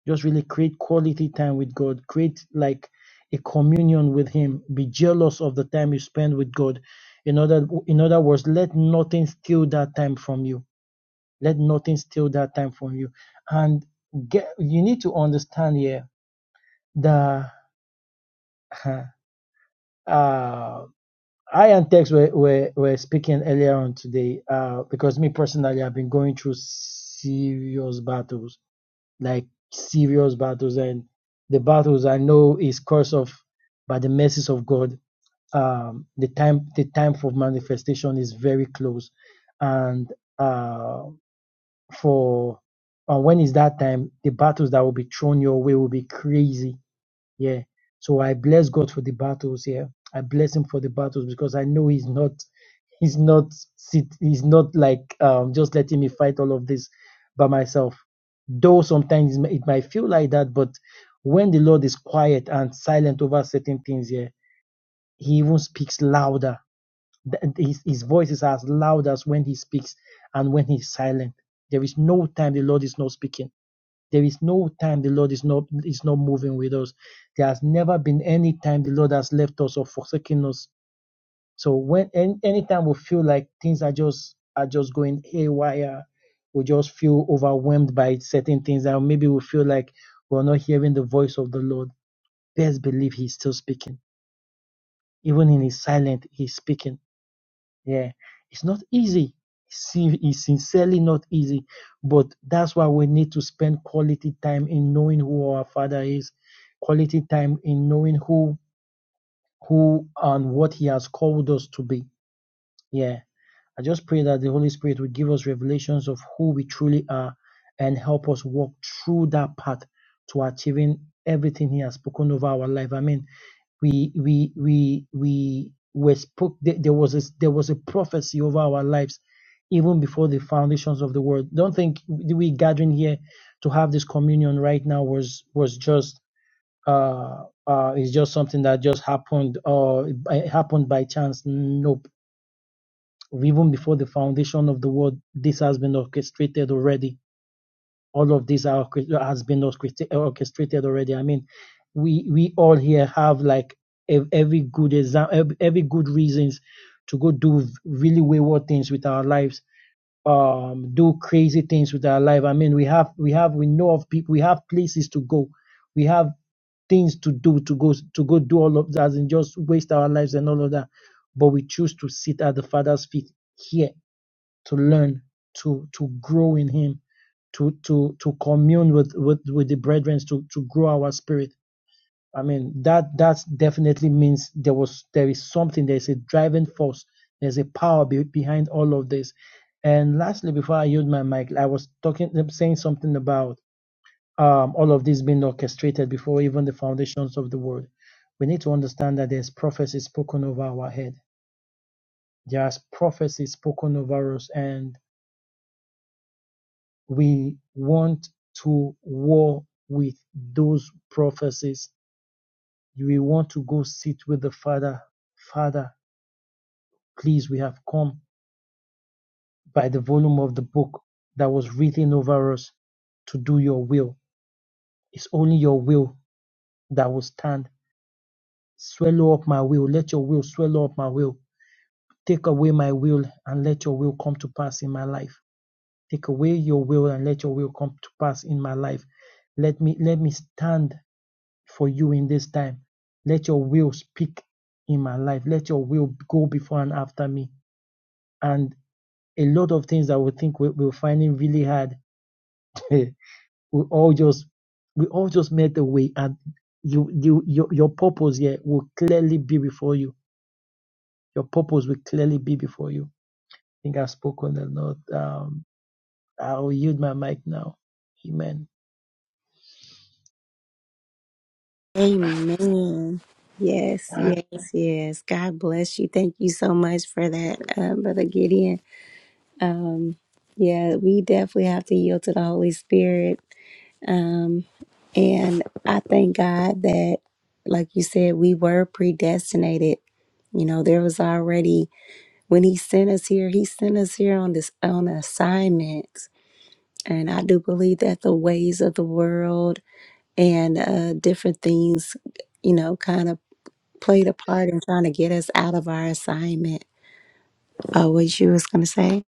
Just really create quality time with God. Create like a communion with Him. Be jealous of the time you spend with God. In other, in other words, let nothing steal that time from you. Let nothing steal that time from you. And get, you need to understand here that uh, I and Tex were, were, were speaking earlier on today uh, because me personally, I've been going through serious battles like serious battles and the battles I know is course of by the mercies of God. Um, the time the time for manifestation is very close, and uh, for uh, when is that time? The battles that will be thrown your way will be crazy yeah. So I bless God for the battles Yeah, I bless him for the battles because I know he's not he's not sit he's not like um just letting me fight all of this by myself. Though sometimes it mi- it might feel like that, but when the Lord is quiet and silent over certain things yeah, he even speaks louder. Th- His, his voice is as loud as when he speaks and when he's silent. There is no time the Lord is not speaking there is no time the Lord is not is not moving with us. There has never been any time the Lord has left us or forsaken us. So when any anytime we feel like things are just are just going haywire, we just feel overwhelmed by certain things, and maybe we feel like we're not hearing the voice of the Lord. Best believe He's still speaking. Even in His silence, He's speaking yeah, it's not easy. It's sincerely not easy, but that's why we need to spend quality time in knowing who our Father is, quality time in knowing who who and what He has called us to be. Yeah, I just pray that the Holy Spirit will give us revelations of who we truly are and help us walk through that path to achieving everything He has spoken over our life. Amen we we we we were spoke there, there was a, there was a prophecy over our lives even before the foundations of the world don't think we gathering here to have this communion right now was was just uh uh is just something that just happened or it happened by chance nope even before the foundation of the world this has been orchestrated already all of this are has been orchestrated already. I mean, we we all here have like every good exam, every good reasons to go do really wayward things with our lives, um, do crazy things with our life. I mean, we have we have we know of people, we have places to go, we have things to do to go to go do all of that and just waste our lives and all of that, but we choose to sit at the Father's feet here to learn to to grow in Him to to to commune with with, with the brethren to to grow our spirit i mean that that definitely means there was there is something there's a driving force there's a power be, behind all of this and lastly before i use my mic i was talking um, saying something about um, all of this being orchestrated before even the foundations of the world we need to understand that there's prophecy spoken over our head there's prophecy spoken over us and we want to war with those prophecies. We want to go sit with the Father. Father, please, we have come by the volume of the book that was written over us to do your will. It's only your will that will stand. Swallow up my will. Let your will swallow up my will. Take away my will and let your will come to pass in my life. Take away your will and let your will come to pass in my life. Let me let me stand for you in this time. Let your will speak in my life. Let your will go before and after me. And a lot of things that we think we, we're finding really hard, we all just we all just made a way, and you you your, your purpose here will clearly be before you. Your purpose will clearly be before you. I think I've spoken a lot. Um, I'll yield my mic now. Amen.
Amen. Yes, yes, yes. God bless you. Thank you so much for that, um, Brother Gideon. Um, yeah, we definitely have to yield to the Holy Spirit. Um, and I thank God that, like you said, we were predestinated. You know, there was already when He sent us here, He sent us here on this on assignments. And I do believe that the ways of the world and uh, different things, you know, kind of played a part in trying to get us out of our assignment. Oh, was you was gonna say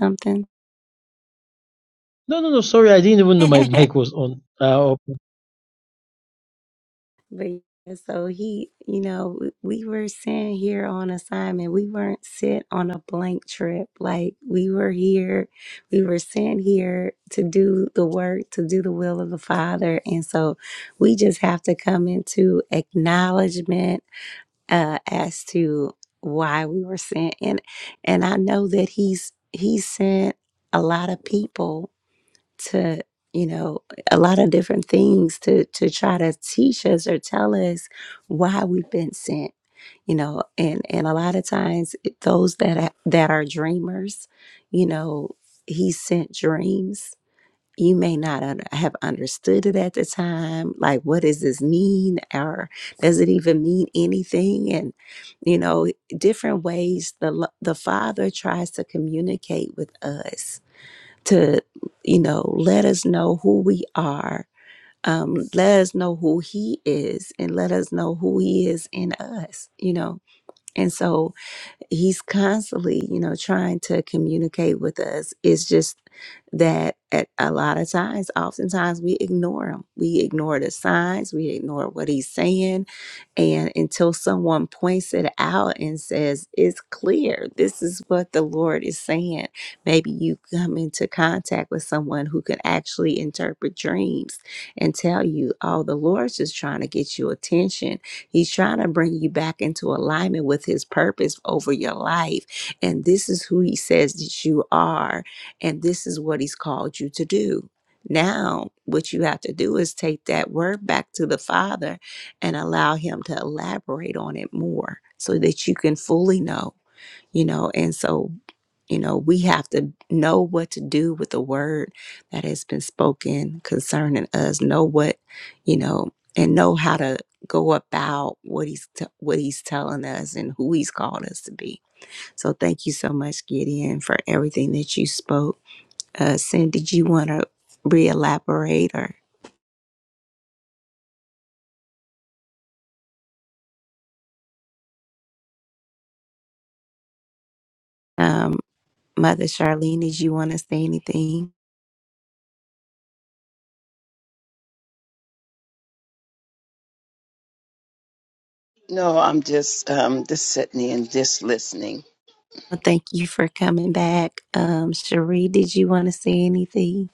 something?
No, no, no. Sorry, I didn't even know my mic was on. Uh,
But yeah, so he, you know, w- we were sent here on assignment. We weren't sent on a blank trip. Like we were here, we were sent here to do the work, to do the will of the Father. And so we just have to come into acknowledgement uh, as to why we were sent. And and I know that he's he sent a lot of people to you know a lot of different things to to try to teach us or tell us why we've been sent you know and and a lot of times it- those that are, that are dreamers you know he sent dreams you may not un- have understood it at the time like what does this mean or does it even mean anything and you know different ways the lo- the father tries to communicate with us to, you know, let us know who we are. Um, let us know who he is and let us know who he is in us, you know. And so he's constantly, you know, trying to communicate with us. It's just that at a lot of times, oftentimes we ignore him. We ignore the signs, we ignore what he's saying and until someone points it out and says, it's clear, this is what the Lord is saying, maybe you come into contact with someone who can actually interpret dreams and tell you, oh, the Lord's just trying to get your attention. He's trying to bring you back into alignment with his purpose over your life. And this is who he says that you are. And this is what he's called you to do. Now, what you have to do is take that word back to the Father and allow him to elaborate on it more so that you can fully know, you know. And so, you know, we have to know what to do with the word that has been spoken concerning us, know what, you know, and know how to go about what he's t- what he's telling us and who he's called us to be. So thank you so much Gideon for everything that you spoke. Uh Sin, did you want to re-elaborate or um Mother Charlene, did you want to say anything? Well, thank you for coming back. Um, Cherie, did you want to say anything?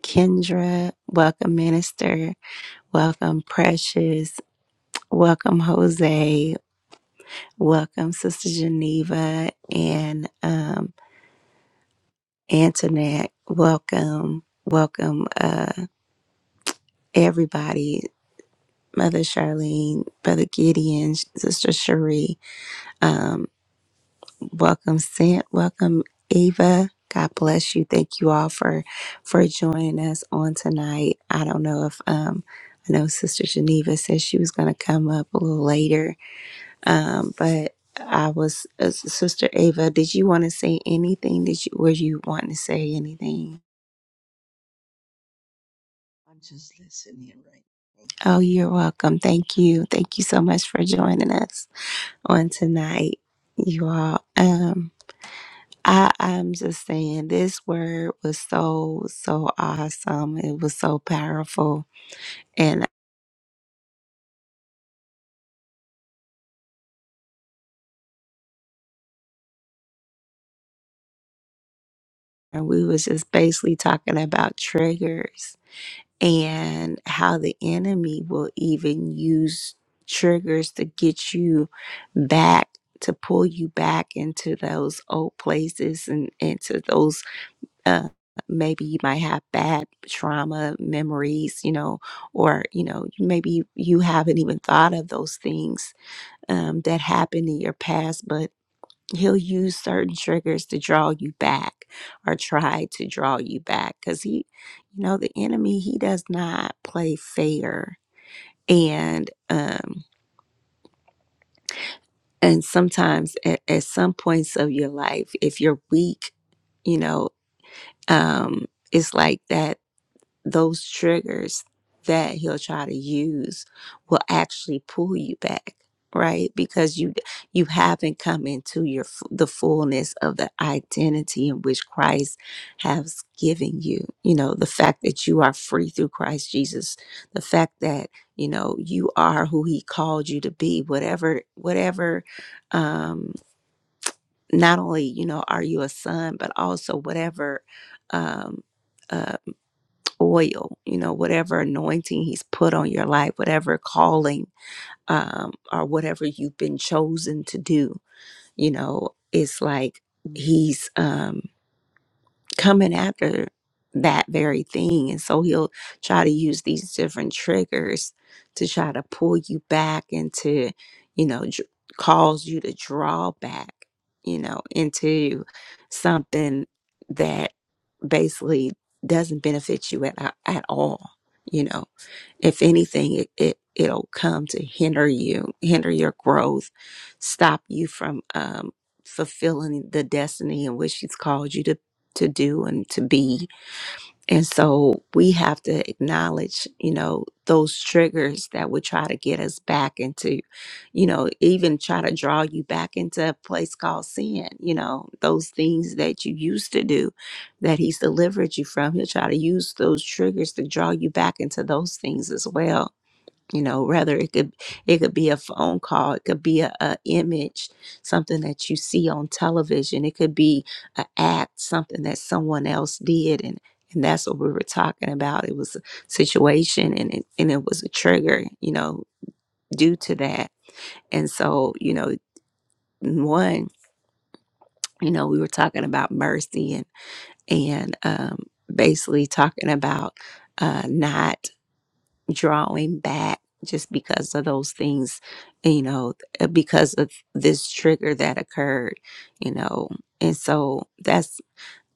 Kendra, welcome, Minister. Welcome, Precious. Welcome, Jose. Welcome, Sister Geneva and um, Antoinette. Welcome, welcome, uh, everybody. Mother Charlene, Brother Gideon, Sister Cherie. um, Welcome, Sant. Welcome, Ava. God bless you. Thank you all for for joining us on tonight. I don't know if um I know Sister Geneva said she was going to come up a little later, um, but I was uh, Sister Ava. Did you want to say anything? Did you were you wanting to say anything?
I'm just listening right. Thank you.
Oh, you're welcome. Thank you. Thank you so much for joining us on tonight, you all. Um, I, I'm just saying this word was so, so awesome. It was so powerful. And we was just basically talking about triggers and how the enemy will even use triggers to get you back, to pull you back into those old places and into those uh maybe you might have bad trauma memories, you know, or you know, maybe you haven't even thought of those things um, that happened in your past, but he'll use certain triggers to draw you back or try to draw you back because he, you know, the enemy, he does not play fair. And, um, and sometimes at, at some points of your life, if you're weak, you know, um, it's like that those triggers that he'll try to use will actually pull you back right because you you haven't come into your f- the fullness of the identity in which Christ has given you you know the fact that you are free through Christ Jesus the fact that you know you are who he called you to be whatever whatever um not only you know are you a son but also whatever um uh, oil, you know, whatever anointing he's put on your life, whatever calling um, or whatever you've been chosen to do, you know, it's like he's um, coming after that very thing. And so he'll try to use these different triggers to try to pull you back and to, you know, dr- cause you to draw back, you know, into something that basically doesn't benefit you at, a- at all, you know if anything it, it it'll come to hinder you hinder your growth stop you from um fulfilling the destiny in which he's called you to to do and to be and so we have to acknowledge, you know, those triggers that would try to get us back into, you know, even try to draw you back into a place called sin, you know, those things that you used to do that he's delivered you from. He'll try to use those triggers to draw you back into those things as well you know rather it could it could be a phone call it could be a, a image something that you see on television it could be an act something that someone else did and and that's what we were talking about it was a situation and it, and it was a trigger you know due to that and so you know one you know we were talking about mercy and and um basically talking about uh not drawing back just because of those things, you know, uh, because of this trigger that occurred, you know. And so that's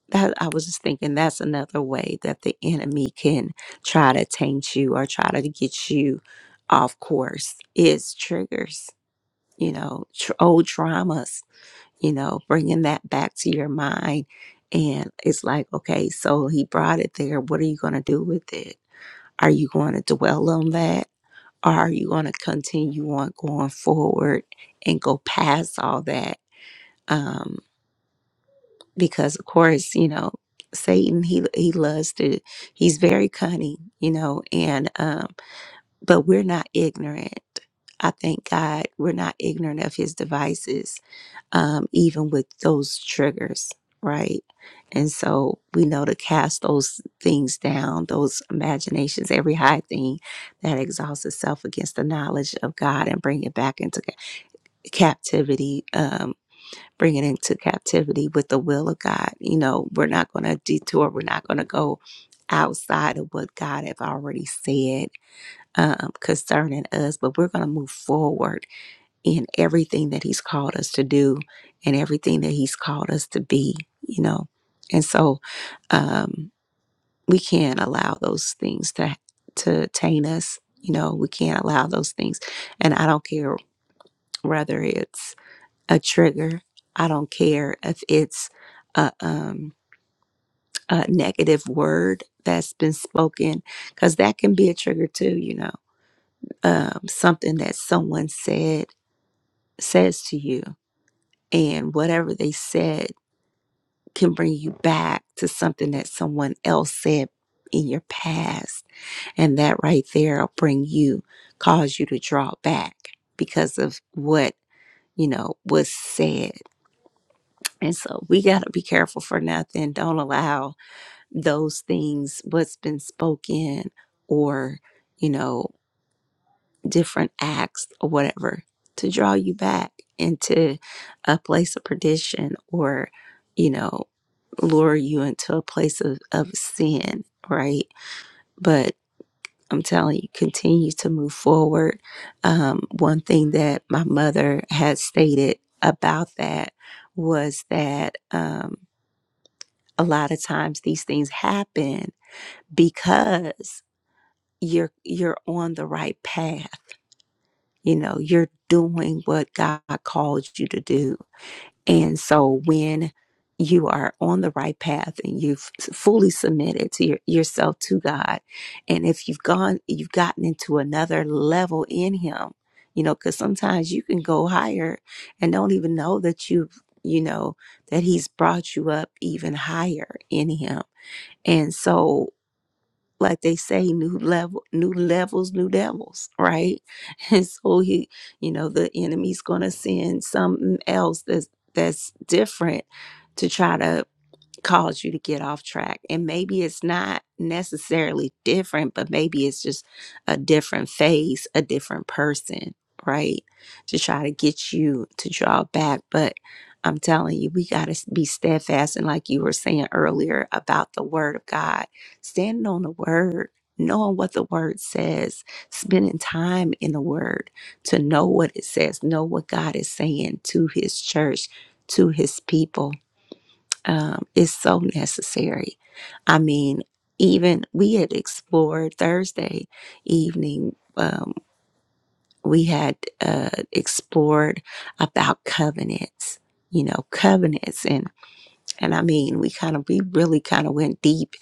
that I was just thinking that's another way that the enemy can try to taint you or try to get you off course is triggers, you know, tr- old traumas, you know, bringing that back to your mind. And it's like, okay, so he brought it there. What are you going to do with it? Are you going to dwell on that? or are you going to continue on going forward and go past all that um because of course you know satan he he loves to he's very cunning you know and um but we're not ignorant i thank god we're not ignorant of his devices um, even with those triggers, right? And so we know to cast those things down, those imaginations, every high thing that exalts itself against the knowledge of God and bring it back into ca- captivity, um, bring it into captivity with the will of God. You know, we're not going to detour, we're not going to go outside of what God have already said um, concerning us, but we're going to move forward in everything that he's called us to do and everything that he's called us to be you know and so um we can't allow those things to to taint us you know we can't allow those things and i don't care whether it's a trigger i don't care if it's a um a negative word that's been spoken because that can be a trigger too you know um something that someone said says to you and whatever they said can bring you back to something that someone else said in your past. And that right there will bring you, cause you to draw back because of what, you know, was said. And so we got to be careful for nothing. Don't allow those things, what's been spoken or, you know, different acts or whatever to draw you back into a place of perdition or, you know, lure you into a place of, of sin, right? But I'm telling you, continue to move forward. Um, one thing that my mother had stated about that was that um, a lot of times these things happen because you're you're on the right path. You know, you're doing what God called you to do And so when you are on the right path and you've fully submitted to your, yourself to God, and if you've gone, you've gotten into another level in Him, you know, because sometimes you can go higher and don't even know that you've, you know, that He's brought you up even higher in Him. And so like they say new level new levels new devils right and so he you know the enemy's going to send something else that's that's different to try to cause you to get off track. And maybe it's not necessarily different, but maybe it's just a different face, a different person, right? To try to get you to draw back. But I'm telling you, we got to be steadfast. And like you were saying earlier about the word of God, standing on the word, knowing what the word says, spending time in the word to know what it says, know what God is saying to his church, to his people um, is so necessary. I mean, even we had explored Thursday evening, um, we had uh, explored about covenants, you know, covenants. And, and I mean, we kind of, we really kind of went deep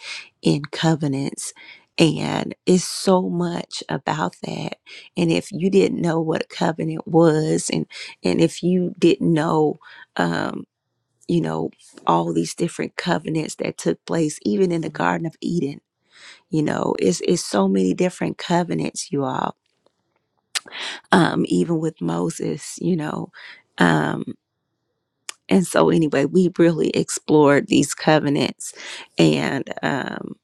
in covenants. And it's so much about that. And if you didn't know what a covenant was, and and if you didn't know um, you know, all these different covenants that took place, even in the Garden of Eden. You know, it's it's so many different covenants, you all. Um, even with Moses, you know. Um, and so anyway, we really explored these covenants and um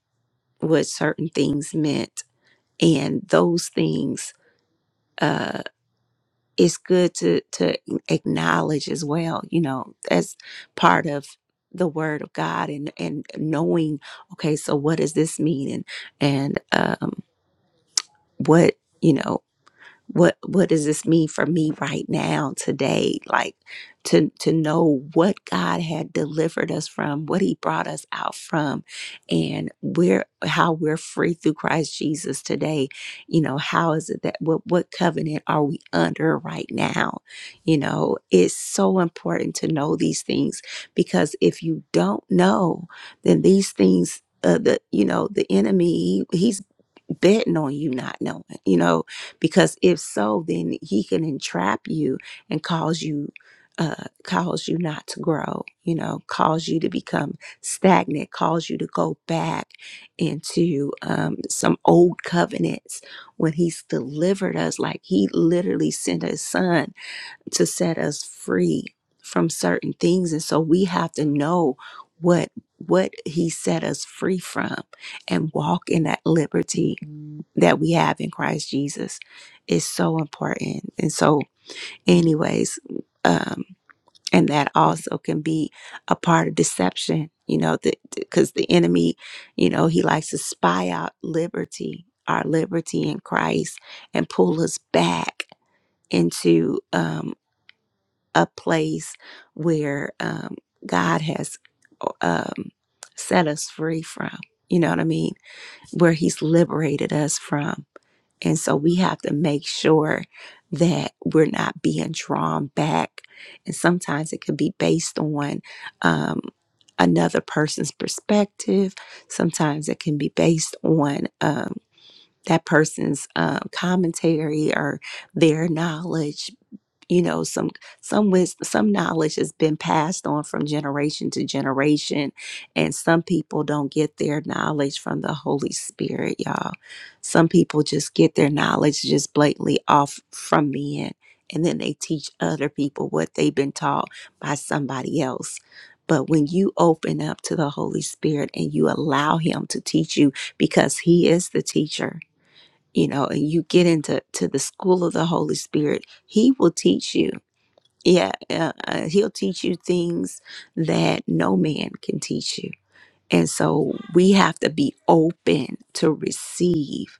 what certain things meant and those things uh, it's good to to acknowledge as well you know as part of the word of god and and knowing okay so what does this mean and and um what you know what what does this mean for me right now today like to to know what god had delivered us from what he brought us out from and where how we're free through christ jesus today you know how is it that what what covenant are we under right now you know it's so important to know these things because if you don't know then these things uh, the you know the enemy he, he's betting on you not knowing you know because if so, then he can entrap you and cause you uh cause you not to grow, you know, cause you to become stagnant, cause you to go back into um some old covenants when he's delivered us like he literally sent his son to set us free from certain things and so we have to know what what he set us free from and walk in that liberty that we have in Christ Jesus is so important and so anyways um and that also can be a part of deception you know because the enemy you know he likes to spy out liberty our liberty in Christ and pull us back into um a place where um, God has um, set us free from. You know what I mean? Where He's liberated us from. And so we have to make sure that we're not being drawn back. And sometimes it could be based on um, another person's perspective, sometimes it can be based on um, that person's um, commentary or their knowledge you know some some wis- some knowledge has been passed on from generation to generation and some people don't get their knowledge from the holy spirit y'all some people just get their knowledge just blatantly off from men and then they teach other people what they've been taught by somebody else but when you open up to the holy spirit and you allow him to teach you because he is the teacher you know and you get into to the school of the holy spirit he will teach you yeah, uh, uh, he'll teach you things that no man can teach you. And so we have to be open to receive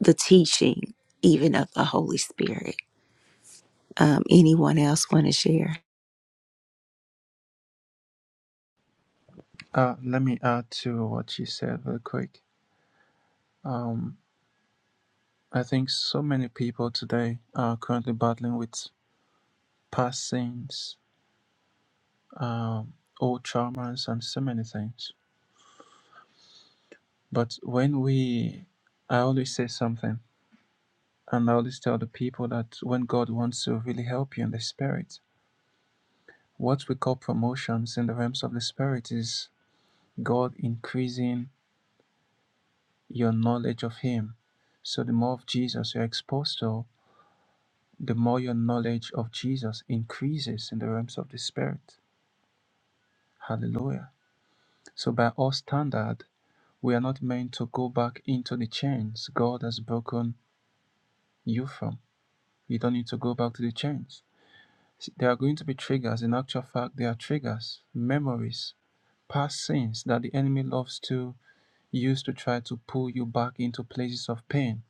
the teaching, even of the Holy Spirit. Um, anyone else want to share?
Uh, let me add to what you said real quick. Um, I think so many people today are currently battling with past sins, um, old traumas, and so many things. But when we, I always say something, and I always tell the people that when God wants to really help you in the spirit, what we call promotions in the realms of the spirit is God increasing your knowledge of Him. So the more of Jesus you're exposed to, the more your knowledge of Jesus increases in the realms of the spirit. Hallelujah. So by all standard, we are not meant to go back into the chains God has broken you from. You don't need to go back to the chains There are going to be triggers. In actual fact, there are triggers, memories, past sins that the enemy loves to use to try to pull you back into places of pain,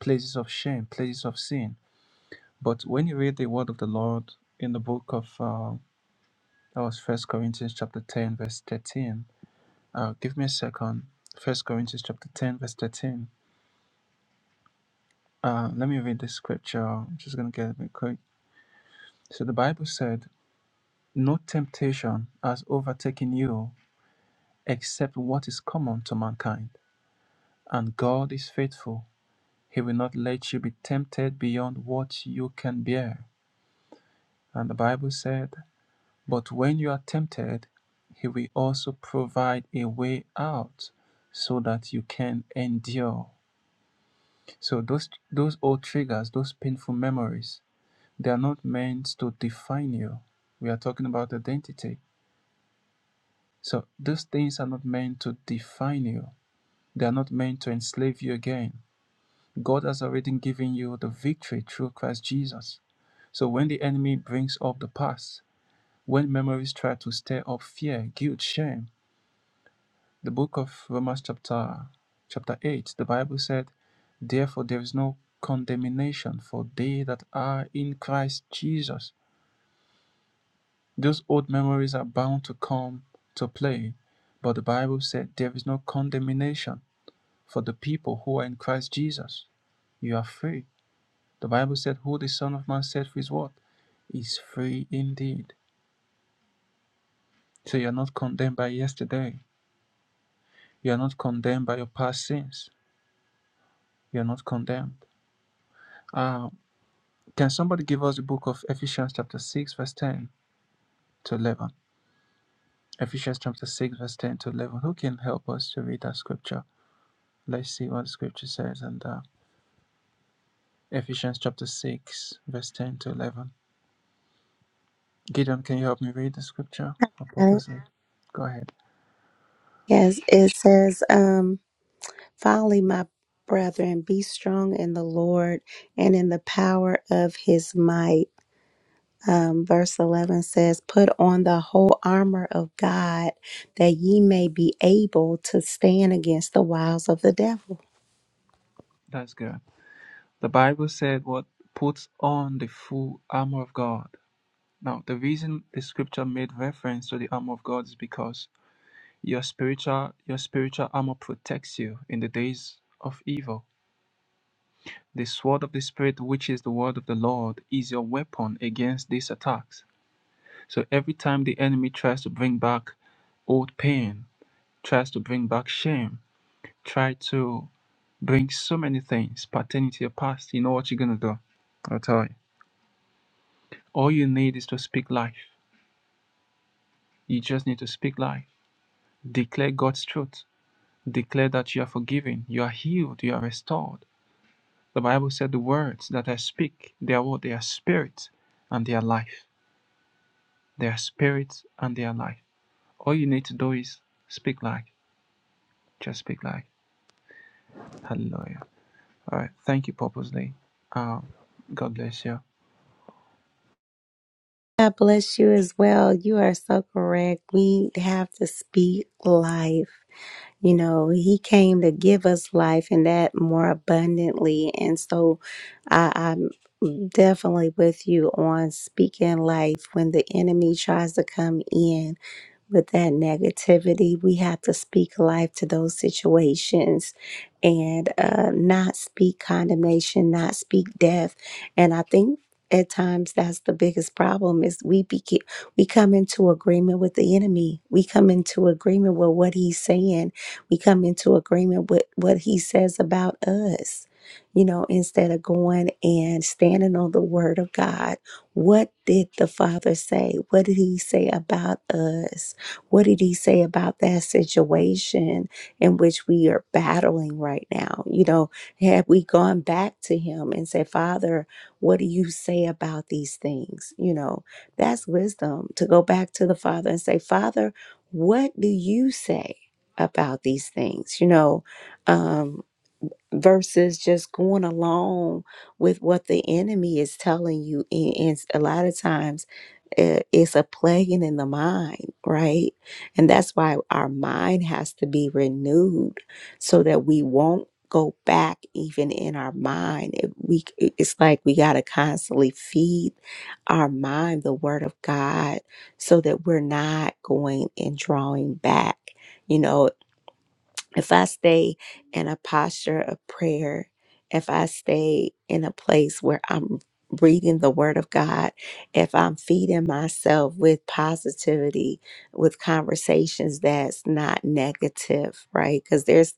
places of shame, places of sin. But when you read the word of the Lord in the book of uh, that was First Corinthians chapter ten verse thirteen. Uh, give me a second. First Corinthians chapter ten verse thirteen. Uh, let me read this scripture. I'm just gonna get it real quick. So the Bible said, "No temptation has overtaken you." except what is common to mankind. And God is faithful. He will not let you be tempted beyond what you can bear. And the Bible said, But when you are tempted, He will also provide a way out so that you can endure. So those those old triggers, those painful memories, they are not meant to define you. We are talking about identity. So those things are not meant to define you. They are not meant to enslave you again. God has already given you the victory through Christ Jesus. So when the enemy brings up the past, when memories try to stir up fear, guilt, shame, the book of Romans chapter chapter 8, the Bible said, Therefore there is no condemnation for they that are in Christ Jesus. Those old memories are bound to come to play, but the Bible said there is no condemnation for the people who are in Christ Jesus. You are free The Bible said, Who the Son of Man set free is what? Is free indeed. So you're not condemned by yesterday. You're not condemned by your past sins. You're not condemned. Uh, can somebody give us the book of Ephesians chapter 6, verse 10 to 11? Ephesians chapter 6, verse 10 to 11. Who can help us to read that scripture? Let's see what the scripture says. And uh, Ephesians chapter 6, verse 10 to 11. Gideon, can you help me read the scripture? Or
Uh,
purpose it? Go ahead.
Yes, it says, um, finally, my brethren, be strong in the Lord and in the power of his might. um, verse 11 says, Put on the whole armor of God that ye may be able to stand against the wiles of the devil.
That's good. The Bible said what puts on the full armor of God. Now, the reason the scripture made reference to the armor of God is because your spiritual your spiritual armor protects you in the days of evil. The sword of the spirit, which is the word of the Lord, is your weapon against these attacks. So every time the enemy tries to bring back old pain, tries to bring back shame, try to bring so many things pertaining to your past, you know what you're gonna do? I'll tell you. All you need is to speak life. You just need to speak life. Declare God's truth. Declare that you are forgiven, you are healed, you are restored. The Bible said the words that I speak, they are what? They are spirit and they are life. They are spirit and they are life. All you need to do is speak life. Just speak life. Hallelujah. All right. Thank you, purposely. Um, God bless you.
God bless you as well. You are so correct. We have to speak life. You know, He came to give us life and that more abundantly. And so I, I'm definitely with you on speaking life when the enemy tries to come in with that negativity. We have to speak life to those situations and uh, not speak condemnation, not speak death. And I think at times that's the biggest problem is we begin we come into agreement with the enemy we come into agreement with what he's saying we come into agreement with what he says about us you know instead of going and standing on the word of god what did the father say what did he say about us what did he say about that situation in which we are battling right now you know had we gone back to him and said father what do you say about these things? You know, that's wisdom to go back to the Father and say, Father, what do you say about these things? You know, um, versus just going along with what the enemy is telling you. And, and a lot of times, it- It's a plaguing in the mind, right? And that's why our mind has to be renewed so that we won't go back even in our mind. It, we, it's like we got to constantly feed our mind the word of God so that we're not going and drawing back. You know, if I stay in a posture of prayer, if I stay in a place where I'm reading the Word of God, if I'm feeding myself with positivity, with conversations that's not negative, right? Because there's,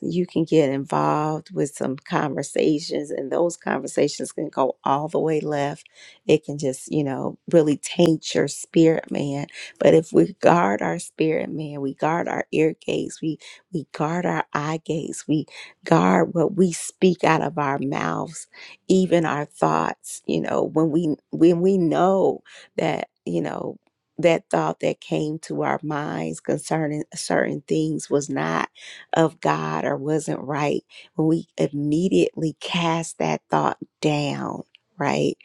you can get involved with some conversations, and those conversations can go all the way left. It can just, you know, really taint your spirit, man. But if we guard our spirit, man, we guard our ear gates, we we guard our eye gates. We guard what we speak out of our mouths, even our thoughts. You know, when we when we know that you know that thought that came to our minds concerning certain things was not of God or wasn't right, when we immediately cast that thought down, right?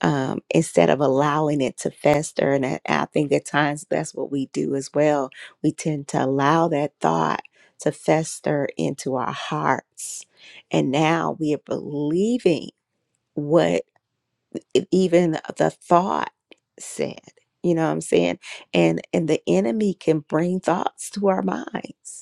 um, instead of allowing it to fester. And I, I think at times that's what we do as well. We tend to allow that thought to fester into our hearts. And now we are believing what e- even the thought said. You know what I'm saying? And and the enemy can bring thoughts to our minds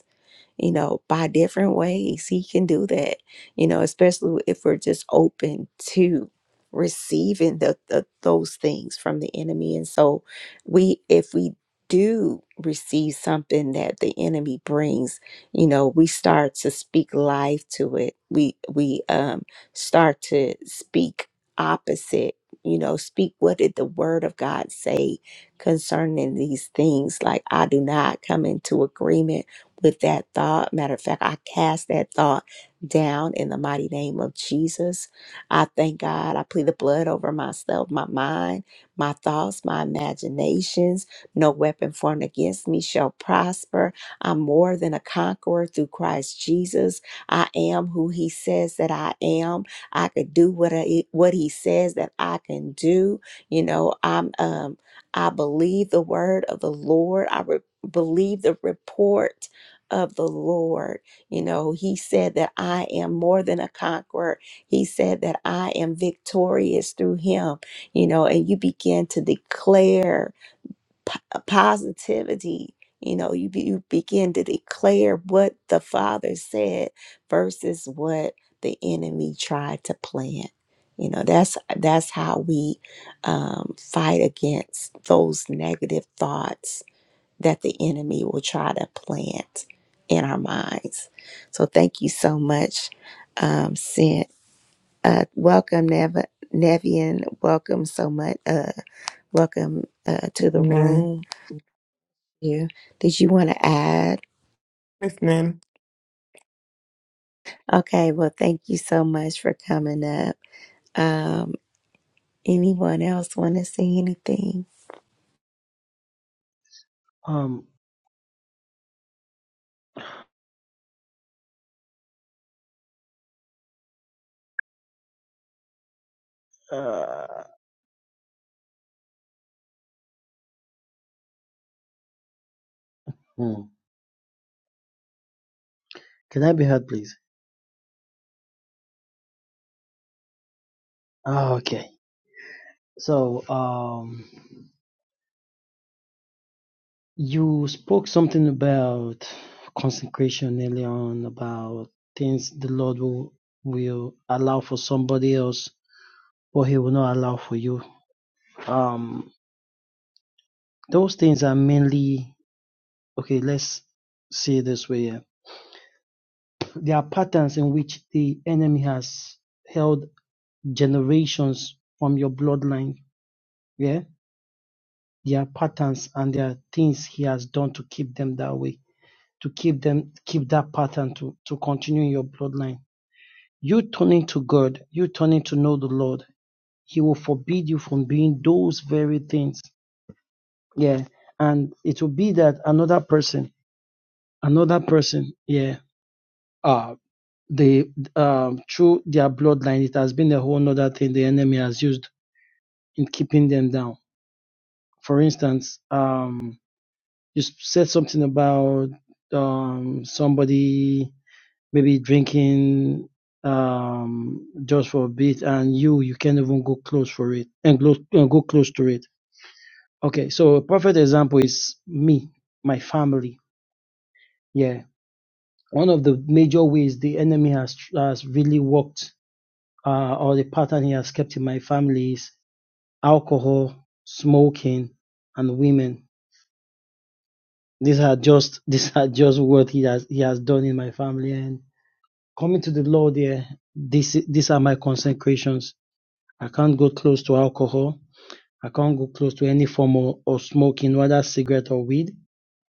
you know, by different ways. He can do that, you know, especially if we're just open to receiving the, the those things from the enemy. And so we if we do receive something that the enemy brings, you know, we start to speak life to it. We we um start to speak opposite, you know, speak what did the word of God say concerning these things. Like I do not come into agreement with that thought. Matter of fact, I cast that thought down in the mighty name of Jesus. I thank God. I plead the blood over myself, my mind, my thoughts, my imaginations. No weapon formed against me shall prosper. I'm more than a conqueror through Christ Jesus. I am who he says that I am. I could do what I, what he says that I can do. You know, I'm um I believe the word of the Lord. I re- believe the report of the Lord. You know, he said that I am more than a conqueror. He said that I am victorious through him, you know, and you begin to declare p- positivity. You know, you, be, you begin to declare what the Father said versus what the enemy tried to plant. You know, that's that's how we um, fight against those negative thoughts that the enemy will try to plant in our minds. So thank you so much, um, Sin. Uh, welcome, Nev- Nevian. Welcome so much. Uh, welcome uh, to the
Amen.
room. You did you want to add?
Amen.
Okay, well, thank you so much for coming up. Um, anyone else want to say anything?
Um, uh, hmm. Can I be heard, please? Ah, Okay. So, um, you spoke something about consecration earlier on, about things the Lord will will allow for somebody else, but He will not allow for you. Um, those things are mainly okay. Let's say it this way: yeah. there are patterns in which the enemy has held generations from your bloodline. Yeah, there are patterns and there are things he has done to keep them that way to keep them keep that pattern to to continue in your bloodline you turning to god you turning to know the lord he will forbid you from being those very things yeah and it will be that another person another person yeah uh they um through their bloodline it has been a whole other thing the enemy has used in keeping them down for instance um you said something about um somebody maybe drinking um just for a bit and you you can't even go close for it and go, and go close to it okay so a perfect example is me my family yeah one of the major ways the enemy has has really worked uh, or the pattern he has kept in my family is alcohol smoking and women these are just these are just what he has he has done in my family and coming to the lord yeah, this these are my consecrations I can't go close to alcohol. I can't go close to any form of, of smoking, whether cigarette or weed.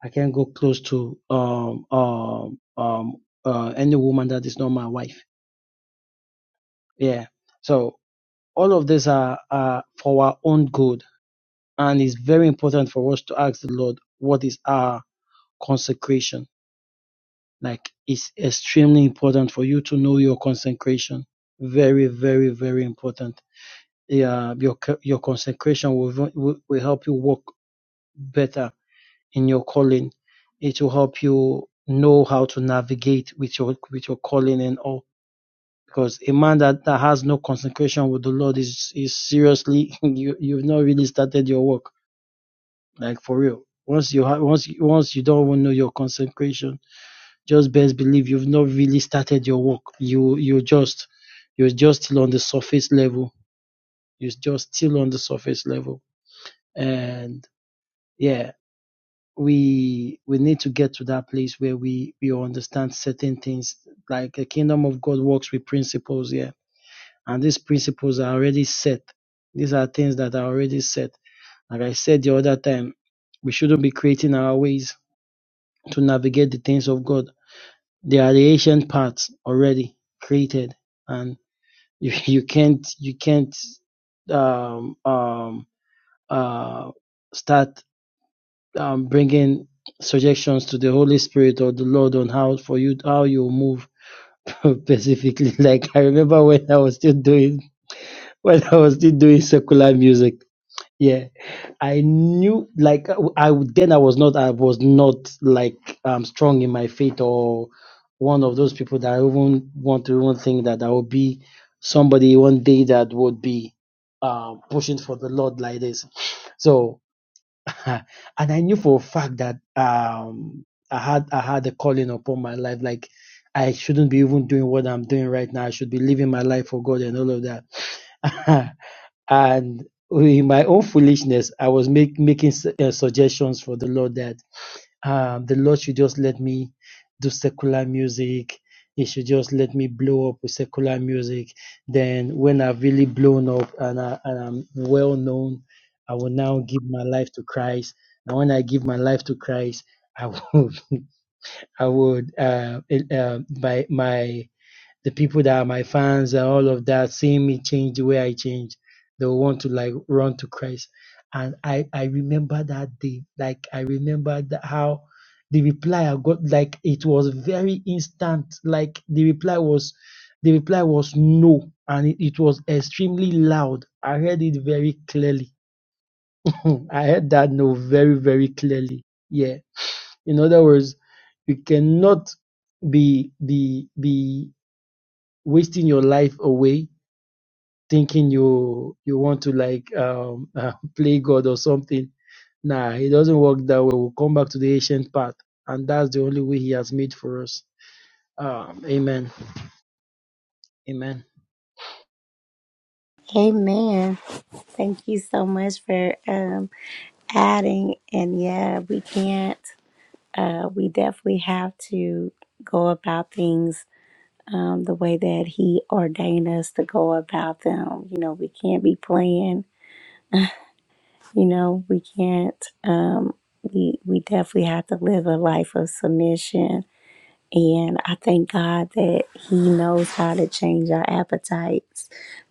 I can't go close to um um um uh, any woman that is not my wife. Yeah. So all of these are, are for our own good, and it's very important for us to ask the Lord what is our consecration. Like it's extremely important for you to know your consecration. Very, very, very important. Yeah, your your consecration will, will will help you walk better in your calling. It will help you know how to navigate with your with your calling and all. Because a man that, that has no consecration with the Lord is is seriously you you've not really started your work like for real. Once you have once you- once you don't even know your consecration, just best believe you've not really started your work. You you just you're just still on the surface level. You're just still on the surface level, and yeah we we need to get to that place where we we understand certain things like the kingdom of god works with principles yeah and these principles are already set these are things that are already set like i said the other time we shouldn't be creating our ways to navigate the things of god they are the ancient parts already created and you, you can't you can't um um uh start um, bringing suggestions to the Holy Spirit or the Lord on how for you how you move specifically. Like I remember when I was still doing when I was still doing secular music. Yeah, I knew like I then I was not I was not like um strong in my faith or one of those people that I even want to even think that I would be somebody one day that would be uh, pushing for the Lord like this. So and I knew for a fact that um, I had I had a calling upon my life. Like I shouldn't be even doing what I'm doing right now. I should be living my life for God and all of that. and in my own foolishness, I was make, making su- uh, suggestions for the Lord that um, the Lord should just let me do secular music. He should just let me blow up with secular music. Then, when I've really blown up and, I, and I'm well known, I will now give my life to Christ. And when I give my life to Christ, I would, I would, uh, uh, by my the people that are my fans and all of that, seeing me change the way I change, they will want to like run to Christ. And I, I remember that day, like I remember that how the reply I got, like it was very instant. Like the reply was, the reply was no, and it, it was extremely loud. I heard it very clearly. I heard that no very very clearly. Yeah. In other words, you cannot be be be wasting your life away thinking you you want to like um, uh, play God or something. Nah, it doesn't work that way. We'll come back to the ancient path, and that's the only way He has made for us. Um, amen. Amen.
Amen. Thank you so much for um, adding. And yeah, we can't. uh, we definitely have to go about things um, the way that He ordained us to go about them. You know, we can't be playing. You know, we can't. Um, we we definitely have to live a life of submission and I thank God that He knows how to change our appetites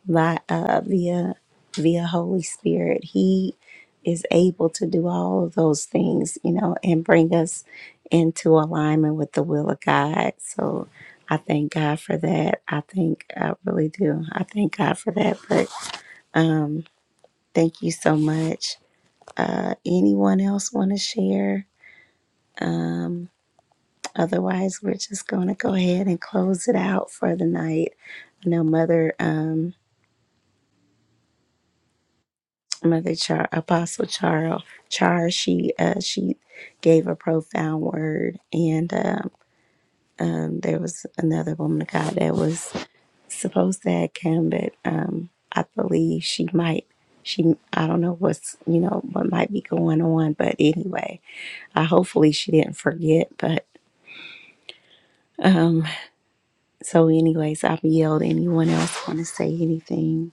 by uh, via via Holy Spirit. He is able to do all of those things, you know, and bring us into alignment with the will of God. So I thank God for that. I think I really do. I thank God for that. But thank you so much. Uh, anyone else want to share? Um, Otherwise, we're just going to go ahead and close it out for the night. I know Mother, um, Mother Char, Apostle Char, Char, she, uh, she gave a profound word, and um, um, there was another woman of God that was supposed to have come, but um, I believe she might. She, I don't know what's, you know, what might be going on, but anyway, I hopefully she didn't forget, but Um, So, anyways, I've yelled. Anyone else want to say anything?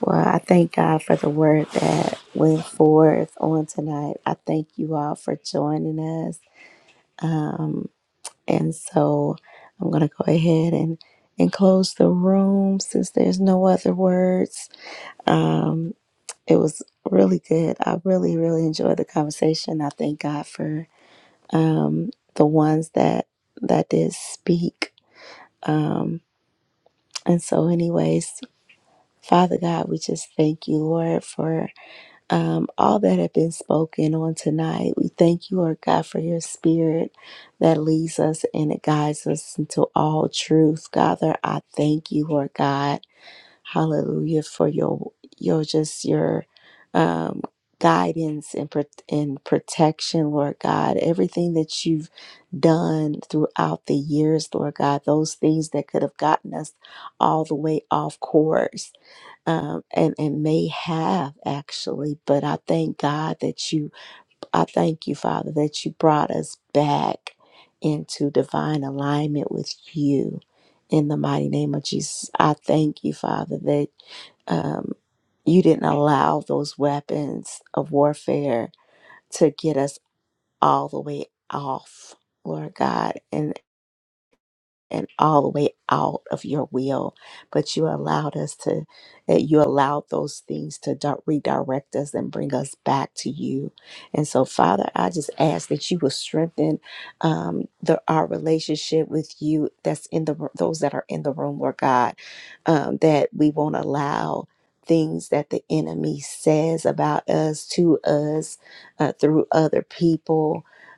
Well, I thank God for the word that went forth on tonight. I thank you all for joining us. Um, and so I'm going to go ahead and, and close the room since there's no other words. Um, it was really good. I really, really enjoyed the conversation. I thank God for um, the ones that that did speak. Um, and so, anyways, Father God, we just thank you, Lord, for um, all that have been spoken on tonight. We thank you, Lord God, for your spirit that leads us and it guides us into all truth. Father, I thank you, Lord God. Hallelujah for your your just your um, guidance and pro- and protection, Lord God. Everything that you've done throughout the years, Lord God, those things that could have gotten us all the way off course um, and and may have actually. But I thank God that you, I thank you, Father, that you brought us back into divine alignment with you. In the mighty name of Jesus, I thank you, Father, that um, you didn't allow those weapons of warfare to get us all the way off, Lord God and all the way out of your will, but you allowed us to, that you allowed those things to di- redirect us and bring us back to you. And so, Father, I just ask that you will strengthen um, the, our relationship with you. That's in the ro- those that are in the room, Lord God, um, that we won't allow. Things that the enemy says about us, to us, uh, through other people,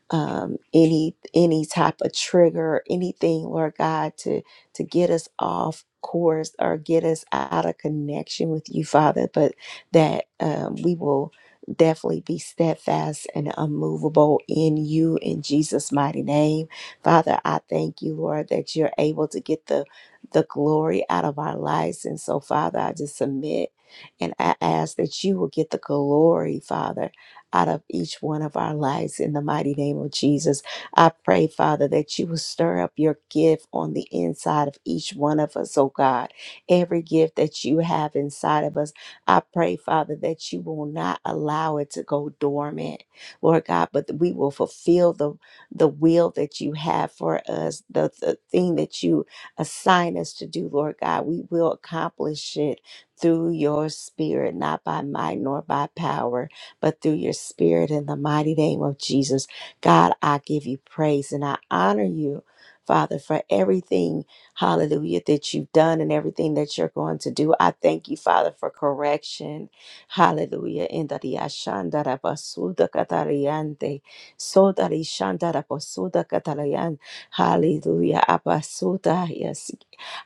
um, any any type of trigger, anything, Lord God, to to get us off course or get us out of connection with you, Father, but that um, we will definitely be steadfast and unmovable in you in Jesus' mighty name. Father, I thank you, Lord, that you're able to get the the glory out of our lives. And so, Father, I just submit and I ask that you will get the glory, Father out of each one of our lives in the mighty name of Jesus. I pray, Father, that you will stir up your gift on the inside of each one of us, oh God. Every gift that you have inside of us, I pray, Father, that you will not allow it to go dormant, Lord God, but we will fulfill the, the will that you have for us, the, the thing that you assign us to do, Lord God. We will accomplish it through your spirit, not by might nor by power but through your spirit in the mighty name of Jesus. God, I give you praise and I honor you, Father, for everything, hallelujah, that you've done and everything that you're going to do. I thank you, Father, for correction. Hallelujah. In the riashandara basuda katariante, soda rishandara basuda katarayan. Hallelujah. Abasuda, yes.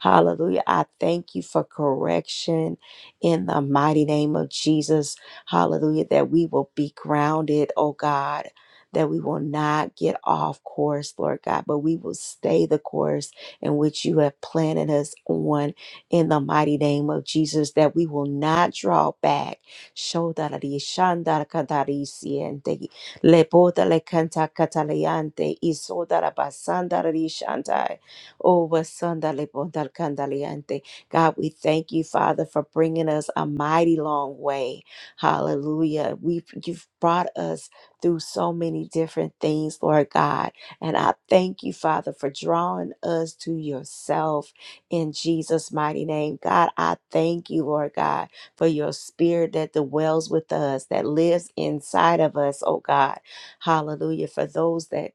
Hallelujah. I thank you for correction in the mighty name of Jesus. Hallelujah. That we will be grounded, oh God. That we will not get off course, Lord God, but we will stay the course in which you have planted us on in the mighty name of Jesus. That we will not draw back. Shodarari, shandarakadari, siente, lepotale, kantakataleante, isodarabasandarari, shantai, obasandalepotalkandaleante. God, we thank you, Father, for bringing us a mighty long way. Hallelujah. We've you've brought us through so many different things, Lord God. And I thank you, Father, for drawing us to yourself in Jesus' mighty name. God, I thank you, Lord God, for your spirit that dwells with us, that lives inside of us, oh God. Hallelujah. For those that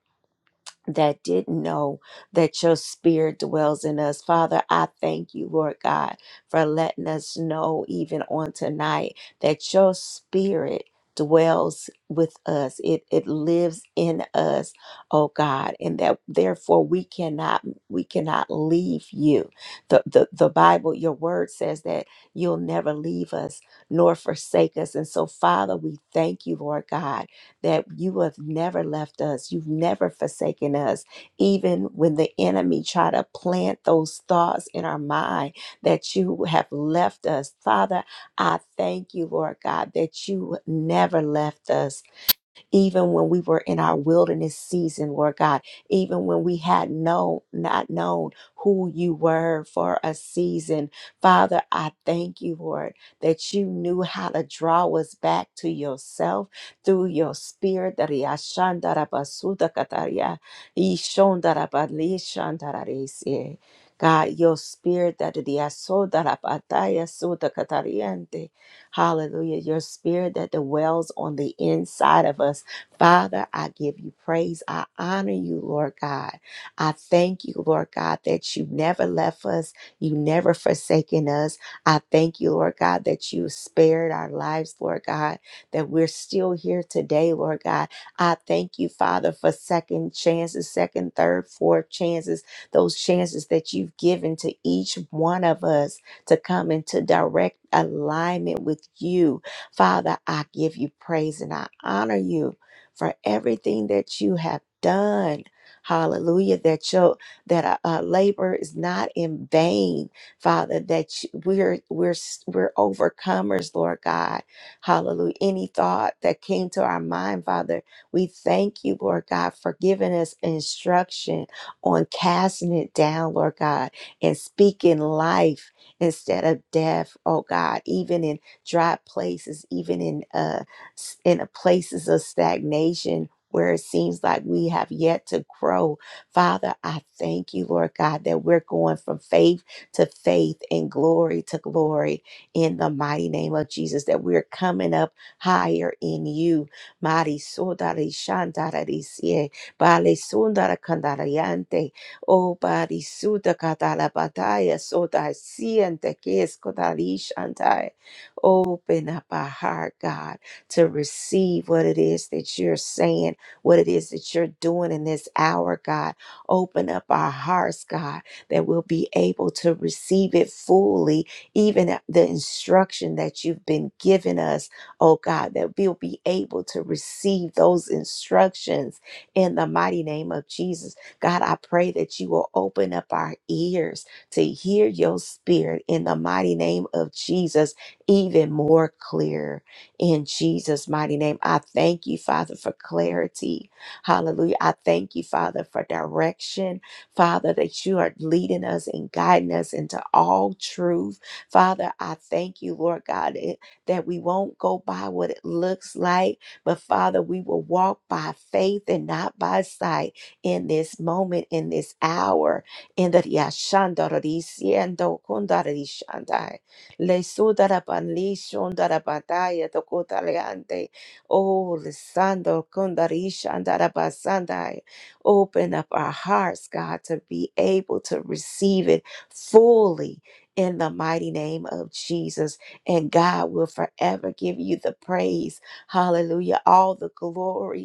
that didn't know that your spirit dwells in us. Father, I thank you, Lord God, for letting us know even on tonight that your spirit dwells with us. It it lives in us, oh God, and that therefore we cannot we cannot leave you. The the, the Bible, your word says that you'll never leave us nor forsake us. And so Father, we thank you, Lord God that you have never left us. You've never forsaken us. Even when the enemy try to plant those thoughts in our mind that you have left us. Father, I thank you, Lord God, that you never left us even when we were in our wilderness season, Lord God, even when we had no not known who you were for a season. Father, I thank you, Lord, that you knew how to draw us back to yourself through your spirit. God, your spirit that the Asoda asodarapataya sudakatariante. Hallelujah. Your spirit that dwells on the inside of us Father, I give you praise. I honor you, Lord God. I thank you, Lord God, that you never left us. You never forsaken us. I thank you, Lord God, that you spared our lives, Lord God, that we're still here today, Lord God. I thank you, Father, for second chances, second, third, fourth chances, those chances that you've given to each one of us to come into direct alignment with you. Father, I give you praise and I honor you for everything that you have done. Hallelujah. That your that our, our labor is not in vain, Father, that you, we're we're we're overcomers, Lord God. Hallelujah. Any thought that came to our mind, Father, we thank you, Lord God, for giving us instruction on casting it down, Lord God, and speaking life instead of death, oh God, even in dry places, even in uh s- in the places of stagnation where it seems like we have yet to grow. Father, I thank you, Lord God, that we're going from faith to faith and glory to glory in the mighty name of Jesus, that we're coming up higher in you. Mari sodari shandari sie, bale sundara kandariante, o bari suda katala bataya sodai siente que escodari shantai. Open up our heart, God to receive what it is that you're saying, what it is that you're doing in this hour, God. Open up our hearts, God, that we'll be able to receive it fully, even at the instruction that you've been giving us, oh God, that we'll be able to receive those instructions in the mighty name of Jesus. God, I pray that you will open up our ears to hear your spirit in the mighty name of Jesus even more clear in Jesus' mighty name. I thank you, Father, for clarity. Hallelujah. I thank you, Father, for direction. Father, that you are leading us and guiding us into all truth. Father, I thank you, Lord God, it- that we won't go by what it looks like, but Father, we will walk by faith and not by sight in this moment, in this hour. In the Yashandarisiendo Kundarishandai. Le sudaraban li shundarabataya tokutaliante. Oh, Lisando kundarisha andarabasandai. Open up our hearts, God, to be able to receive it fully in the mighty name of Jesus. And God will forever give you the praise. Hallelujah. All the glory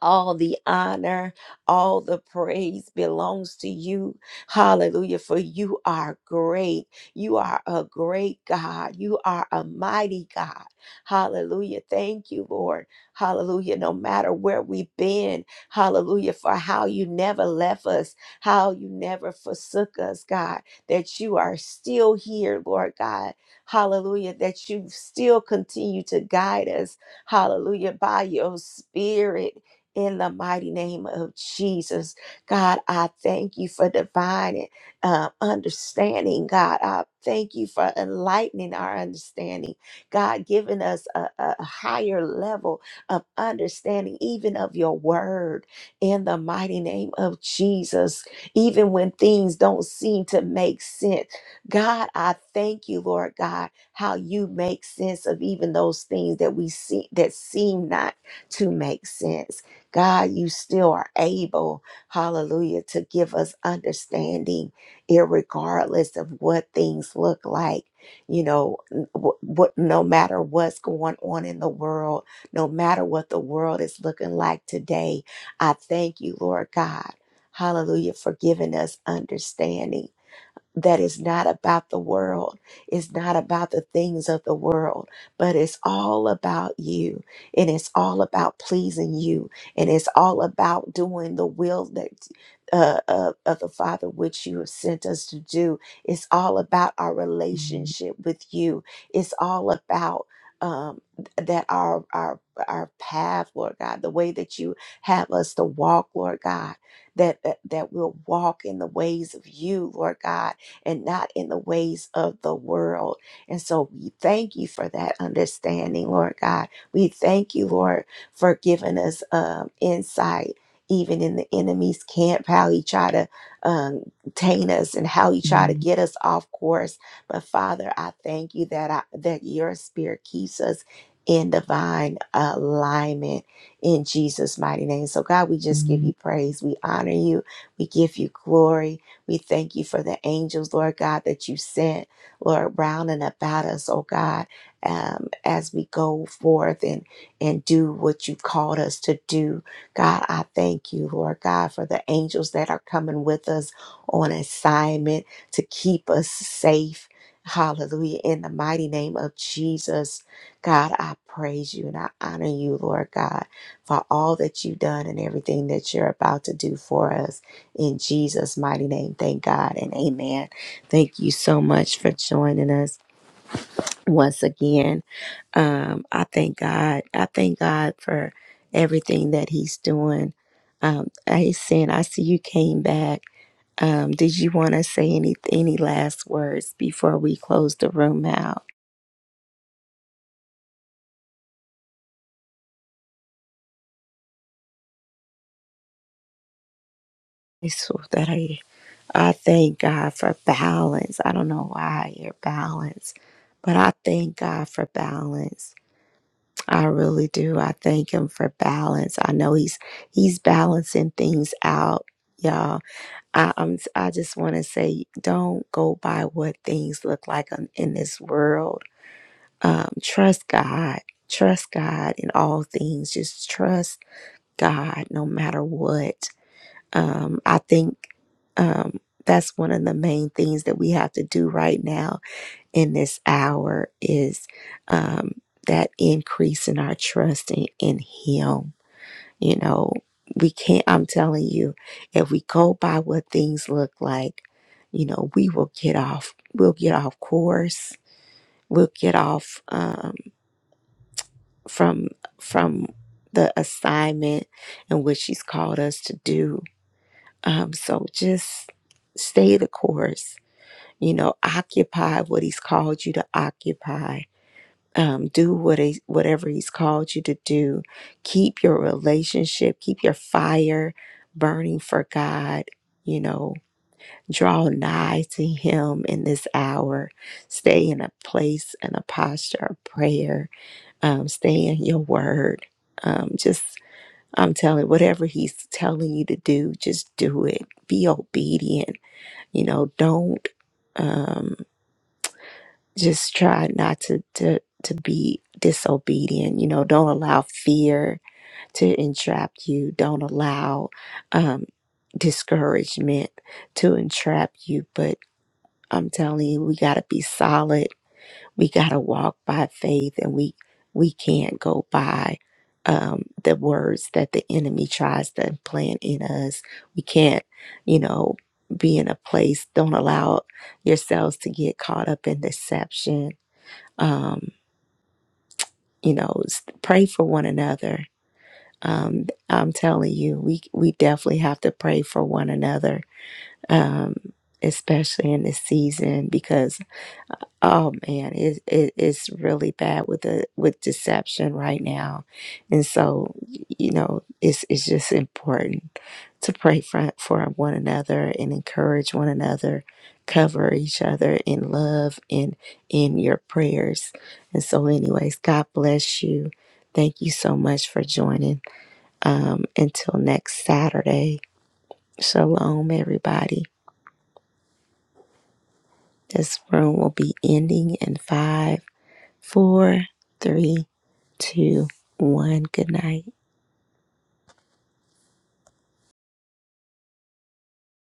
all the honor, all the praise belongs to you. Hallelujah. For you are great. You are a great God. You are a mighty God. Hallelujah. Thank you, Lord. Hallelujah. No matter where we've been, hallelujah, for how you never left us, how you never forsook us, God, that you are still here, Lord God. Hallelujah. That you still continue to guide us. Hallelujah. By your spirit in the mighty name of Jesus. God, I thank you for divine um, understanding. God, I thank you for enlightening our understanding. God, giving us a, a higher level of understanding, even of your word, in the mighty name of Jesus. Even when things don't seem to make sense, God, I thank you, Lord God, how you make sense of even those things that we see that seem not to make sense. God, you still are able, hallelujah, to give us understanding, regardless of what things look like. You know, n- wh- what, no matter what's going on in the world, no matter what the world is looking like today, I thank you, Lord God, hallelujah, for giving us understanding that is not about the world. It's not about the things of the world, but it's all about you. And it's all about pleasing you. And it's all about doing the will that uh, of, of the Father which you have sent us to do. It's all about our relationship with you. It's all about um, th- that our our our path, Lord God, the way that you have us to walk, Lord God, that that, that we'll walk in the ways of you, Lord God and not in the ways of the world. And so we thank you for that understanding, Lord God. We thank you, Lord, for giving us um, insight. Even in the enemy's camp, how he try to um, taint us and how he try to Mhm. get us off course. But Father, I thank you that I, that your Spirit keeps us in divine alignment in Jesus' mighty name. So God, we just give Mhm. you praise. We honor you. We give you glory. We thank you for the angels, Lord God, that you sent, Lord, round and about us, oh God, um, as we go forth and, and do what you called us to do. God, I thank you, Lord God, for the angels that are coming with us on assignment to keep us safe. Hallelujah. In the mighty name of Jesus, God, I praise you and I honor you, Lord God, for all that you've done and everything that you're about to do for us. In Jesus' mighty name, thank God and amen. Thank you so much for joining us once again. Um, I thank God. I thank God for everything that He's doing. Um, he's saying, I see you came back. Um, did you want to say any any last words before we close the room out? so that I I thank God for balance. I don't know why you're balanced, but I thank God for balance. I really do. I thank him for balance. I know he's he's balancing things out, y'all. I, I'm I just want to say, don't go by what things look like on, in this world. Um, trust God. Trust God in all things. Just trust God, no matter what. Um, I think um, that's one of the main things that we have to do right now in this hour is um, that increase in our trust in, in Him. You know, we can't, I'm telling you, if we go by what things look like, you know, we will get off, we'll get off course, we'll get off um, from, from, the assignment and what she's called us to do. Um, so just stay the course, you know, occupy what he's called you to occupy um, do what he, whatever he's called you to do keep your relationship keep your fire burning for god you know draw nigh to him in this hour stay in a place and a posture of prayer um, stay in your word um, just i'm telling whatever he's telling you to do just do it be obedient you know don't Um just try not to to to be disobedient you know don't allow fear to entrap you don't allow um discouragement to entrap you but i'm telling you we got to be solid we got to walk by faith and we we can't go by um the words that the enemy tries to implant in us we can't you know be in a place don't allow yourselves to get caught up in deception um, you know, s- pray for one another. Um, I'm telling you, we we definitely have to pray for one another, um, especially in this season, because Oh man, it, it it's really bad with the with deception right now, and so you know it's it's just important to pray for for one another and encourage one another, cover each other in love and in your prayers. And so, anyways, God bless you. Thank you so much for joining. Um, until next Saturday, shalom, everybody. This room will be ending in five four, three, two, one. Good night.